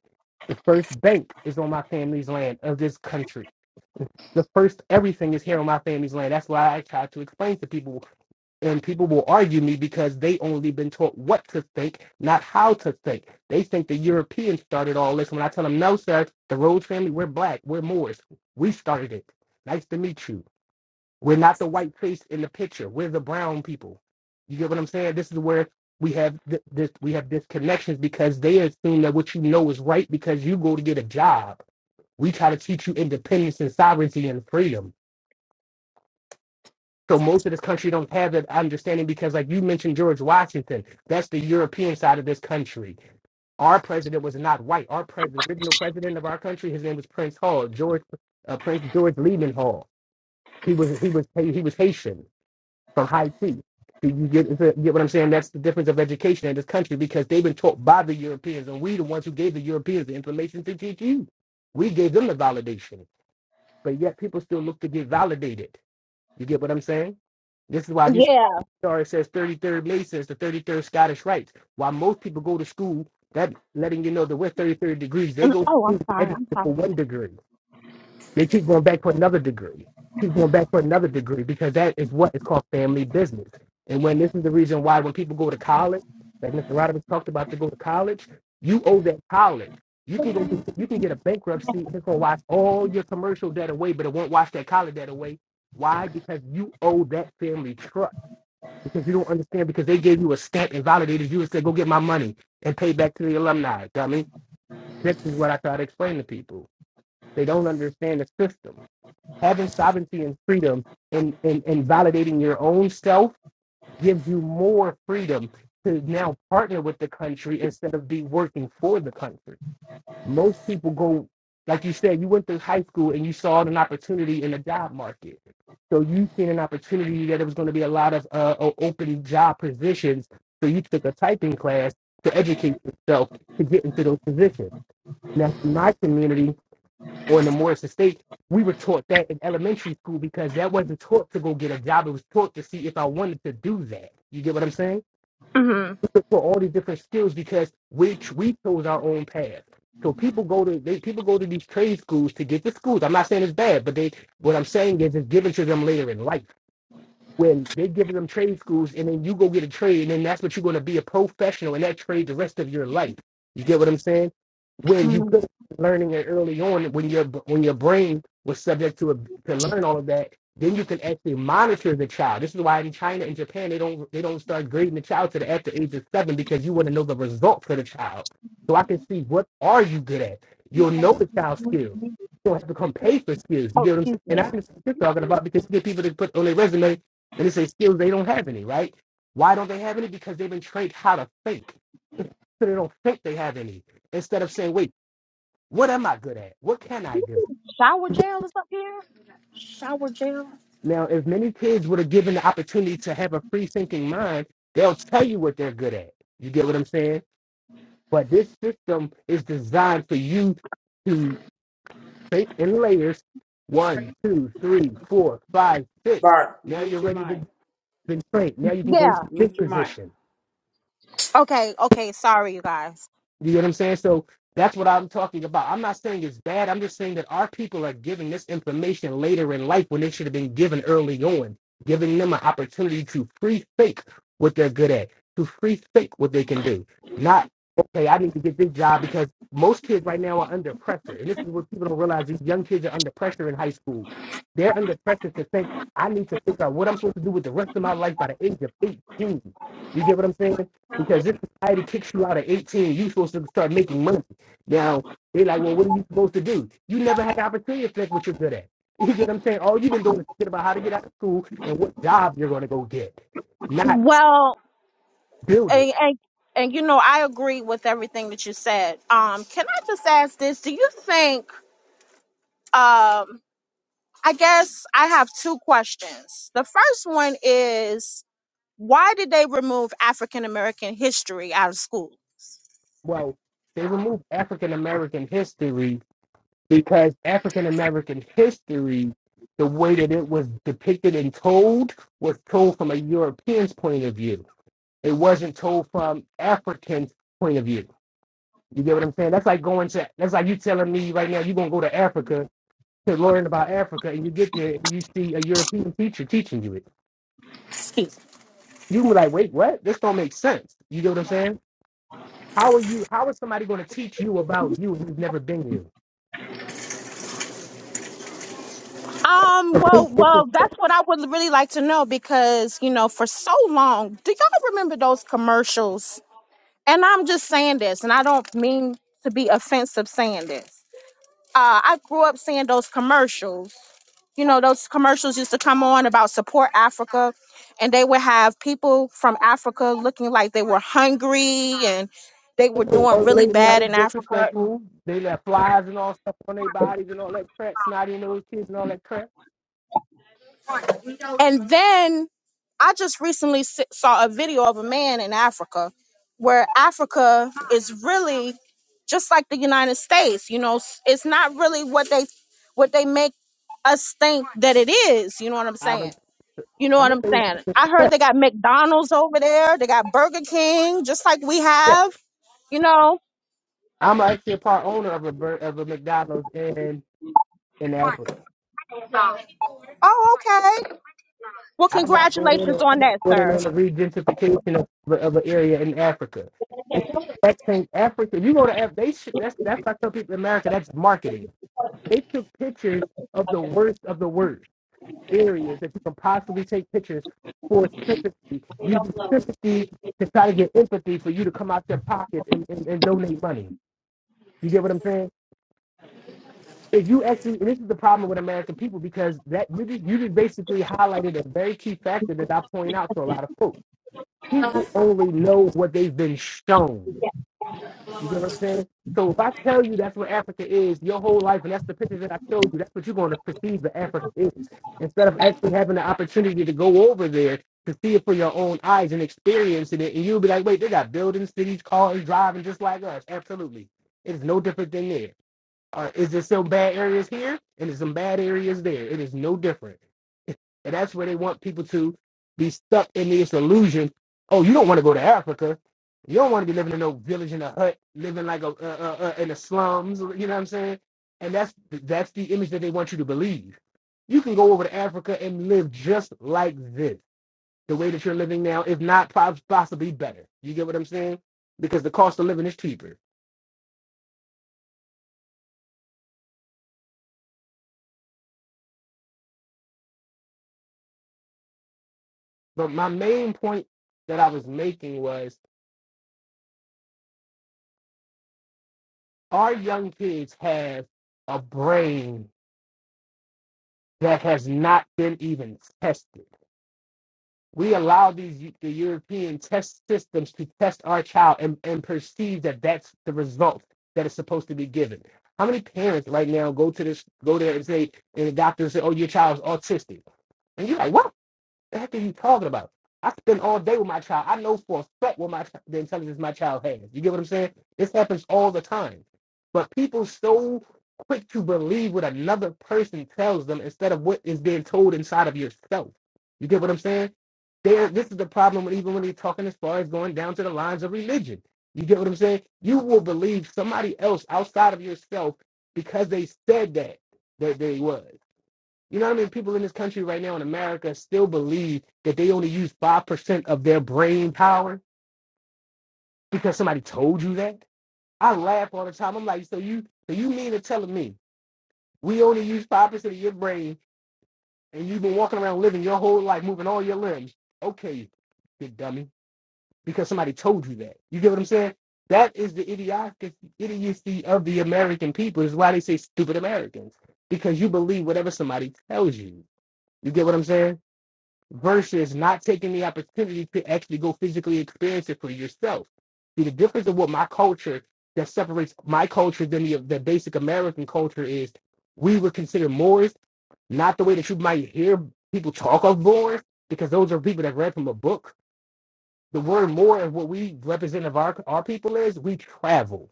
The first bank is on my family's land of this country the first everything is here on my family's land. That's why I try to explain to people and people will argue me because they only been taught what to think, not how to think. They think the Europeans started all this. When I tell them, no, sir, the Rhodes family, we're black, we're Moors, we started it. Nice to meet you. We're not the white face in the picture. We're the brown people. You get what I'm saying? This is where we have th- this we have disconnections because they assume that what you know is right because you go to get a job. We try to teach you independence and sovereignty and freedom so most of this country don't have that understanding because, like you mentioned, George Washington, that's the European side of this country. Our president was not white. Our president, original president of our country, his name was Prince Hall, George uh, Prince George Lehman Hall. He was he was he was Haitian from Haiti. Do you get, you get what I'm saying? That's the difference of education in this country because they've been taught by the Europeans, and we the ones who gave the Europeans the information to teach you. We gave them the validation, but yet people still look to get validated. You get what I'm saying? This is why you yeah. sorry, it says 33rd Masons, the 33rd Scottish Rites. While most people go to school, that letting you know that we're 33rd degrees, they Uh, go to Oh, I'm school sorry. I'm for one degree. They keep going back for another degree, keep going back for another degree, because that is what is called family business. And when this is the reason why when people go to college, like Mr. Rodovich talked about to go to college, you owe that college. You can go, get- you can get a bankruptcy. It's gonna wash all your commercial debt away, but it won't wash that college debt away. Why? Because you owe that family trust because you don't understand because they gave you a stamp and validated you and said, go get my money and pay back to the alumni. Dummy. This is what I try to explain to people. They don't understand the system. Having sovereignty and freedom and, and, and validating your own self gives you more freedom to now partner with the country instead of be working for the country. Most people go, like you said, you went through high school and you saw an opportunity in the job market. So you seen an opportunity that there was going to be a lot of uh, o- open job positions. So you took a typing class to educate yourself to get into those positions. Now, in my community or in the Morris Estate, we were taught that in elementary school because that wasn't taught to go get a job. It was taught to see if I wanted to do that. You get what I'm saying? sorry. for all these different skills because we ch- we chose our own path. So people go to they people go to these trade schools to get the schools. I'm not saying it's bad, but they what I'm saying is it's given to them later in life when they giving them trade schools and then you go get a trade and then that's what you're going to be a professional in that trade the rest of your life you get what i'm saying when you put learning it early on when your when your brain was subject to a, to learn all of that then you can actually monitor the child this is why in china and japan they don't they don't start grading the child to the after age of seven because you want to know the result for the child so i can see what are you good at you'll know the child's skills you don't have to come pay for skills you get what i'm saying and i understand what you're talking about because you get people to put on their resume then it says skills they don't have any, right? Why don't they have any? Because they've been trained how to think. <laughs> So they don't think they have any. Instead of saying, wait, what am I good at? What can I do? hmm Now, if many kids were given the opportunity to have a free thinking mind, they'll tell you what they're good at. You get what I'm saying? But this system is designed for you to think in layers one, two, three, four, five, six. Bart. Now you're Mute your ready to mic. been trained. Now you can go Yeah. to this Mute your mic. position. Okay. Okay. Sorry, you guys. You get what I'm saying? So that's what I'm talking about. I'm not saying it's bad. I'm just saying that our people are giving this information later in life when they should have been given early on, giving them an opportunity to free fake what they're good at, to free fake what they can do. Not, okay, I need to get this job because most kids right now are under pressure. And this is what people don't realize these young kids are under pressure in high school. They're under pressure to think, I need to figure out what I'm supposed to do with the rest of my life by the age of 18. You get what I'm saying? Because this society kicks you out at 18, you're supposed to start making money. Now, they're like, well, what are you supposed to do? You never had the opportunity to flex what you're good at. <laughs> You get what I'm saying? All you've been doing is thinking about how to get out of school and what job you're going to go get, not Well, build it. And, and and you know, I agree with everything that you said. Um, can I just ask this? Do you think? Um, I guess I have two questions. The first one is why did they remove African American history out of school? Well, they removed African American history because African American history, the way that it was depicted and told, was told from a European's point of view. It wasn't told from African's point of view You get what I'm saying? That's like going to that's like you telling me right now you're gonna go to Africa to learn about Africa and you get there and you see a European teacher teaching you it. You be like, wait, what? This don't make sense. You get what I'm saying? How are you how is somebody gonna teach you about you who's never been here? Um, well, well, that's what I would really like to know because you know, for so long, do y'all remember those commercials? And I'm just saying this, and I don't mean to be offensive saying this. Uh, I grew up seeing those commercials you know, those commercials used to come on about support Africa, and they would have people from Africa looking like they were hungry and they were doing Old really lady now bad is in Africa. disrespectful. They left flies and all stuff on their bodies and all that crap, snotty nose kids and all that crap. And then I just recently s- saw a video of a man in Africa where Africa is really just like the United States, you know, s- it's not really what they what they make us think that it is, you know what I'm I've saying? been You know I'm what gonna I'm say saying? I heard they got McDonald's over there. They got Burger King, just like we yes. have. You know? I'm actually a part owner of a of a McDonald's in in Africa. Oh, okay. Well, I got brought in congratulations on I on got that, brought in sir. on the regentification of of an area in Africa. It's the exact same Africa. You go to Africa, they should, that's that's why I tell people in America that's marketing. They took pictures of the worst of the worst areas that you can possibly take pictures for sympathy, using sympathy to try to get empathy for you to come out their pockets and, and, and donate money. You get what I'm saying? If you actually, and this is the problem with American people because that you just you just basically highlighted a very key factor that I point out to a lot of folks people only know what they've been shown. You get what I'm saying? So if I tell you that's what Africa is your whole life, and that's the picture that I showed you, that's what you're going to perceive that Africa is. Instead of actually having the opportunity to go over there to see it for your own eyes and experiencing it, and you'll be like, wait, they got buildings, cities, cars, driving just like us. Absolutely. It's no different than there. Uh, is there some bad areas here and there's some bad areas there? It is no different. <laughs> And that's where they want people to be stuck in this illusion. Oh, you don't want to go to Africa. You don't want to be living in no village in a hut, living like a uh, uh, uh, in the slums. You know what I'm saying? And that's that's the image that they want you to believe. You can go over to Africa and live just like this, the way that you're living now, if not pos- possibly better. You get what I'm saying? Because the cost of living is cheaper But my main point that I was making was our young kids have a brain that has not been even tested. We allow these the European test systems to test our child and, and perceive that that's the result that is supposed to be given. How many parents right now go to this go there and say and the doctor say, "Oh, your child's autistic," and you're like, "What? The heck are you talking about? I spend all day with my child. I know for a fact what my chi- the intelligence my child has. You get what I'm saying? This happens all the time. But people so quick to believe what another person tells them instead of what is being told inside of yourself. You get what I'm saying? There, this is the problem. When, even when you're talking as far as going down to the lines of religion, you get what I'm saying? You will believe somebody else outside of yourself because they said that that they was. You know what I mean? People in this country right now in America still believe that they only use 5% of their brain power because somebody told you that. I laugh all the time. I'm like, so you so you mean to tell me we only use 5% of your brain and you've been walking around living your whole life, moving all your limbs. Okay, you dummy. Because somebody told you that. You get what I'm saying? That is the idiotic idiocy of the American people. Is why they say stupid Americans. Because you believe whatever somebody tells you. You get what I'm saying? versus not taking the opportunity to actually go physically experience it for yourself. See, the difference of what my culture that separates my culture than the, the basic American culture is we would consider Moors not the way that you might hear people talk of Moors, because those are people that read from a book. The word Moor and what we represent of our, our people is we travel.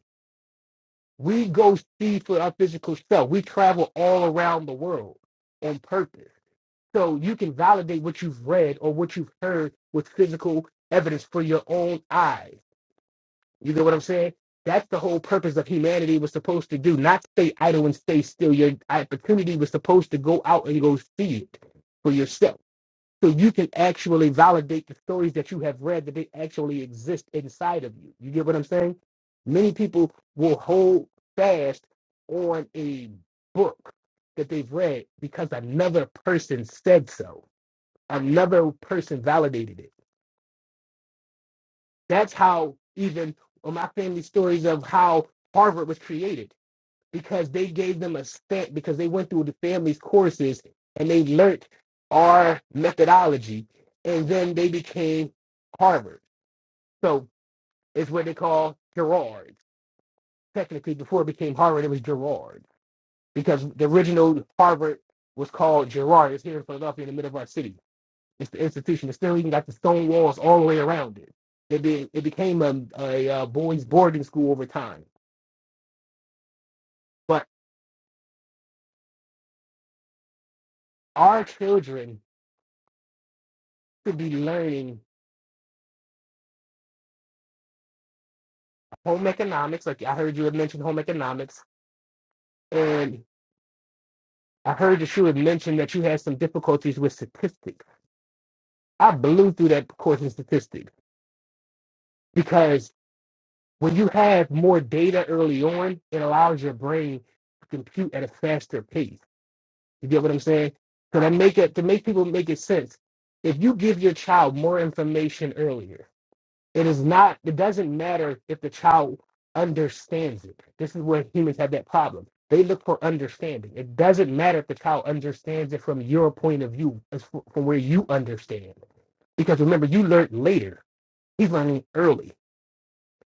We go see for our physical self. We travel all around the world on purpose so you can validate what you've read or what you've heard with physical evidence for your own eyes. You get what I'm saying? That's the whole purpose of humanity was supposed to do, not stay idle and stay still. Your opportunity was supposed to go out and go see it for yourself. So you can actually validate the stories that you have read that they actually exist inside of you. You get what I'm saying? Many people will hold fast on a book that they've read because another person said so another person validated it. That's how even on my family stories of how Harvard was created because they gave them a stamp because they went through the family's courses and they learned our methodology and then they became Harvard. So it's what they call Gerard. Technically, before it became Harvard, it was Gerard because the original Harvard was called Gerard. It's here in Philadelphia in the middle of our city It's the institution. It's still even got the stone walls all the way around it. It, be, it became a, a, uh boys' boarding school over time. But our children should be learning home economics. Like I heard you had mentioned home economics, and I heard that you had mentioned that you had some difficulties with statistics. I blew through that course in statistics because when you have more data early on, it allows your brain to compute at a faster pace You get what I'm saying? So that make it to make people make it sense. If you give your child more information earlier, it is not. It doesn't matter if the child understands it. This is where humans have that problem. They look for understanding. It doesn't matter if the child understands it from your point of view, as f- from where you understand. Because remember, you learned later. He's learning early.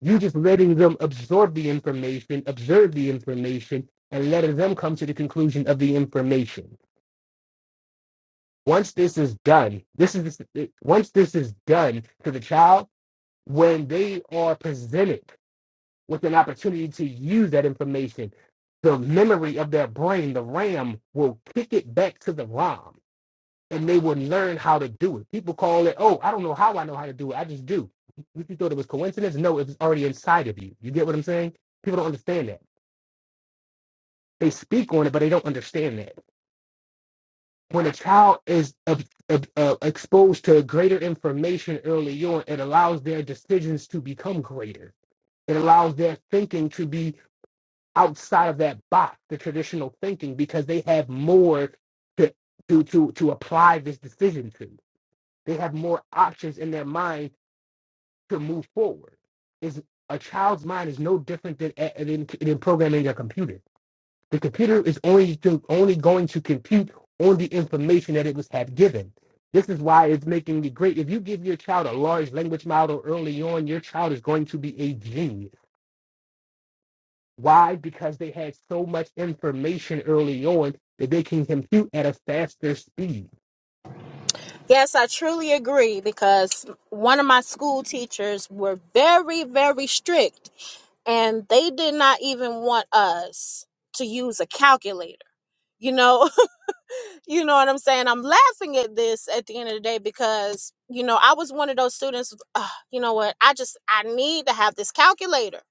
You just letting them absorb the information, observe the information, and letting them come to the conclusion of the information once this is done, this is once this is done to the child, when they are presented with an opportunity to use that information, the memory of their brain, the RAM, will kick it back to the ROM and they will learn how to do it. People call it, oh, I don't know how I know how to do it. I just do. You you thought it was coincidence? No, it was already inside of you. You get what I'm saying? People don't understand that. They speak on it, but they don't understand that. when a child is uh, uh, uh, exposed to greater information early on, it allows their decisions to become greater. It allows their thinking to be outside of that box, the traditional thinking, because they have more to to to, to apply this decision to. They have more options in their mind to move forward. Is a child's mind is no different than, than, than programming a computer the computer is only to, only going to compute on the information that it was had given. This is why it's making it great. If you give your child a large language model early on, your child is going to be a genius. Why? Because they had so much information early on that they can compute at a faster speed. Yes, I truly agree because one of my school teachers were very, very strict, and they did not even want us to use a calculator. You know, <laughs> You know what I'm saying? I'm laughing at this at the end of the day because, you know, I was one of those students, uh, you know what? I just, I need to have this calculator.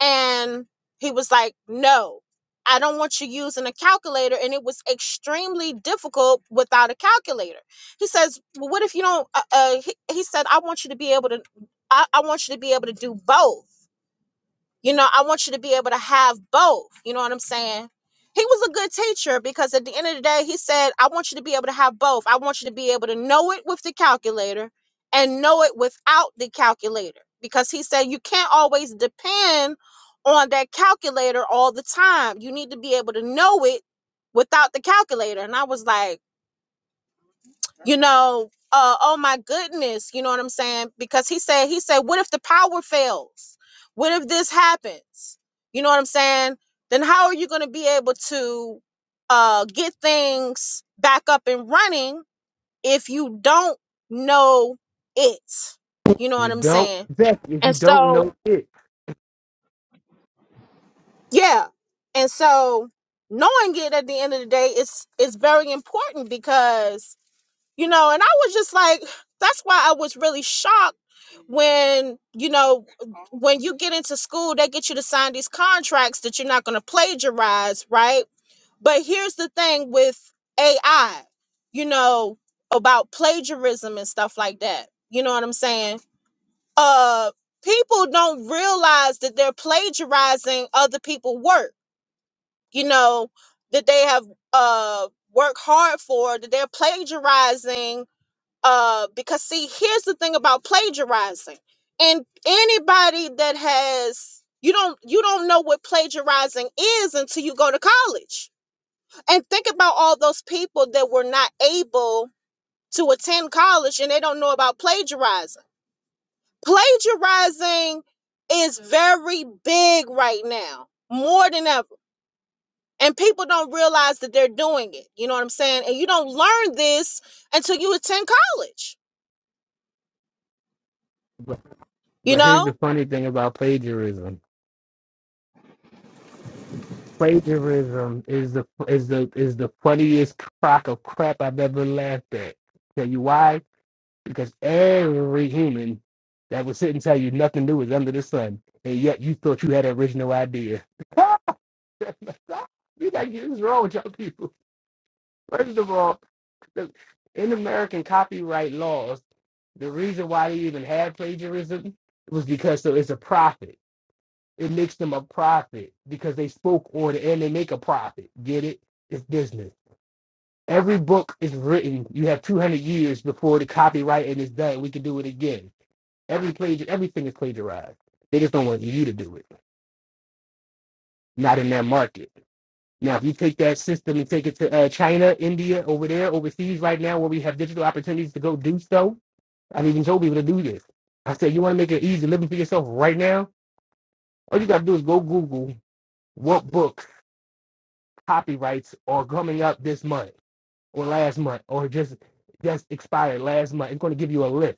And he was like, no, I don't want you using a calculator. And it was extremely difficult without a calculator. He says, well, what if you don't, uh, uh, he, he said, I want you to be able to, I, I want you to be able to do both. You know, I want you to be able to have both. You know what I'm saying? He was a good teacher because at the end of the day, he said, I want you to be able to have both. I want you to be able to know it with the calculator and know it without the calculator because he said you can't always depend on that calculator all the time. You need to be able to know it without the calculator. And I was like, you know, uh, oh my goodness, you know what I'm saying? Because he said, he said, what if the power fails? What if this happens? You know what I'm saying? Then how are you going to be able to uh, get things back up and running if you don't know it? You know You what I'm don't, saying? exactly, if you And don't so, know it. yeah, and so knowing it at the end of the day, it's it's very important because you know and i was just like that's why i was really shocked when you know when you get into school they get you to sign these contracts that you're not going to plagiarize right but here's the thing with ai you know about plagiarism and stuff like that you know what i'm saying uh people don't realize that they're plagiarizing other people's work you know that they have uh worked hard for that they're plagiarizing uh because see here's the thing about plagiarizing and anybody that has you don't you don't know what plagiarizing is until you go to college and think about all those people that were not able to attend college and they don't know about plagiarizing plagiarizing is very big right now more than ever and people don't realize that they're doing it you know what i'm saying and you don't learn this until you attend college But, you but here's know the funny thing about plagiarism. Plagiarism is the is the is the funniest crock of crap I've ever laughed at. Tell you why? because every human that would sit and tell you nothing new is under the sun, and yet you thought you had an original idea. <laughs> you got this is wrong with y'all people. First of all, the, in American copyright laws, the reason why they even had plagiarism was because so it's a profit. It makes them a profit because they spoke on it and they make a profit. Get it? It's business. Every book is written. You have 200 years before the copyright and it's done. We can do it again. Every plagiar, everything is plagiarized. They just don't want you to do it. Not in that market. Now, if you take that system and take it to uh, China, India, over there, overseas right now, where we have digital opportunities to go do so, I've even told people to do this. I said, you want to make an easy living for yourself right now? All you got to do is go Google what books copyrights are coming up this month or last month or just just expired last month. It's going to give you a list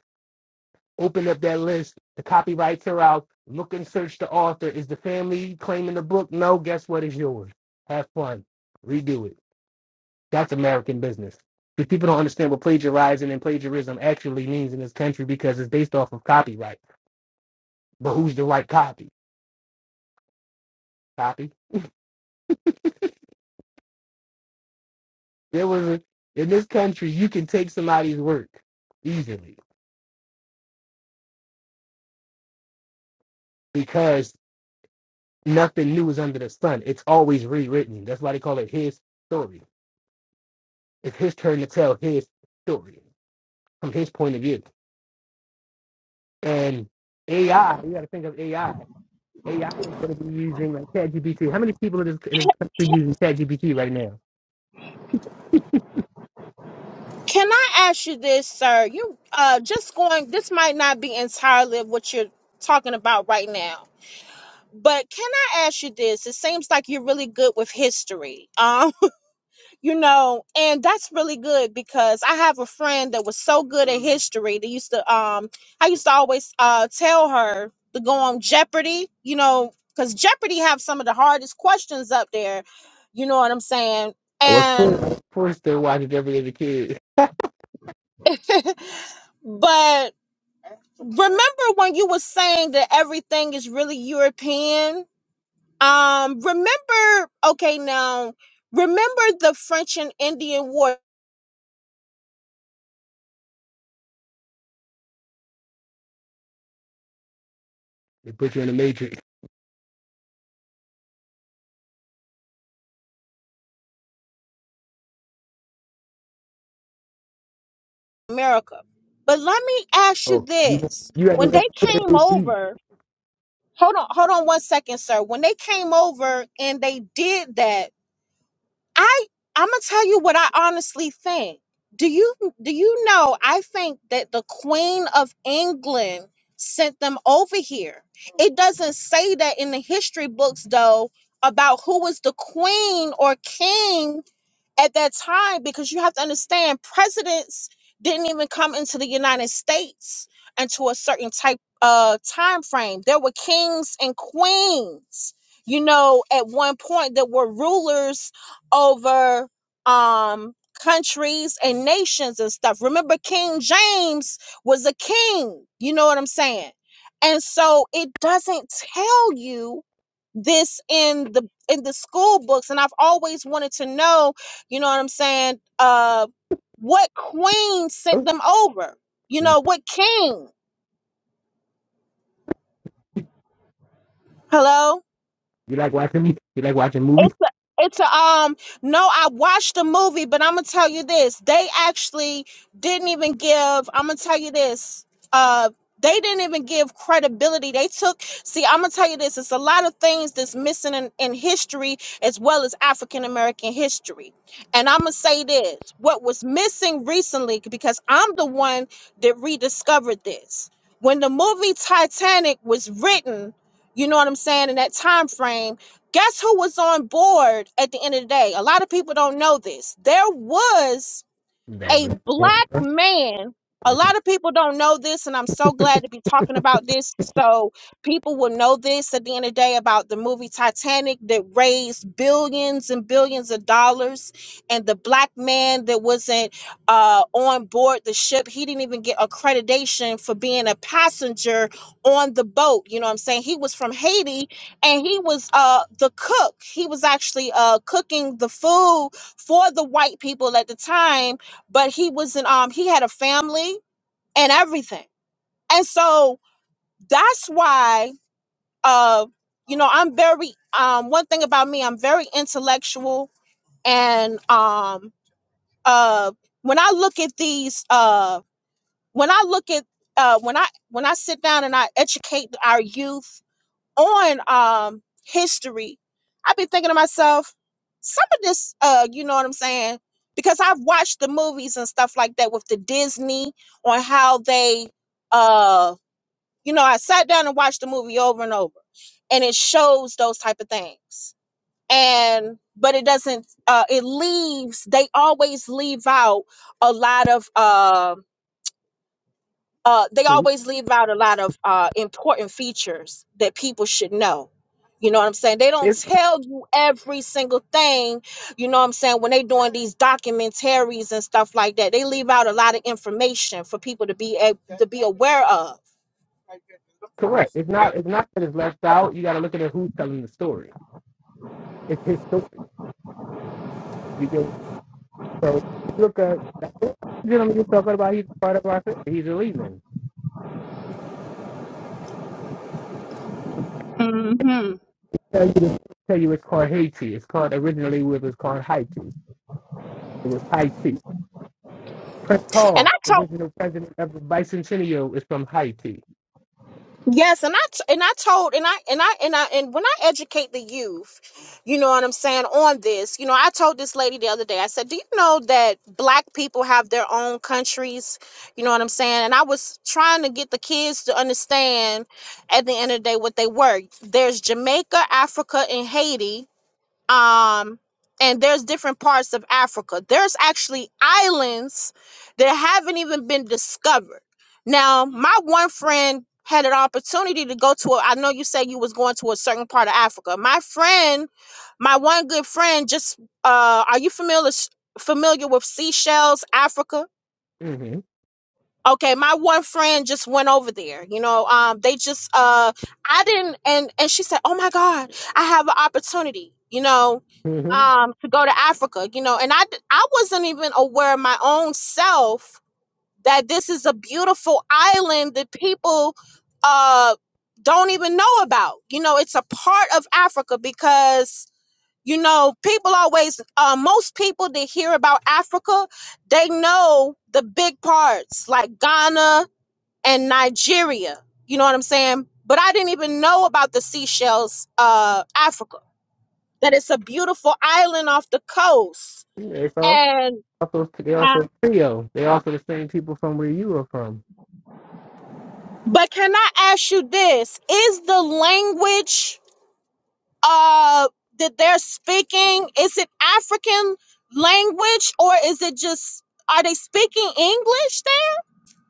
Open up that list. The copyrights are out. Look and search the author. Is the family claiming the book? No. Guess what? It's yours. Have fun. Redo it. That's American business. Because people don't understand what plagiarizing and plagiarism actually means in this country because it's based off of copyright. But who's the right copy? Copy. There was a, in this country you can take somebody's work easily because nothing new is under the sun. It's always rewritten. That's why they call it his story. It's his turn to tell his story. from his point of view. And AI, you got to think of AI. AI is going to be using like ChatGPT. How many people in this, in this country using ChatGPT right now? Can I ask you this, sir? You uh just going this might not be entirely of what you're talking about right now. But can I ask you this? It seems like you're really good with history. Um, <laughs> you know, and that's really good because I have a friend that was so good at history. They used to um I used to always uh tell her to go on Jeopardy, you know, cuz Jeopardy have some of the hardest questions up there. You know what I'm saying? I was And forced to watch it every other kid. <laughs> but remember when you were saying that everything is really European? Um, remember, okay, now remember the French and Indian War in They put you in the matrix. America. But let me ask you Oh, you this. you have to When listen they to the came beat. over, hold on, hold on one second, sir. When they came over and they did that, I I'm gonna tell you what I honestly think. Do you do you know? I think that the Queen of England sent them over here. It doesn't say that in the history books though about who was the queen or king at that time because you have to understand presidents didn't even come into the United States until a certain type uh time frame. There were kings and queens, you know, at one point that were rulers over um countries and nations and stuff. Remember King James was a king, you know what I'm saying? And so it doesn't tell you this in the in the school books and I've always wanted to know you know what I'm saying? Uh, what queen sent Oh, them over? You you know, what king? Hello? like watching me? You like watching movies? It's a, it's a, um no, I watched the movie, but I'm gonna tell you this. They actually didn't even give I'm gonna tell you this. Uh they didn't even give credibility. They took see, I'm gonna tell you this, it's a lot of things that's missing in, in history as well as African American history. And I'm gonna say this, what was missing recently, because I'm the one that rediscovered this. When the movie Titanic was written, you know what I'm saying, in that time frame Guess who was on board at the end of the day? A lot of people don't know this. There was That, a but yeah, black huh? man Yeah, a it's lot of people don't know this and i'm so glad to be talking about this so people will know this at the end of the day about the movie titanic that raised billions and billions of dollars and the black man that wasn't uh, on board the ship he didn't even get accreditation for being a passenger on the boat you know what i'm saying he was from haiti and he was uh, the cook he was actually uh, cooking the food for the white people at the time but he was in um he had a family and everything and so that's why uh you know i'm very um one thing about me i'm very intellectual and um uh when i look at these uh when i look at uh when i when i sit down and i educate our youth on um history, i have been thinking to myself, some of this, uh, you know what I'm saying? Because I've watched the movies and stuff like that with the Disney on how they uh you know, I sat down and watched the movie over and over and it shows those type of things. And but it doesn't uh it leaves they always leave out a lot of um uh, they true. always leave out a lot of uh, important features that people should know. You know what I'm saying? They don't It's tell you every single thing. You know what I'm saying? When they doing these documentaries and stuff like that, they leave out a lot of information for people to be a, to be aware of. correct. It's not. It's not that it's left out. You got to look at who's telling the story. It's his story Because So look at that gentleman you're talking about. He's part of our. He's a Lehman. hmm Tell you, to- tell you it's called Haiti. It's called originally it was called Haiti. It was Haiti. Prince And Hall, I the told original president of the bicentennial, is from Haiti. Yes, and I t- and I told and I and I and I and when I educate the youth, you know what I'm saying on this. You know, I told this lady the other day. I said, "Do you know that black people have their own countries?" You know what I'm saying? And I was trying to get the kids to understand at the end of the day what they were. There's Jamaica, Africa, and Haiti um and there's different parts of africa there's actually islands that haven't even been discovered now my one friend had an opportunity to go to a, i know you said you was going to a certain part of africa my friend my one good friend just uh are you familiar familiar with Seychelles, africa mm Okay, my one friend just went over there. You know, um, they just uh, I didn't, and and she said, "Oh my God, I have an opportunity." You know, hmm mm um, to go to Africa. You know, and I d- I wasn't even aware of my own self that this is a beautiful island that people uh don't even know about. You know, it's a part of Africa because you know, people always, uh, most people that hear about Africa, they know the big parts like Ghana and Nigeria. You know what I'm saying? But I didn't even know about the Seychelles, uh, Africa, that it's a beautiful island off the coast. hmm They all, And, also they Huh? also Creole. They also the same people from where you are from. but can I ask you this? Is the language, uh, that they're speaking, is it African language or is it just, are they speaking English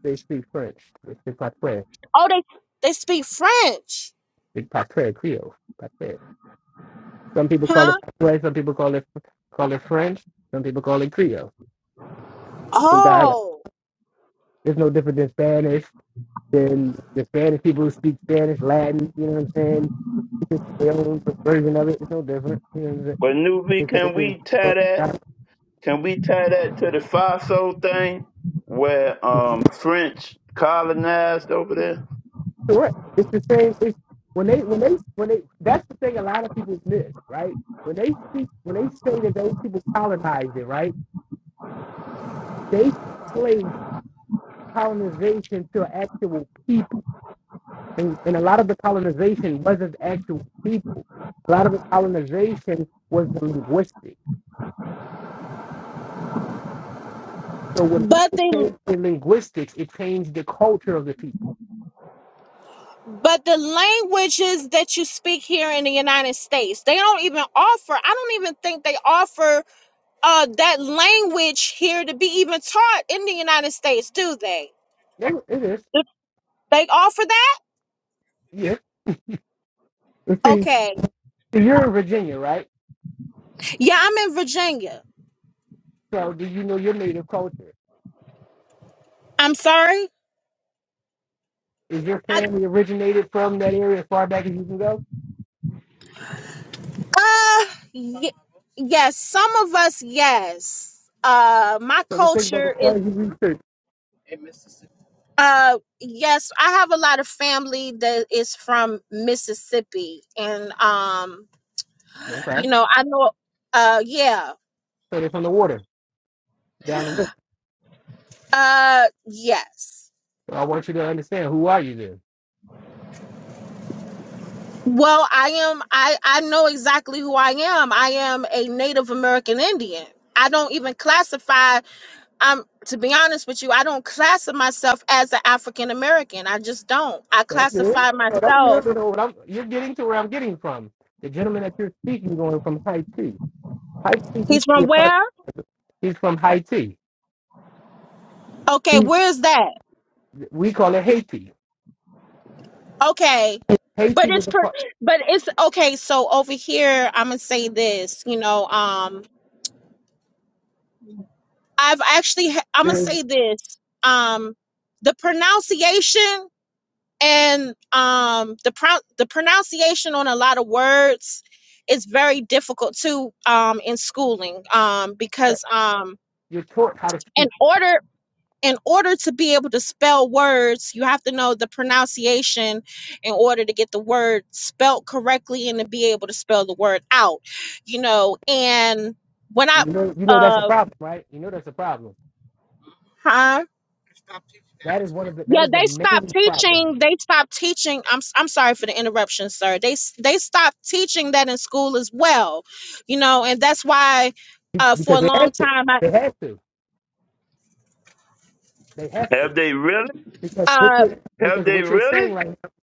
They speak French. They speak Patois. Oh, they they speak French, They Patois Creole. Patois. Some people call it huh? Patois. Some people call it call it French. Some people call it Creole. dialect. Oh, It's no different than Spanish, than the Spanish people who speak Spanish, Latin, you know what I'm saying? It's just their own version of it. It's no different. You know what I'm saying? But new V, It's, it's, can it's, it's, we tie that? it's Can we tie that to the FISO thing where um French colonized over there? correct. It's the same. It's, when they, when they, when they, that's the thing a lot of people miss, right? When they speak, when they say that those people colonized it, right? They place colonization to actual people. And, and a lot of the colonization wasn't actual people. A lot of the colonization was linguistic So when but people the change in linguistics, it changed the culture of the people. but the languages that you speak here in the United States, they don't even offer. I don't even think they offer uh that language here to be even taught in the United States, do they? It it is. Do They offer that? Yeah. And See, Okay. see, you're in Virginia, right? Yeah, I'm in Virginia. So do you know your native culture? I'm sorry. Is your I, family originated from that area as far back as you can go? uh, y- yes, some of us, yes. Uh, my So the thing about the culture is. far as you research. Uh, yes, I have a lot of family that is from Mississippi, and um, Okay. you know, I know. Uh, yeah. So they're from the water, down the river. Uh, yes. So I want you to understand who are you then? Well, I am. I I know exactly who I am. I am a Native American Indian. I don't even classify. I'm to be honest with you. I don't classify myself as an African American. I just don't. I That's it. classify So that's good myself. to know what I'm you're getting to where I'm getting from. The gentleman that you're speaking going from Haiti. Haiti He's used to be from a part where? he's from Haiti. Okay, He, where is that? we call it Haiti. Okay. But Casey was it's the per- part. but it's okay. So over here, I'm gonna say this. You know, um, I've actually ha- I'm gonna There's, say this. Um, the pronunciation and um the pro- the pronunciation on a lot of words is very difficult too um in schooling um because um you're taught how to in speak. order in order to be able to spell words, you have to know the pronunciation in order to get the word spelt correctly and to be able to spell the word out, you know. And when I, You know, you know that's a uh, problem, right? You know that's a problem. huh? That is one of the. That Yeah, is the they stopped main problem teaching. They stopped teaching. I'm s- I'm sorry for the interruption, sir. They s- they stopped teaching that in school as well, you know, and that's why uh, for because a they long have to. time I They have to. They have Have to they really? because what uh you're Have because they what you're really? saying right now.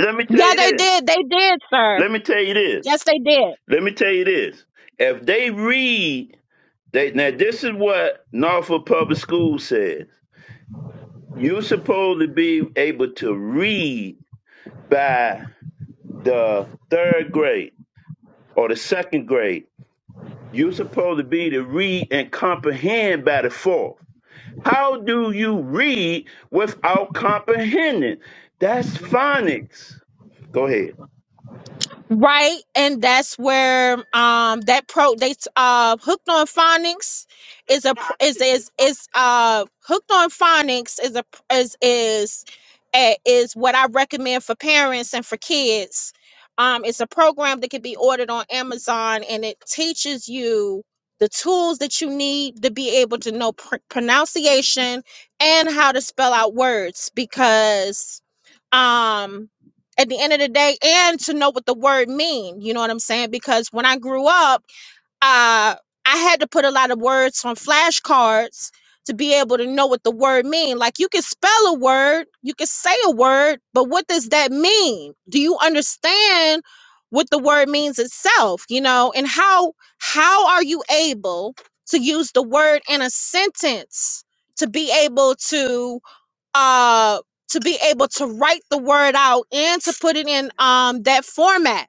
Let me tell yeah you they this. did they did sir Let me tell you this. yes they did Let me tell you this. If they read, they, now this is what Norfolk Public School says. You're supposed to be able to read by the third grade or the second grade. You're supposed to be to read and comprehend by the fourth. How do you read without comprehending? That's phonics. Go ahead. Right, and that's where um that pro they uh hooked on phonics is a pr- is is is uh hooked on phonics is a pr- is is eh, is what I recommend for parents and for kids. Um, it's a program that can be ordered on Amazon, and it teaches you the tools that you need to be able to know pr- pronunciation and how to spell out words because um at the end of the day and to know what the word mean you know what i'm saying because when i grew up uh i had to put a lot of words on flashcards to be able to know what the word mean like you can spell a word you can say a word but what does that mean do you understand what the word means itself you know and how how are you able to use the word in a sentence to be able to uh to be able to write the word out and to put it in um that format.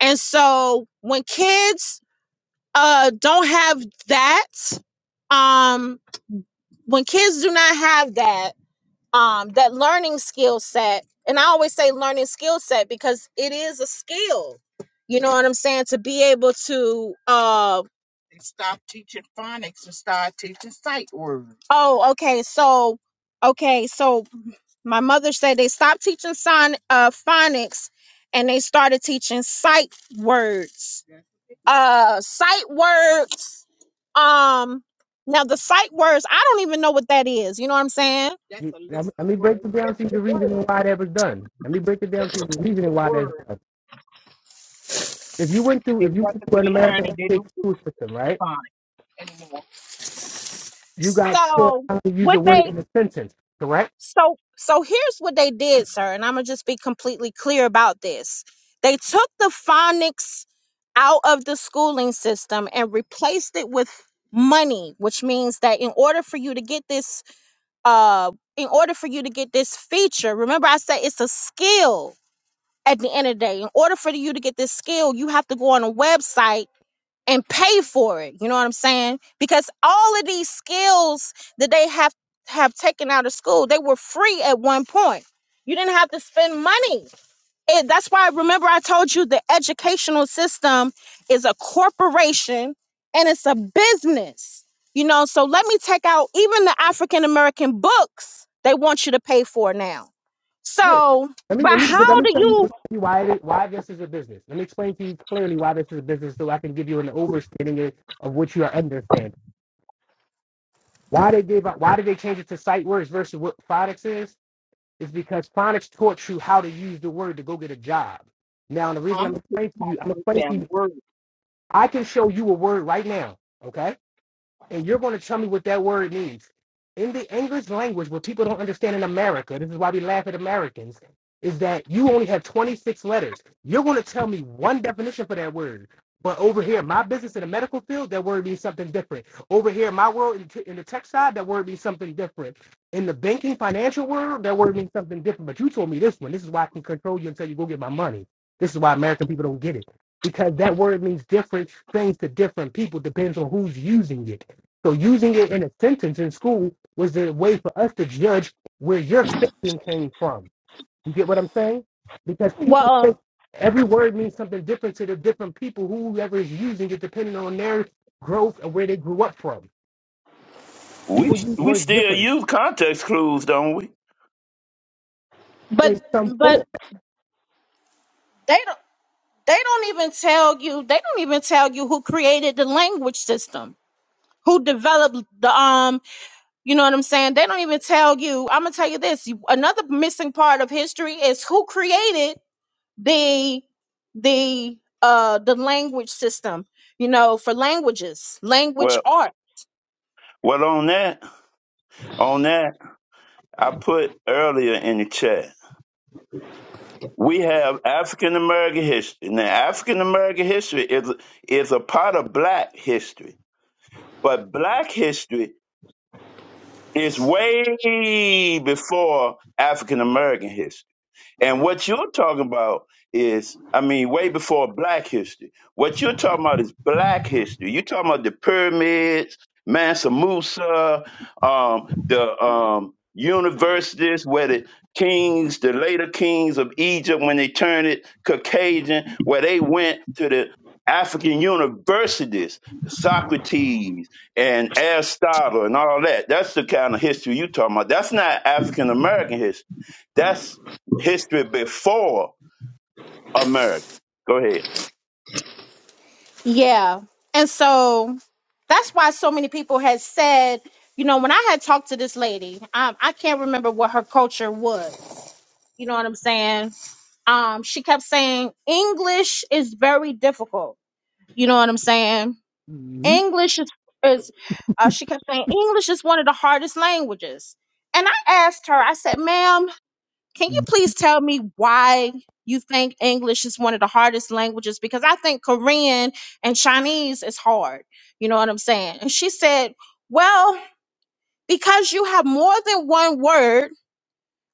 And so when kids uh don't have that um when kids do not have that um that learning skill set and i always say learning skill set because it is a skill you know what i'm saying to be able to uh oh okay so okay so my mother said they stopped teaching sign uh phonics and they started teaching sight words uh sight words um now the sight words i don't even know what that is you know what i'm saying You, now, let me break it down to you the reasoning why that was done. Let me break it down to you the reasoning why that's done. If you went through, if you went through an American school system, right? You got taught so how to use what a word they in a sentence, correct? so so here's what they did sir and i'm gonna just be completely clear about this they took the phonics out of the schooling system and replaced it with money which means that in order for you to get this uh in order for you to get this feature remember i said it's a skill at the end of the day in order for you to get this skill you have to go on a website and pay for it you know what i'm saying because all of these skills that they have have taken out of school they were free at one point you didn't have to spend money it, that's why remember I told you the educational system is a corporation and it's a business. You know, so let me take out even the African American books they want you to pay for now. Nick, So, let me but let me let how me do tell you, let you me tell you why it is, why this is a business. Let me explain to you clearly why this is a business, so I can give you an overstanding of what you are understanding. Why they gave up? Why did they change it to sight words versus what phonics is? Is because phonics taught you how to use the word to go get a job. Now, the reason I'm explaining to you, I'm explaining to you, I can show you a word right now, okay? and you're going to tell me what that word means. In the English language, what people don't understand in America, this is why we laugh at Americans, is that you only have 26 letters. You're going to tell me one definition for that word. But over here, my business in the medical field, that word means something different. Over here, my world in, t- in the tech side, that word means something different. In the banking financial world, that word means something different. But you told me this one. This is why I can control you until you go get my money. This is why American people don't get it because that word means different things to different people depends on who's using it. So using it in a sentence in school was a way for us to judge where your thinking came from. You get what I'm saying? Because people think well every word means something different to the different people, whoever is using it, depending on their growth and where they grew up from. We People use we words still different use context clues, don't we? but in some but form. they don't they don't even tell you they don't even tell you who created the language system, who developed the um You know what I'm saying? They don't even tell you. I'm gonna tell you this. you- Another missing part of history is who created the the uh the language system, you know, for languages, language Well, art. well, on that, on that, I put earlier in the chat. We have African American history. Now, African American history is is a part of Black history, but Black history is way before African American history. And what you're talking about is, I mean, way before black history. What you're talking about is black history. You're talking about the pyramids, Mansa Musa, um, the um, universities where the kings, the later kings of Egypt, when they turned it Caucasian, where they went to the African universities, Socrates and Aristotle and all that. That's the kind of history you're talking about. That's not African American history. That's history before America. Go ahead. Yeah. And so that's why so many people had said, you know, when I had talked to this lady, um, I can't remember what her culture was. You know what I'm saying? Um, she kept saying English is very difficult. You know what I'm saying? Mm-hmm. English is, is uh, she kept saying, English is one of the hardest languages. And I asked her, I said, ma'am, can you please tell me why you think English is one of the hardest languages? Because I think Korean and Chinese is hard. You know what I'm saying? And she said, well, because you have more than one word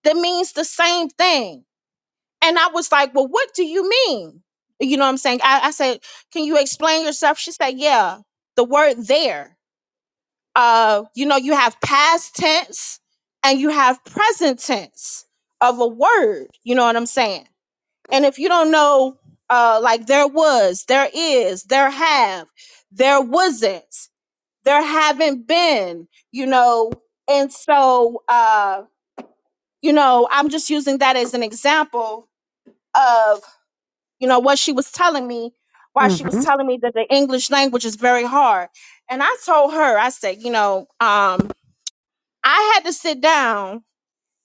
that means the same thing. And I was like, well, what do you mean? You know what I'm saying? I, I said, can you explain yourself? She said, yeah, the word there uh, you know, you have past tense and you have present tense of a word. You know what I'm saying? And if you don't know, uh, like there was, there is, there have, there wasn't, there haven't been, you know, and so, uh, you know, I'm just using that as an example of, you know, what she was telling me, why she was Mm-hmm. telling me that the English language is very hard. And I told her, I said, you know, um, I had to sit down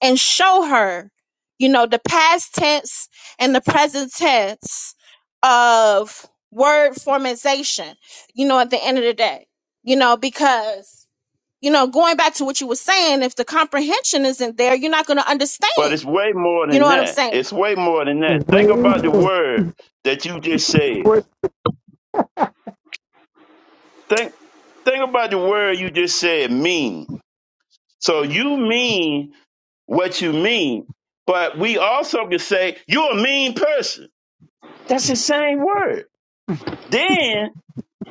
and show her, you know, the past tense and the present tense of word formation, you know, at the end of the day, you know, because, you know, going back to what you were saying, if the comprehension isn't there, you're not going to But understand. it's way more You know than what I'm that. saying? It's way more than that. It's Think about the way word that you just more, said. Think think about the word you just said mean. So you mean what you mean, but we also can say you're a mean person. That's the same word. Then.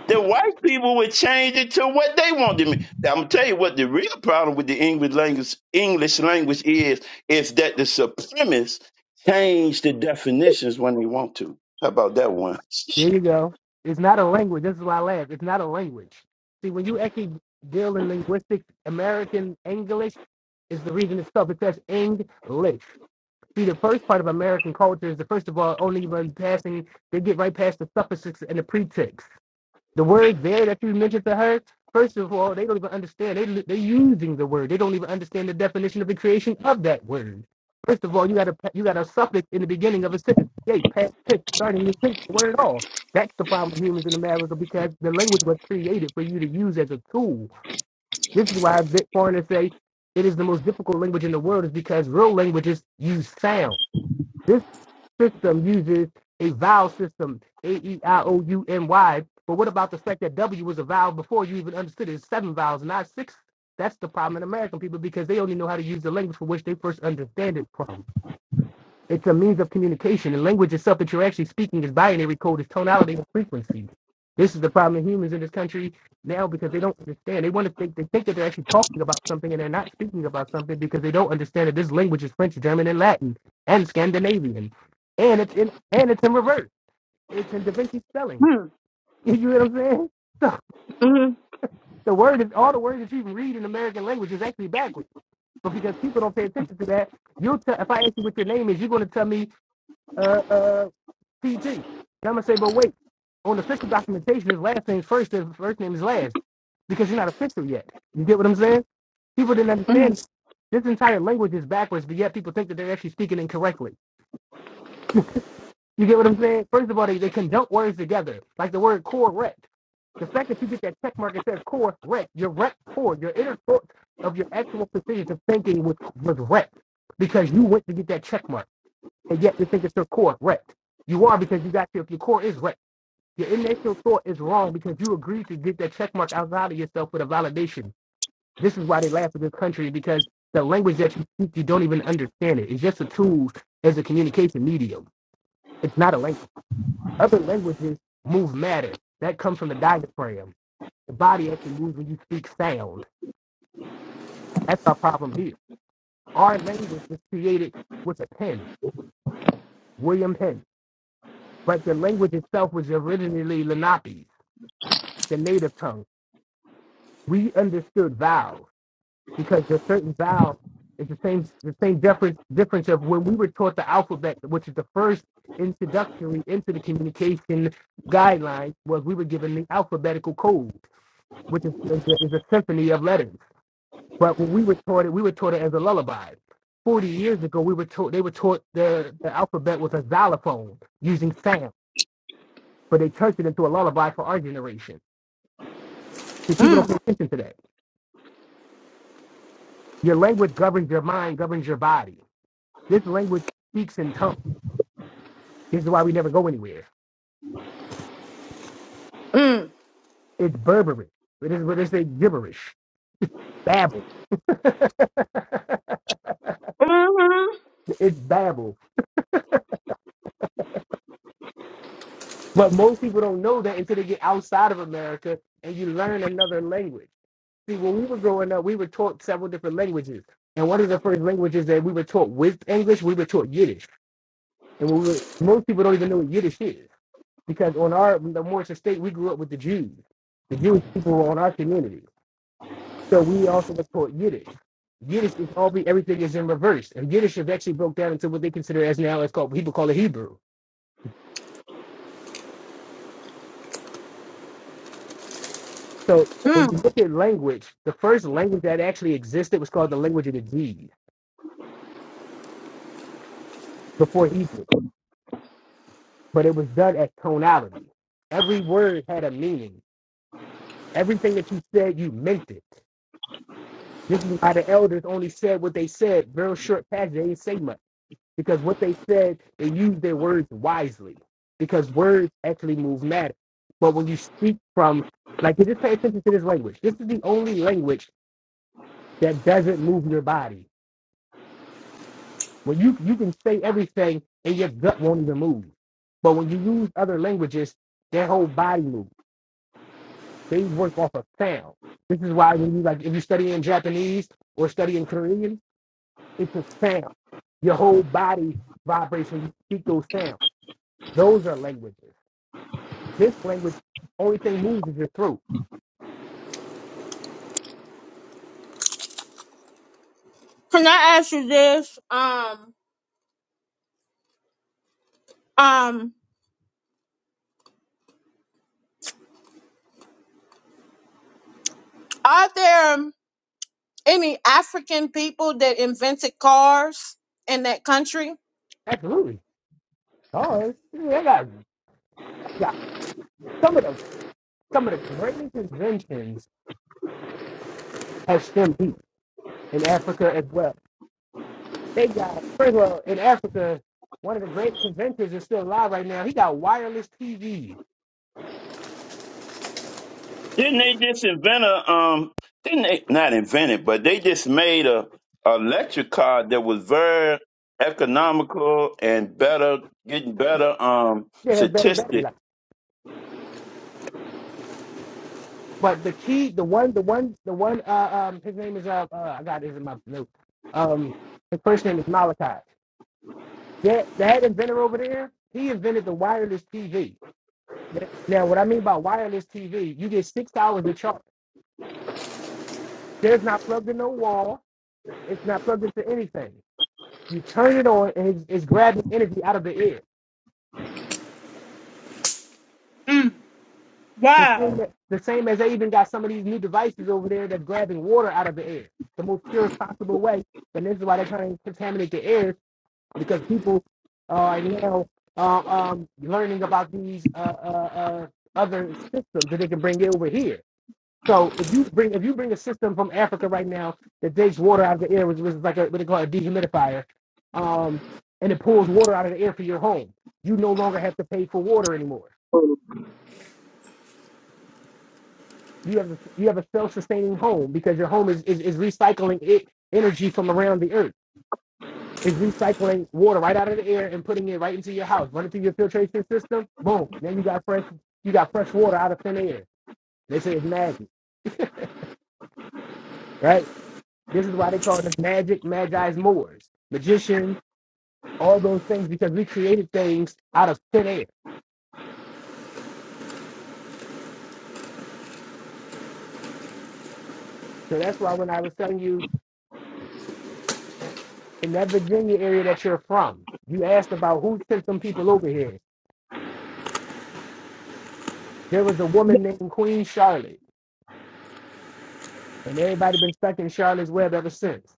The white people would change it to what they want to mean. I'm gonna tell you what the real problem with the English language English language is is that the supremacists change the definitions when they want to. How about that one? There <laughs> you go. It's not a language. This is why I laugh. It's not a language. See, when you actually deal in linguistics, American English is the reason itself. It says English. See, the first part of American culture is the first of all only run passing. They get right past the suffixes and the prefix the word there that you mentioned to her, first of all, they don't even understand. They, they're using the word. They don't even understand the definition of the creation of that word. First of all, you got a you got a suffix in the beginning of a sentence, th, past tense, starting with tense, the word at all. That's the problem with humans in America because the language was created for you to use as a tool. This is why bit foreigners say it is the most difficult language in the world is because real languages use sound. This system uses a vowel system, A E I O U N Y. But what about the fact that W was a vowel before you even understood it? It's seven vowels, not six. That's the problem in American people because they only know how to use the language for which they first understand it from. It's a means of communication. And language itself that you're actually speaking is binary code, is tonality and frequency. This is the problem in humans in this country now because they don't understand. They want to think they think that they're actually talking about something and they're not speaking about something because they don't understand that this language is French, German, and Latin and Scandinavian. And it's in and it's in reverse. It's in Da Vinci spelling. <laughs> Mm, You know what I'm saying? So mm, the word is all the words that you can read in American language is actually backwards. But because people don't pay attention to that, you'll tell if I ask you what your name is, you're gonna tell me uh uh PT. And I'm gonna say, but wait, on official documentation, his last name's first, his first name is last, because you're not official yet. You get what I'm saying? People didn't understand this entire language is backwards, but yet people think that they're actually speaking incorrectly. You get what I'm saying? First of all, they, they conjunct words together, like the word correct. The fact that you get that check mark that says correct, your rep core, your inner thought of your actual precision of thinking was was wrecked because you went to get that check mark, and yet you think it's your core wrecked. You are because you got your, your core is wrecked. Your initial thought is wrong because you agreed to get that check mark outside of yourself with a validation. This is why they laugh at this country because the language that you speak, you don't even understand it. It's just a tool as a communication medium. It's not a language. Other languages move matter. That comes from the diaphragm. The body actually moves when you speak sound. That's our problem here. Our language was created with a pen, William Penn. But the language itself was originally Lenape, the native tongue. We understood vowels because there's certain vowels. It's the same the same difference difference of when we were taught the alphabet, which is the first introductory into the communication guidelines, was we were given the alphabetical code, which is is a, is a symphony of letters. But when we were taught it, we were taught it as a lullaby. Forty years ago, we were taught they were taught the, the alphabet with a xylophone using sound, but they turned it into a lullaby for our generation. See, people don't mm, pay attention to that. Your language governs your mind, governs your body. This language speaks in tongues. This is why we never go anywhere. mm, It's Berberish. It is what they say gibberish. Babble. <laughs> it's babble. But most people don't know that until they get outside of America and you learn another language. See, when we were growing up, we were taught several different languages. And one of the first languages that we were taught with English, we were taught Yiddish. And we were, most people don't even know what Yiddish is because on our the Morris Estate, we grew up with the Jews. The Jewish people were on our community. So we also what's called Yiddish. Yiddish is all be everything is in reverse, and Yiddish have actually broke down into what they consider as now it's called people call it Hebrew. So when you mm. look at language, the first language that actually existed was called the language of the deed before Hebrew, but it was done as tonality. Every word had a meaning. Everything that you said, you meant it. This is why the elders only said what they said. Real short passage. They didn't say much because what they said, they used their words wisely because words actually move matter. But when you speak from, like, just pay attention to this language. This is the only language that doesn't move your body. When you you can say everything and your gut won't even move. But when you use other languages, their whole body moves. They work off of sound. This is why when you like, if you study in Japanese or study in Korean, it's a sound. Your whole body vibrates when you speak those sounds. Those are languages. This language, only thing moves is your throat. Can I ask you this? Um, um, are there? Any African people that invented cars in that country? Absolutely. Oh, I got, I got some of those. Some of the greatest inventions have stemmed deep in Africa as well. They got, first of all, in Africa, one of the greatest inventors is still alive right now. He got wireless TV. didn't they just invent a um? Didn't they not invent it, but they just made a, a electric car that was very economical and better, getting better um It has better battery statistic. life. But the key, the one, the one, the one. Uh, um, his name is uh, uh I got it in my note. Um, his first name is Malachi. That that inventor over there, he invented the wireless TV. Now, what I mean by wireless TV, you get six hours of charge. There's not plugged in no wall. It's not plugged into anything. You turn it on, and it's, it's grabbing energy out of the air. The same, that- the same as they even got some of these new devices over there that's grabbing water out of the air, the most purest possible way. And this is why they're trying to contaminate the air because people are now um, um, learning about these uh, uh, uh, other systems that they can bring over here. So if you bring if you bring a system from Africa right now that takes water out of the air, which is like a, what they call a dehumidifier, um, and it pulls water out of the air for your home, you no longer have to pay for water anymore. You have a, you have a self-sustaining home because your home is is, is recycling it energy from around the earth. It's recycling water right out of the air and putting it right into your house, running through your filtration system. Boom! Now you got fresh you got fresh water out of thin air. They say it's magic, right? This is why they call it the magic, magi's moors, magicians all those things because we created things out of thin air. So that's why when I was telling you in that Virginia area that you're from, you asked about who sent some people over here. There was a woman named Queen Charlotte, and everybody been stuck in Charlotte's web ever since.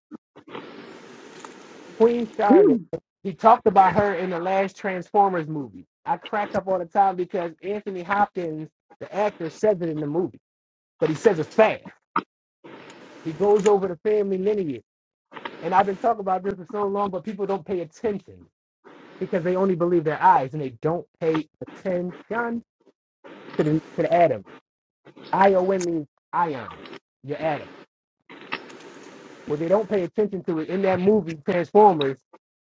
Queen Charlotte, he talked about her in the last Transformers movie. I cracked up all the time because Anthony Hopkins, the actor, says it in the movie, but he says it fast. He goes over the family lineage. And I've been talking about this for so long, but people don't pay attention. because they only believe their eyes and they don't pay attention to the, to the atom. ION means ion, your atom. Well, they don't pay attention to it in that movie Transformers.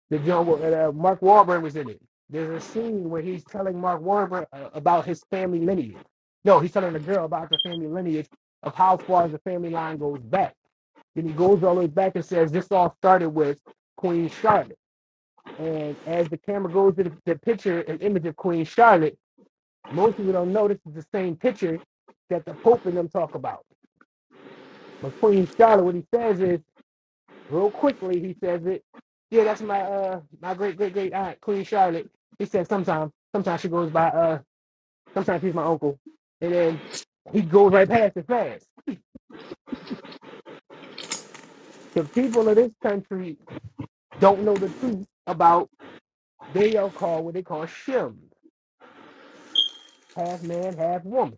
The John uh, uh, Mark Wahlberg was in it. There's a scene where he's telling Mark Wahlberg uh, about his family lineage. No, he's telling a girl about the family lineage of how far the family line goes back. Then he goes all the way back and says, "This all started with Queen Charlotte." And as the camera goes to the, the picture and image of Queen Charlotte Most people don't know this is the same picture that the Pope and them talk about. But Queen Charlotte, what he says is, real quickly, he says it. Yeah, that's my uh my great great great aunt Queen Charlotte. He said sometimes sometimes she goes by uh sometimes he's my uncle, and then he goes right past it fast. The people of this country don't know the truth about they are called what they call shims, half man, half woman.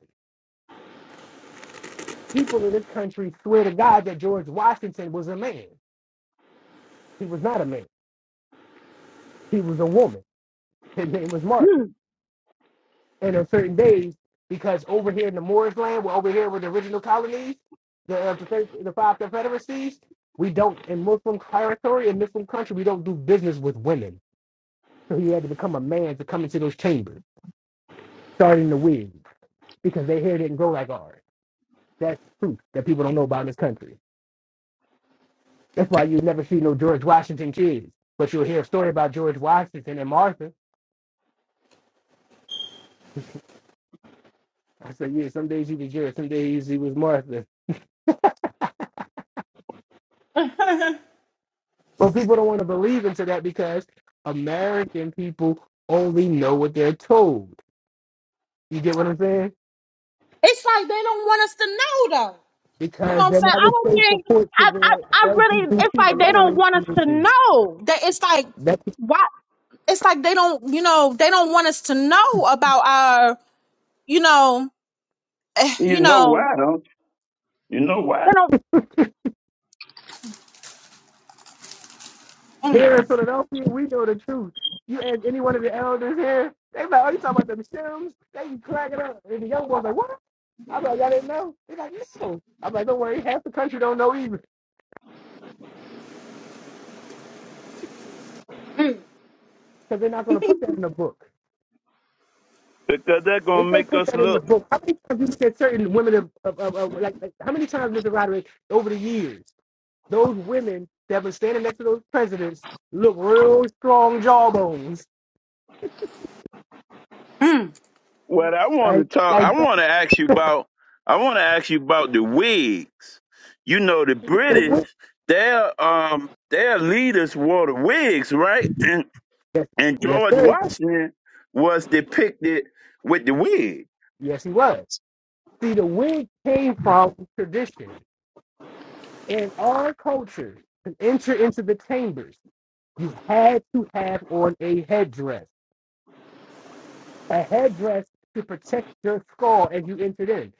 People in this country swear to God that George Washington was a man. He was not a man. He was a woman. His name was Martha. And on certain days, because over here in the Moorish land, where over here were the original colonies, the uh, the, thir- the five confederacies, we don't in Muslim territory in Muslim country we don't do business with women. So he had to become a man to come into those chambers, starting the wig, because their hair didn't grow like ours. That's truth that people don't know about in this country. That's why you never see no George Washington kids, but you'll hear a story about George Washington and Martha. I said, yeah, some days he was George, some days he was Martha. But people don't want to believe into that because American people only know what they're told. You get what I'm saying? It's like they don't want us to know though. You know Because what I'm then saying? that I would don't show think support to I I, the I really it's LGBT, the like they don't lettering want us to community. know. That it's like That's why it's like they don't you know, they don't want us to know about our, you know, eh, You you know know, why, don't you? You know they why? don't here mm, in Philadelphia, we know the truth. You ask any one of the elders here, they be like, oh, you talking about them Sims? They be cracking up. And the young boy's like, what? I'm like, I didn't know. They're like, no. I'm like, don't worry, half the country don't know either because they're not going to put that in the book. Because they're If gonna they make put us that in look. the book, how many times you said certain women of, of, of, of- like, like how many times, Mr. Roderick, over the years, those women that have been standing next to those presidents look real strong jawbones, mm. What I want to right? talk, I Like that's want to ask you about, I want to ask you about the wigs. You know, the the British, wig. their um, their leaders wore the wigs, right? And Yes, and yes, George sir. Washington was depicted with the wig. Yes, he was. See, the wig came from tradition. In our culture, to enter into the chambers, you had to have on a headdress. A headdress to protect your skull as you entered in.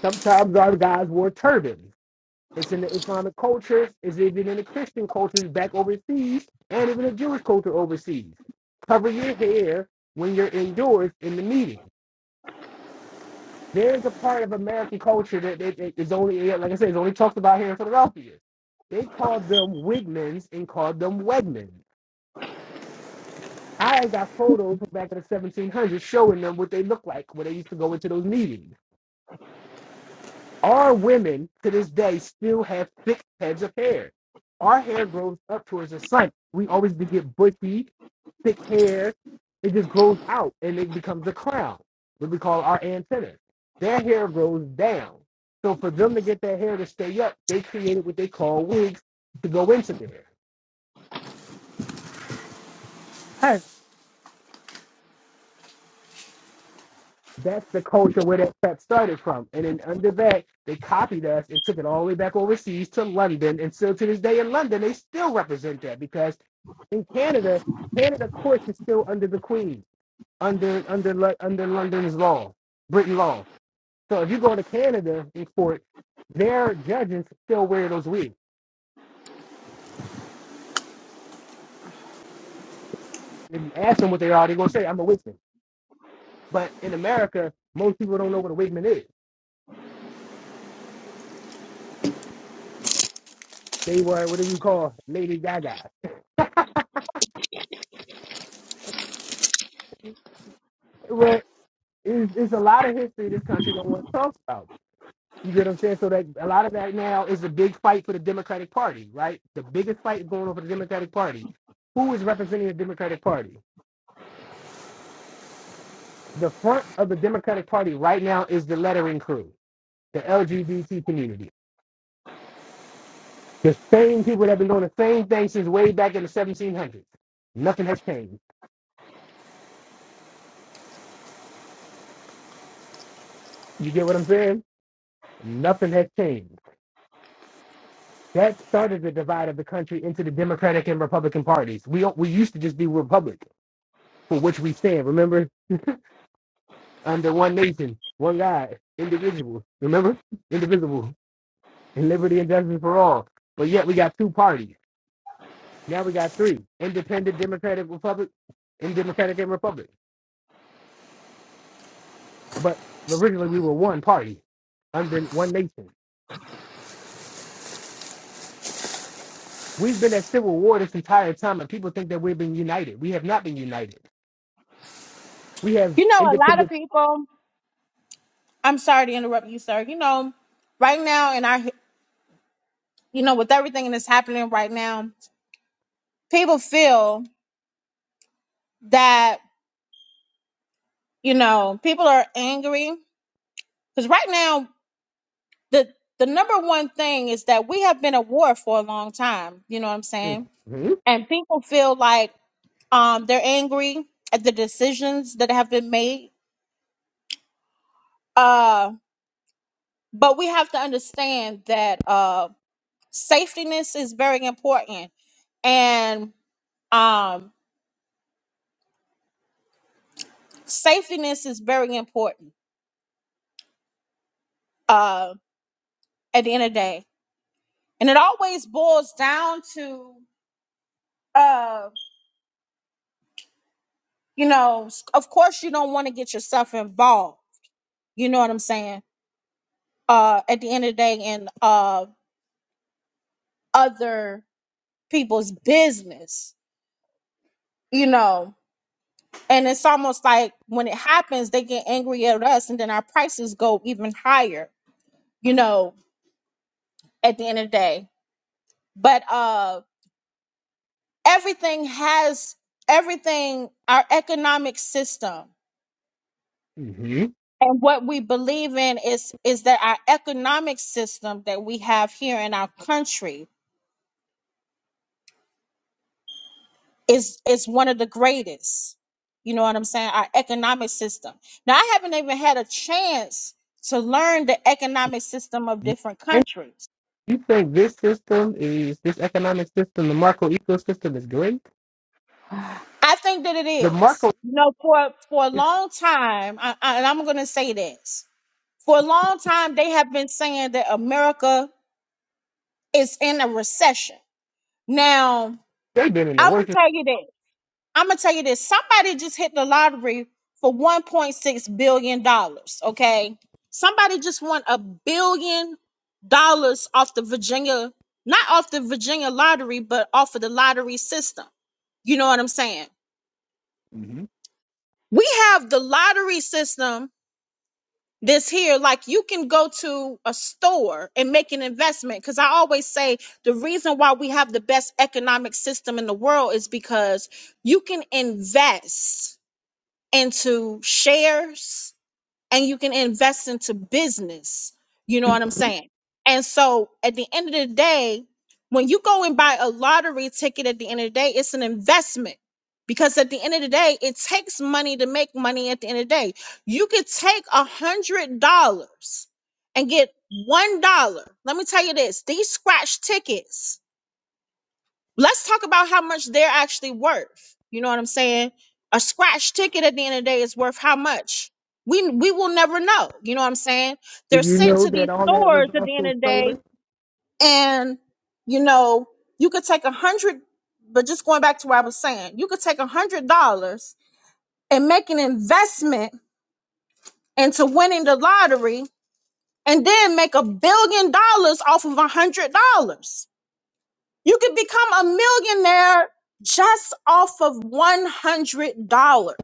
Sometimes our guys wore turbans. It's in the Islamic culture, it's even in the Christian cultures back overseas, and even the Jewish culture overseas. Cover your hair when you're indoors in the meeting. There's a part of American culture that that- that is only, yeah, like I said, is only talked about here in Philadelphia. They called them wigmans and called them wegmans. I got photos from back in the 1700s showing them what they look like when they used to go into those meetings. Our women to this day still have thick heads of hair. Our hair grows up towards the sun. We always be- get bushy, thick hair. It just grows out and it becomes a crown, what we call our antenna. Their hair grows down. So for them to get their hair to stay up, they created what they call wigs to go into there. That's the culture where that crap started from. And then under that, they copied us and took it all the way back overseas to London. And still to this day in London, they still represent that because in Canada, Canada courts is still under the Queen, under under under London's law, Britain law. So if you go to Canada in court, their judges still wear those wigs. If you ask them what they are, they're gonna say, "I'm a wigman." But in America, most people don't know what a wigman is. They were what do you call Lady Gaga? <laughs> It's, it's a lot of history this country don't want to talk about. You get what I'm saying? So that a lot of that now is a big fight for the Democratic Party, right? The biggest fight is going on for the Democratic Party. Who is representing the Democratic Party? The front of the Democratic Party right now is the lettering crew, the LGBT community. The same people that have been doing the same thing since way back in the 1700s. Nothing has changed. You get what I'm saying? Nothing has changed that started the divide of the country into the Democratic and Republican parties. We we used to just be Republic. for which we stand. Remember, under one nation, one God, individual. Remember, indivisible, and liberty and justice for all. But yet we got two parties. Now we got three: independent democratic republic and democratic and republic. But originally we were one party under one nation. We've been at civil war this entire time, and people think that we've been united. We have not been united. We have you know a lot of independent. people I'm sorry to interrupt you, sir. You know, right now and I you know, with everything that's happening right now, people feel that you know people are angry because right now the the number one thing is that we have been at war for a long time you know what i'm hmm saying hmm and people feel like um they're angry at the decisions that have been made uh but we have to understand that uh safetyness is very important and um safetyness is very important uh at the end of the day and it always boils down to uh. you know, s- of course you don't want to get yourself involved. You know what I'm saying? Uh at the end of the day in uh other people's business, you know. And it's almost like when it happens, they get angry at us and then our prices go even higher, you know, at the end of the day. But uh everything has everything our economic system You and what we believe in is is that our economic system that we have here in our country is is one of the greatest. You know what I'm saying? Our economic system. Now I haven't even had a chance to learn the economic system of different think countries. you think this system is this economic system, the Marco ecosystem, is great? I think that it The is. Marco, You know, for for a long time, I, I, and I'm going to say this for a long time, they have been saying that America is in a recession. Now they've been in the I'm gonna worst. tell you this. I'm gonna tell you this. Somebody just hit the lottery for 1.6 billion dollars. Okay, somebody just won a billion dollars off the Virginia, not off the Virginia lottery, but off of the lottery system. You know what I'm saying? hmm We have the lottery system that's here. Like you can go to a store and make an investment. Because I always say the reason why we have the best economic system in the world is because you can invest into shares and you can invest into business. You know what I'm saying? And so at the end of the day, when you go and buy a lottery ticket at the end of the day, it's an investment because at the end of the day, it takes money to make money at the end of the day. You could take a hundred dollars and get one dollar. Let me tell you this these scratch tickets let's talk about how much they're actually worth. You know what I'm saying? A scratch ticket at the end of the day is worth how much? We we will never know. You know what I'm saying? Did They're you sent know to that these all that was stores at the end also of the day, stolen? and you know you could take a hundred. But just going back to what I was saying, you could take a hundred dollars and make an investment into winning the lottery, and then make a billion dollars off of a hundred dollars You could become a millionaire just off of $100.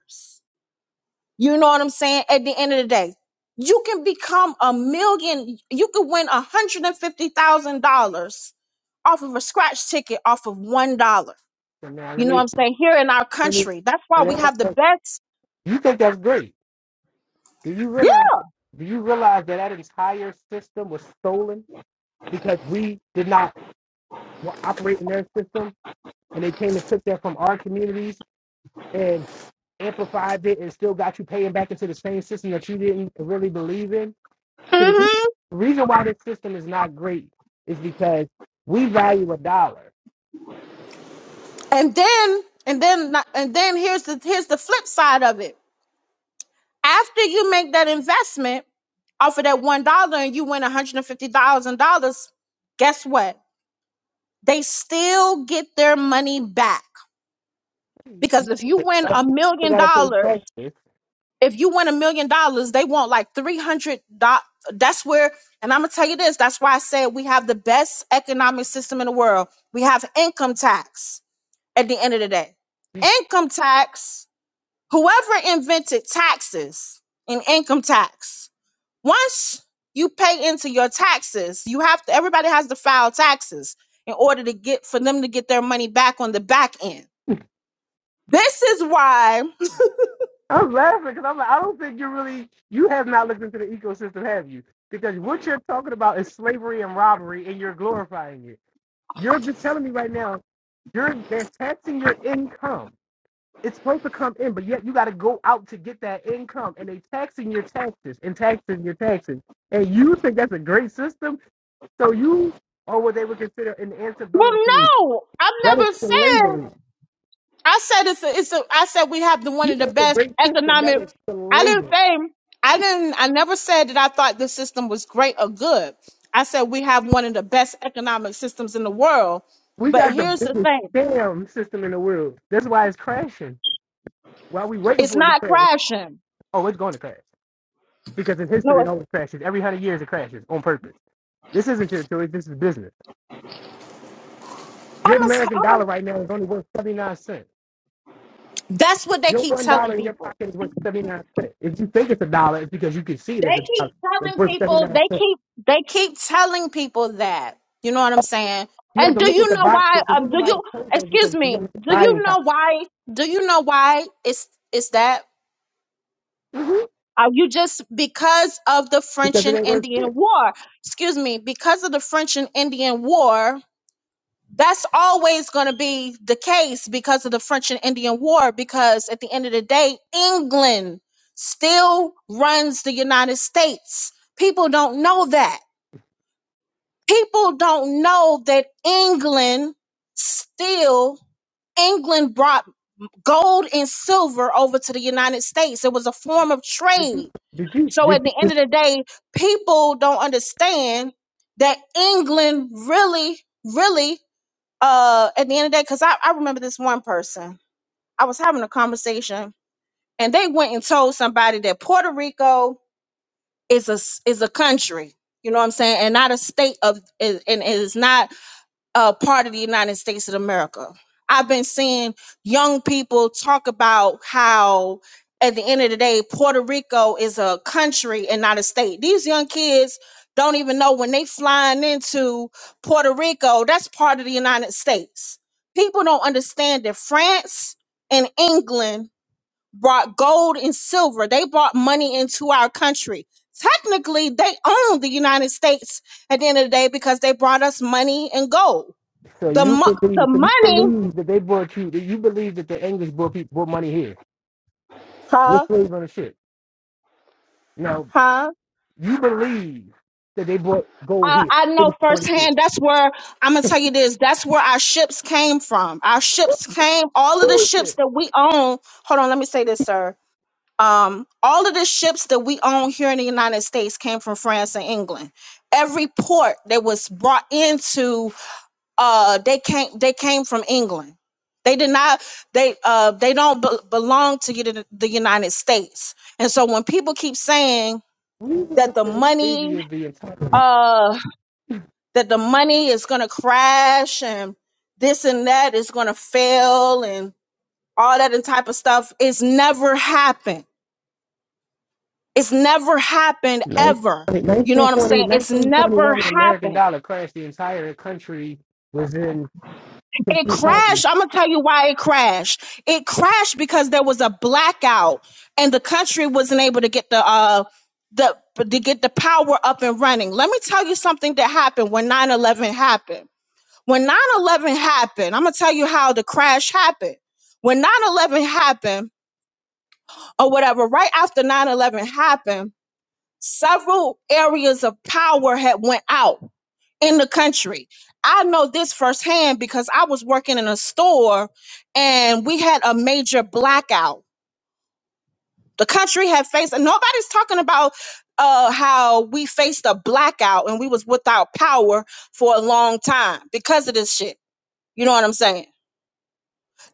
You know what I'm saying? At the end of the day, you can become a million, you could win $150,000 off of a scratch ticket off of $1. So now You let know what me, I'm saying? Here in our let me, country, that's why let we have the me best. you think that's great. Do you Yeah. realize, do you realize that that entire system was stolen because we did not wa- operate in their system and they came and took that from our communities and amplified it and still got you paying back into the same system that you didn't really believe in? So the reason the reason why this system is not great is because we value a dollar. And then, and then, and then here's the, here's the flip side of it After you make that investment off of that one dollar and you win $150,000, guess what? They still get their money back. Because if you win a I million gotta pay dollars, taxes. if you win a million dollars, they want like 300. That's where, and I'm going to tell you this that's why I said we have the best economic system in the world. We have income tax at the end of the day. Income tax, whoever invented taxes and income tax once you pay into your taxes you have to everybody has to file taxes in order to get for them to get their money back on the back end this is why I'm laughing because I'm like, I don't think you really, you have not looked into the ecosystem, have you? Because what you're talking about is slavery and robbery, and you're glorifying it. You're just telling me right now, you're they're taxing your income. It's supposed to come in, but yet you got to go out to get that income, and they taxing your taxes and taxing your taxes. And you think that's a great system? So you are what they would consider an well antebellum period. no i'm That is never slavery. saying i said it's a, it's a i said we have the one You of the got the best great system that economic is i didn't slavery. say i didn't i never said that i thought the system was great or good i said we have one of the best economic systems in the world We but got the here's the biggest thing scam system in the world. That's why it's crashing. Why we waiting it's for it to not crash? crashing Oh, it's going to crash because in history it no always crashes. Every hundred years it crashes on purpose. This isn't your choice. This is business. I'm Your it's, American dollar right now is only worth seventy nine cents. That's what they Your keep one dollar telling in your people. pocket is worth seventy nine cents. If you think it's a dollar, it's because you can see it as They a keep dollar. It's telling worth seventy people, nine they cents. keep they keep telling people that. You know what I'm saying? You have And to do look at you the know box. The why um reason do why you it's so is because excuse you have me, the do buying you power. know why do you know why it's it's that Mhm. are you just because of the French Because it and ain't worth shit. Indian War? Excuse me, because of the French and Indian War, that's always going to be the case because of the French and Indian War. Because at the end of the day, England still runs the United States. People don't know that. People don't know that England still, England brought gold and silver over to the United States. It was a form of Did you trade. did you So did at you the end of the day, people don't understand that England really, really uh at the end of the day because I, I remember this one person i was having a conversation and they went and told somebody that puerto rico is a s- is a country you know what i'm saying and not a state of and and it is not uh, part of the United States of America. I've been seeing young people talk about how, at the end of the day, Puerto Rico is a country and not a state. These young kids don't even know when they flying into Puerto Rico, that's part of the United States. People don't understand that France and England brought gold and silver. They brought money into our country. Technically, they own the United States at the end of the day because they brought us money and gold so the you mo- the believe so you money believe that they brought you that you believe that the English brought people brought money here. we Huh? slaves on the ship. Now Huh? you believe that they brought gold uh, here. I It know was already here. firsthand. That's where I'm gonna tell you this. That's where our ships came from. Our ships came. All of the ships Bullshit. that we own. Hold on. Let me say this, sir. Um, all of the ships that we own here in the United States came from France and England. Every port that was brought into, uh, they came. They came from England. They did not. They uh. They don't be- belong to the the United States. And so when people keep saying We were that the the first money savior of the entire uh that the money is going to crash and this and that is going to fail and all that and type of stuff it's never happened it's never happened ever 1920 you know what i'm 1920 saying it's never 1921 the American happened dollar crashed the entire country was in it complete poverty. crashed i'm going to tell you why it crashed it crashed because there was a blackout and the country wasn't able to get the uh the to get the power up and running let me tell you something that happened when nine eleven happened When 9 11 happened, I'm going to tell you how the crash happened. When 9 11 happened, or whatever, right after 9 11 happened, several areas of power had went out in the country. I know this firsthand because I was working in a store and we had a major blackout. The country had faced, and nobody's talking about uh, how we faced a blackout and we was without power for a long time because of this shit. You know what I'm saying?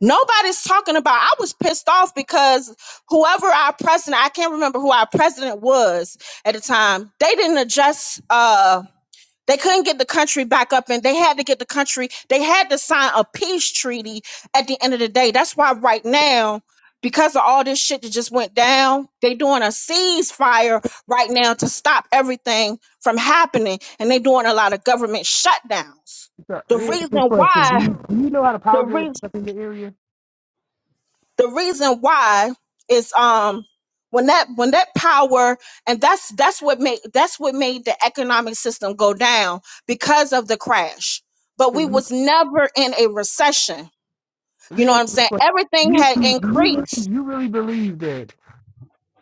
Nobody's talking about. I was pissed off because whoever our president, I can't remember who our president was at the time, they didn't adjust. uh they couldn't get the country back up and they had to get the country, they had to sign a peace treaty at the end of the day. That's why right now, because of all this shit that just went down, they doing a ceasefire right now to stop everything from happening. And they doing a lot of government shutdowns. So let The me ask you a reason question. Do why, you, do you know how to power the grid is reason set up in the area? the reason why is um when that when that power and that's that's what made that's what made the economic system go down because of the crash but we was never in a recession Let you me know what ask i'm you a saying question. everything had You, do you, really, increased you really believe that?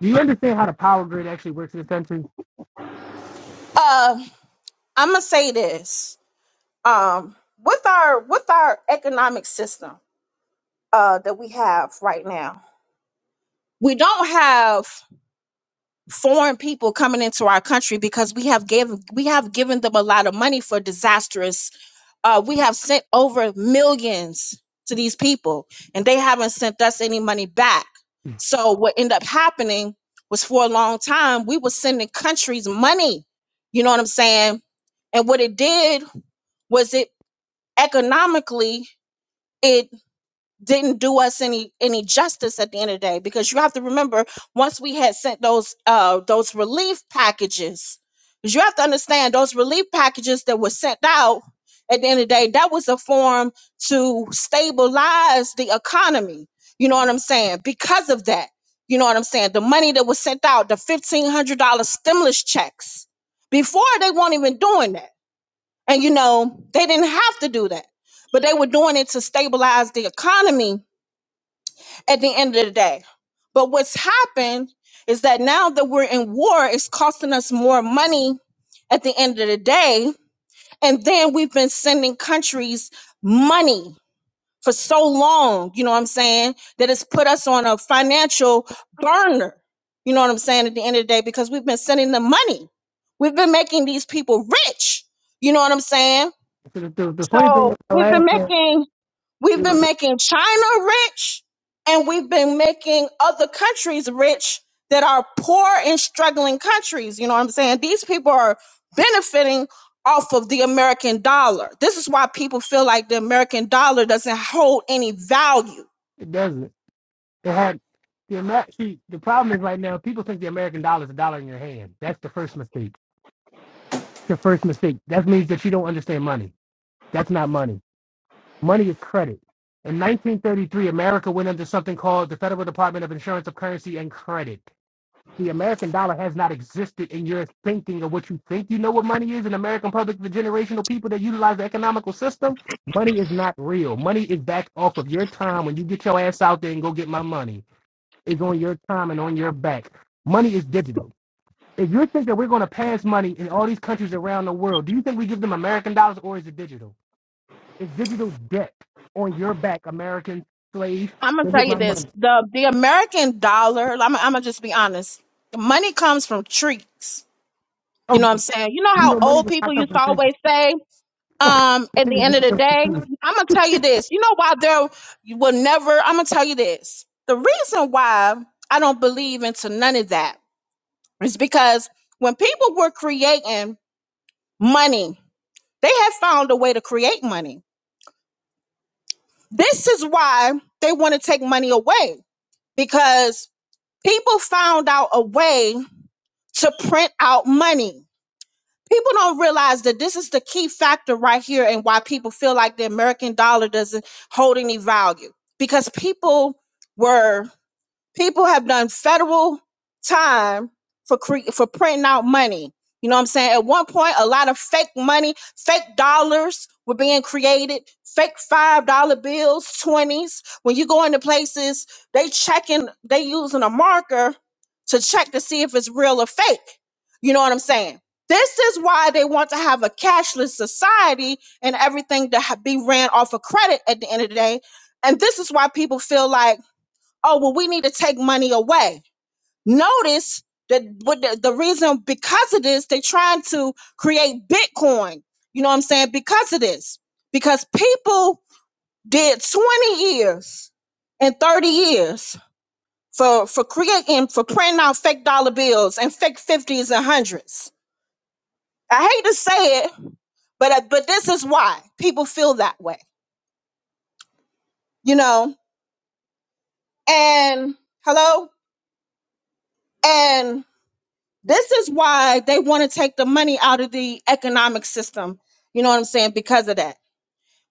Do you understand how the power grid actually works in this country? uh i'm gonna say this um with our with our economic system uh that we have right now we don't have foreign people coming into our country because we have given we have given them a lot of money for disastrous uh we have sent over millions to these people and they haven't sent us any money back so what ended up happening was for a long time we were sending countries money you know what i'm saying and what it did was it economically it didn't do us any any justice at the end of the day because you have to remember once we had sent those uh those relief packages because you have to understand those relief packages that were sent out at the end of the day that was a form to stabilize the economy you know what i'm saying because of that you know what i'm saying the money that was sent out the $1500 stimulus checks before they weren't even doing that and you know they didn't have to do that but they were doing it to stabilize the economy at the end of the day. But what's happened is that now that we're in war, it's costing us more money at the end of the day. And then we've been sending countries money for so long, you know what I'm saying, that it's put us on a financial burner, you know what I'm saying, at the end of the day, because we've been sending them money. We've been making these people rich, you know what I'm saying? So the, the, the funny thing is, So I we've laugh been at making We've been it, making China rich and we've been making other countries rich that are poor and struggling countries. You know what I'm saying? These people are benefiting off of the American dollar. This is why people feel like the American dollar doesn't hold any value. it doesn't. It had the Amer- see, the problem is right now people think the American dollar is a dollar in your hand. That's the first mistake. The first mistake. That means that you don't understand money. That's not money. Money is credit. In 1933, America went under something called the Federal Department of Insurance of Currency and Credit. the American dollar has not existed in your thinking of what you think you know what money is in American public, the generational people that utilize the economical system, money is not real. Money is back off of your time when you get your ass out there and go get my money. It's on your time and on your back. Money is digital. If you think that we're going to pass money in all these countries around the world, do you think we give them American dollars or is it digital? It's digital debt on your back, American slave. I'm gonna Go tell get you my this: money. the the American dollar. I'm, I'm gonna just be honest. The money comes from trees. You know what I'm Oh, saying? You know you how know, money old does not people come used from to people. always say. <laughs> um at Money the does end not of the come from day i'm gonna tell you this you know why there you will never i'm gonna tell you this the reason why i don't believe into none of that is because when people were creating money they had found a way to create money this is why they want to take money away because people found out a way to print out money people don't realize that this is the key factor right here and why people feel like the american dollar doesn't hold any value because people were people have done federal time for cre- for printing out money. You know what I'm saying? At one point, a lot of fake money, fake dollars were being created, fake five dollar bills, twenties. When you go into places, they checking, they using a marker to check to see if it's real or fake. You know what I'm saying? This is why they want to have a cashless society and everything to ha- be ran off of credit at the end of the day. And this is why people feel like oh well we need to take money away notice that what the, the reason because of this they're trying to create bitcoin you know what i'm saying because of this because people did 20 years and 30 years for for creating for printing out fake dollar bills and fake 50s and hundreds i hate to say it but uh, but this is why people feel that way you know and hello and. This is why they want to take the money out of the economic system. You know what I'm saying? Because of that.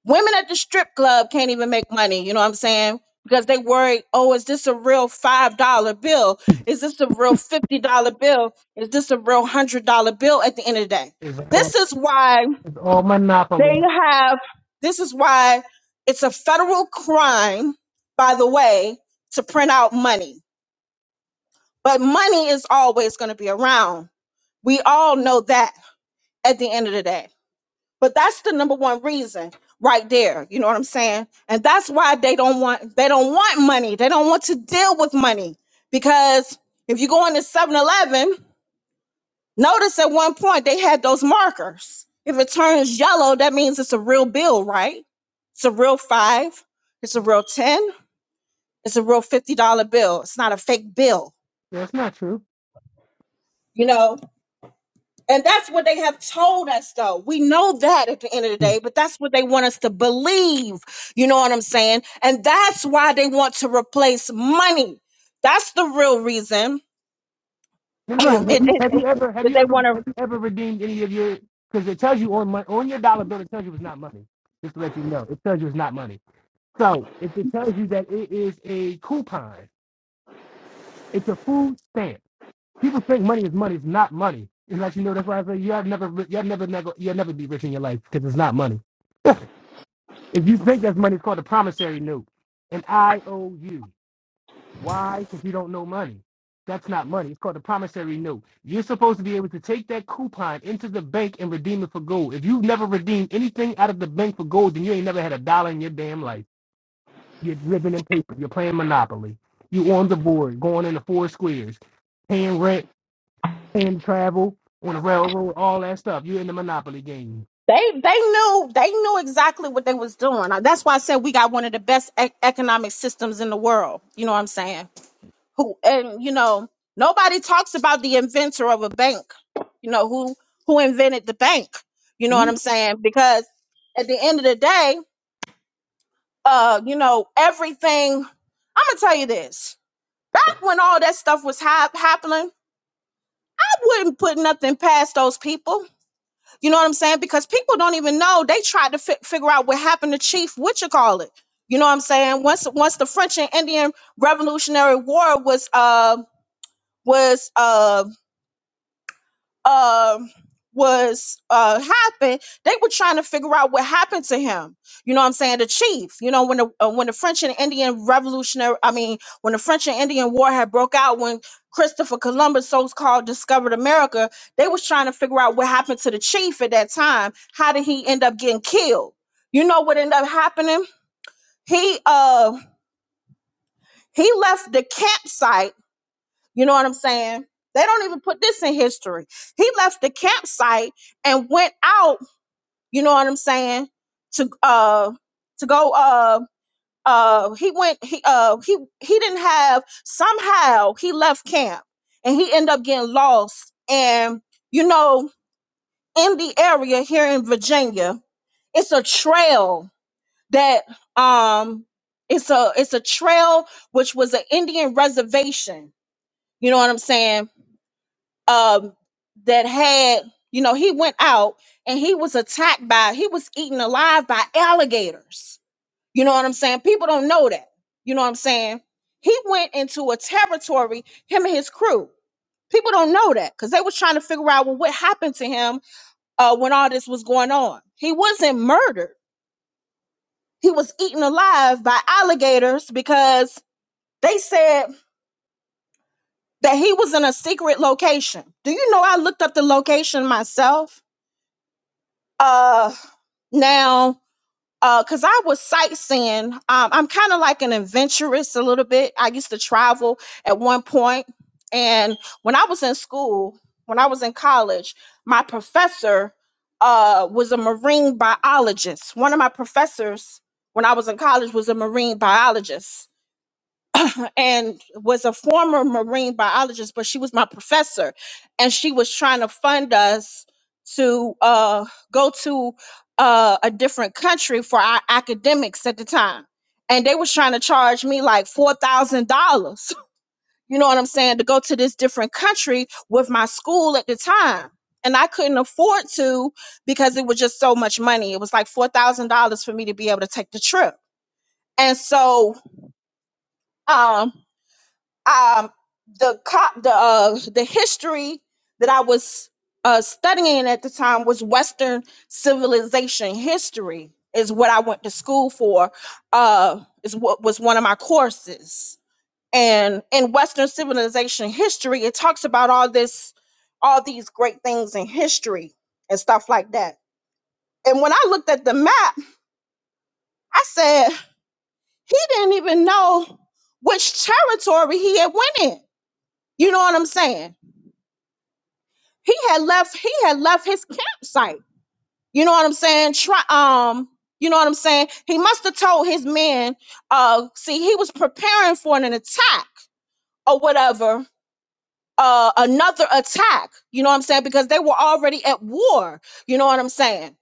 Women at the strip club can't even make money. You know what I'm saying? Because they worry, oh, is this a real $5 bill? Is this a real $50 bill? Is this a real $100 bill at the end of the day? This is why It's all Monopoly. they have, this is why it's a federal crime, by the way, to print out money. But money is always going to be around. We all know that. at the end of the day. But that's the number one reason right there. You know what I'm saying? And that's why they don't want they don't want money. They don't want to deal with money. Because if you go into Seven Eleven, notice at one point they had those markers. If it turns yellow, that means it's a real bill, right? It's a real five, it's a real 10, it's a real $50 bill. It's not a fake bill. Yeah, That's not true. you know. And that's what they have told us, though. We know that at the end of the day, Let but that's what they want us to believe. You know what I'm saying? And that's why they want to replace money. That's the real reason <clears throat> it, me ask, it- have you have you it- ever have that you they ever want to. have you ever redeemed any of your? Because it tells you on mon- on your dollar bill, it tells you it's not money. Just to let you know, it tells you it's not money. So if it tells you that it is a coupon, it's a food stamp. People think money is money. It's not money. It lets you know that's why I say you have never ri- you will never never you'll never be rich in your life because it's not money. If you think that's money, it's called a promissory note, an IOU. Why? Because you don't know money. That's not money. It's called a promissory note. You're supposed to be able to take that coupon into the bank and redeem it for gold. If you've never redeemed anything out of the bank for gold, then you ain't never had a dollar in your damn life. You're living in paper. You're playing Monopoly. You on the board, going into four squares, paying rent, paying travel on the railroad, all that stuff. You're in the Monopoly game. They they knew they knew exactly what they was doing. Uh, That's why I said we got one of the best e- economic systems in the world. You know what I'm saying? who and you know nobody talks about the inventor of a bank you know who who invented the bank you know what We. i'm saying because at the end of the day uh you know everything i'm gonna tell you this back when all that stuff was hap- happening i wouldn't put nothing past those people you know what i'm saying because people don't even know they tried to fi- figure out what happened to chief what you call it you know what i'm saying once once the french and indian revolutionary war was uh was um um was uh happened they were trying to figure out what happened to him you know what i'm saying the chief you know when the uh, when the french and indian revolutionary i mean when the french and indian war had broke out when christopher columbus so-called discovered america they was trying to figure out what happened to the chief at that time how did he end up getting killed you know what ended up happening he uh he left the campsite you know what I'm saying? They don't even put this in history. He left the campsite and went out, you know what I'm saying, to uh to go uh uh he went he uh he he didn't have somehow he left camp and he ended up getting lost and you know in the area here in Virginia it's a trail that um it's a it's a trail which was an Indian reservation you know what I'm saying um that had you know he went out and he was attacked by he was eaten alive by alligators you know what i'm saying people don't know that you know what i'm saying he went into a territory him and his crew people don't know that because they was trying to figure out well, what happened to him uh, when all this was going on he wasn't murdered he was eaten alive by alligators because they said that he was in a secret location do you know i looked up the location myself Uh, now, uh, cause I was sightseeing. Um, I'm kind of like an adventurous a little bit. I used to travel at one point, and when I was in school, when I was in college, my professor uh was a marine biologist. One of my professors when I was in college was a marine biologist and was a former marine biologist, but she was my professor, and she was trying to fund us to uh, go to uh, a different country for our academics at the time, and they was trying to charge me like four thousand dollars. <laughs> You know what I'm saying? To go to this different country with my school at the time. And I couldn't afford to because it was just so much money. It was like $4,000 for me to be able to take the trip. And so um, um the cop the uh the history that I was uh studying at the time was Western civilization history is what I went to school for. Uh is what was one of my courses. And in Western civilization history, it talks about all this all these great things in history and stuff like that. And when I looked at the map, I said, he didn't even know which territory he had went in. You know what I'm saying? he had left he had left his campsite you know what i'm saying try um you know what i'm saying he must have told his men uh see he was preparing for an attack or whatever uh another attack you know what i'm saying because they were already at war you know what i'm saying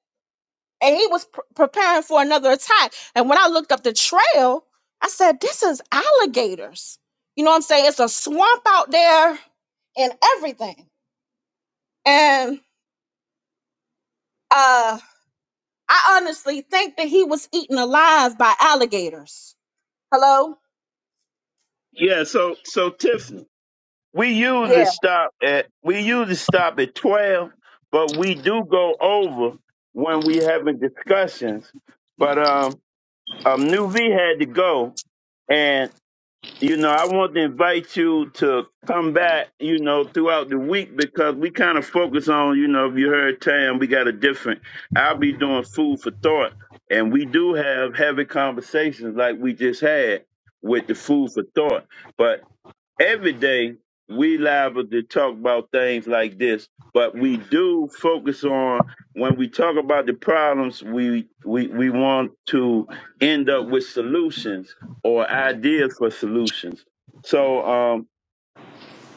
and he was pr- preparing for another attack and when i looked up the trail i said this is alligators you know what i'm saying it's a swamp out there and everything and uh. I honestly think that he was eaten alive by alligators. Hello? Yeah. So so Tiffany, we usually Yeah. stop at we usually stop at twelve, but we do go over when we having discussions. But um, um, New V had to go, and. you know, I want to invite you to come back, you know, throughout the week because we kind of focus on, you know, if you heard Tam, we got a different, I'll be doing food for thought. And we do have heavy conversations like we just had with the food for thought. But every day we liable to talk about things like this, but we do focus on when we talk about the problems, we we, we want to end up with solutions or ideas for solutions. So um,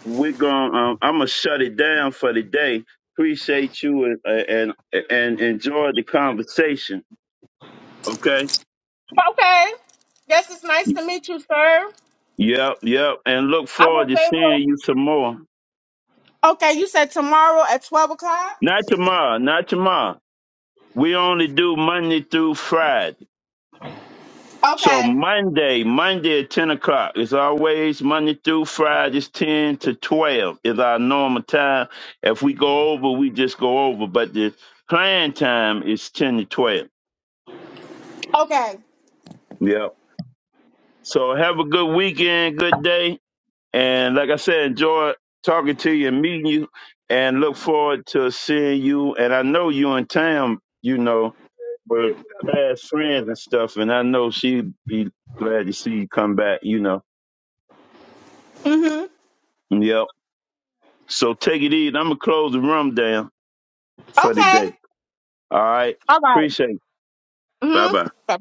we're going. to Um, I'm gonna shut it down for the day. Appreciate you and and, and enjoy the conversation. Okay. Okay. Guess it's nice to meet you, sir. Yep, yep. And look I forward was to seeing able. you some more. Okay, you said tomorrow at 12 o'clock? Not tomorrow. Not tomorrow. We only do Monday through Friday. So Okay. Monday, Monday at 10 o'clock is always Monday through Friday. It's 10 to 12 is our normal time. If we go over, we just go over. But the plan time is 10 to 12. Okay. Yep. So have a good weekend, good day. And like I said, enjoy talking to you and meeting you. And look forward to seeing you. And I know you in town, you know. we're best friends and stuff, and I know she'd be glad to see you come back, you know. Mm Yep. So take it easy. I'm gonna close the room down hmm. for the Okay. day. All right. All right. Appreciate it. Bye Mm bye. hmm.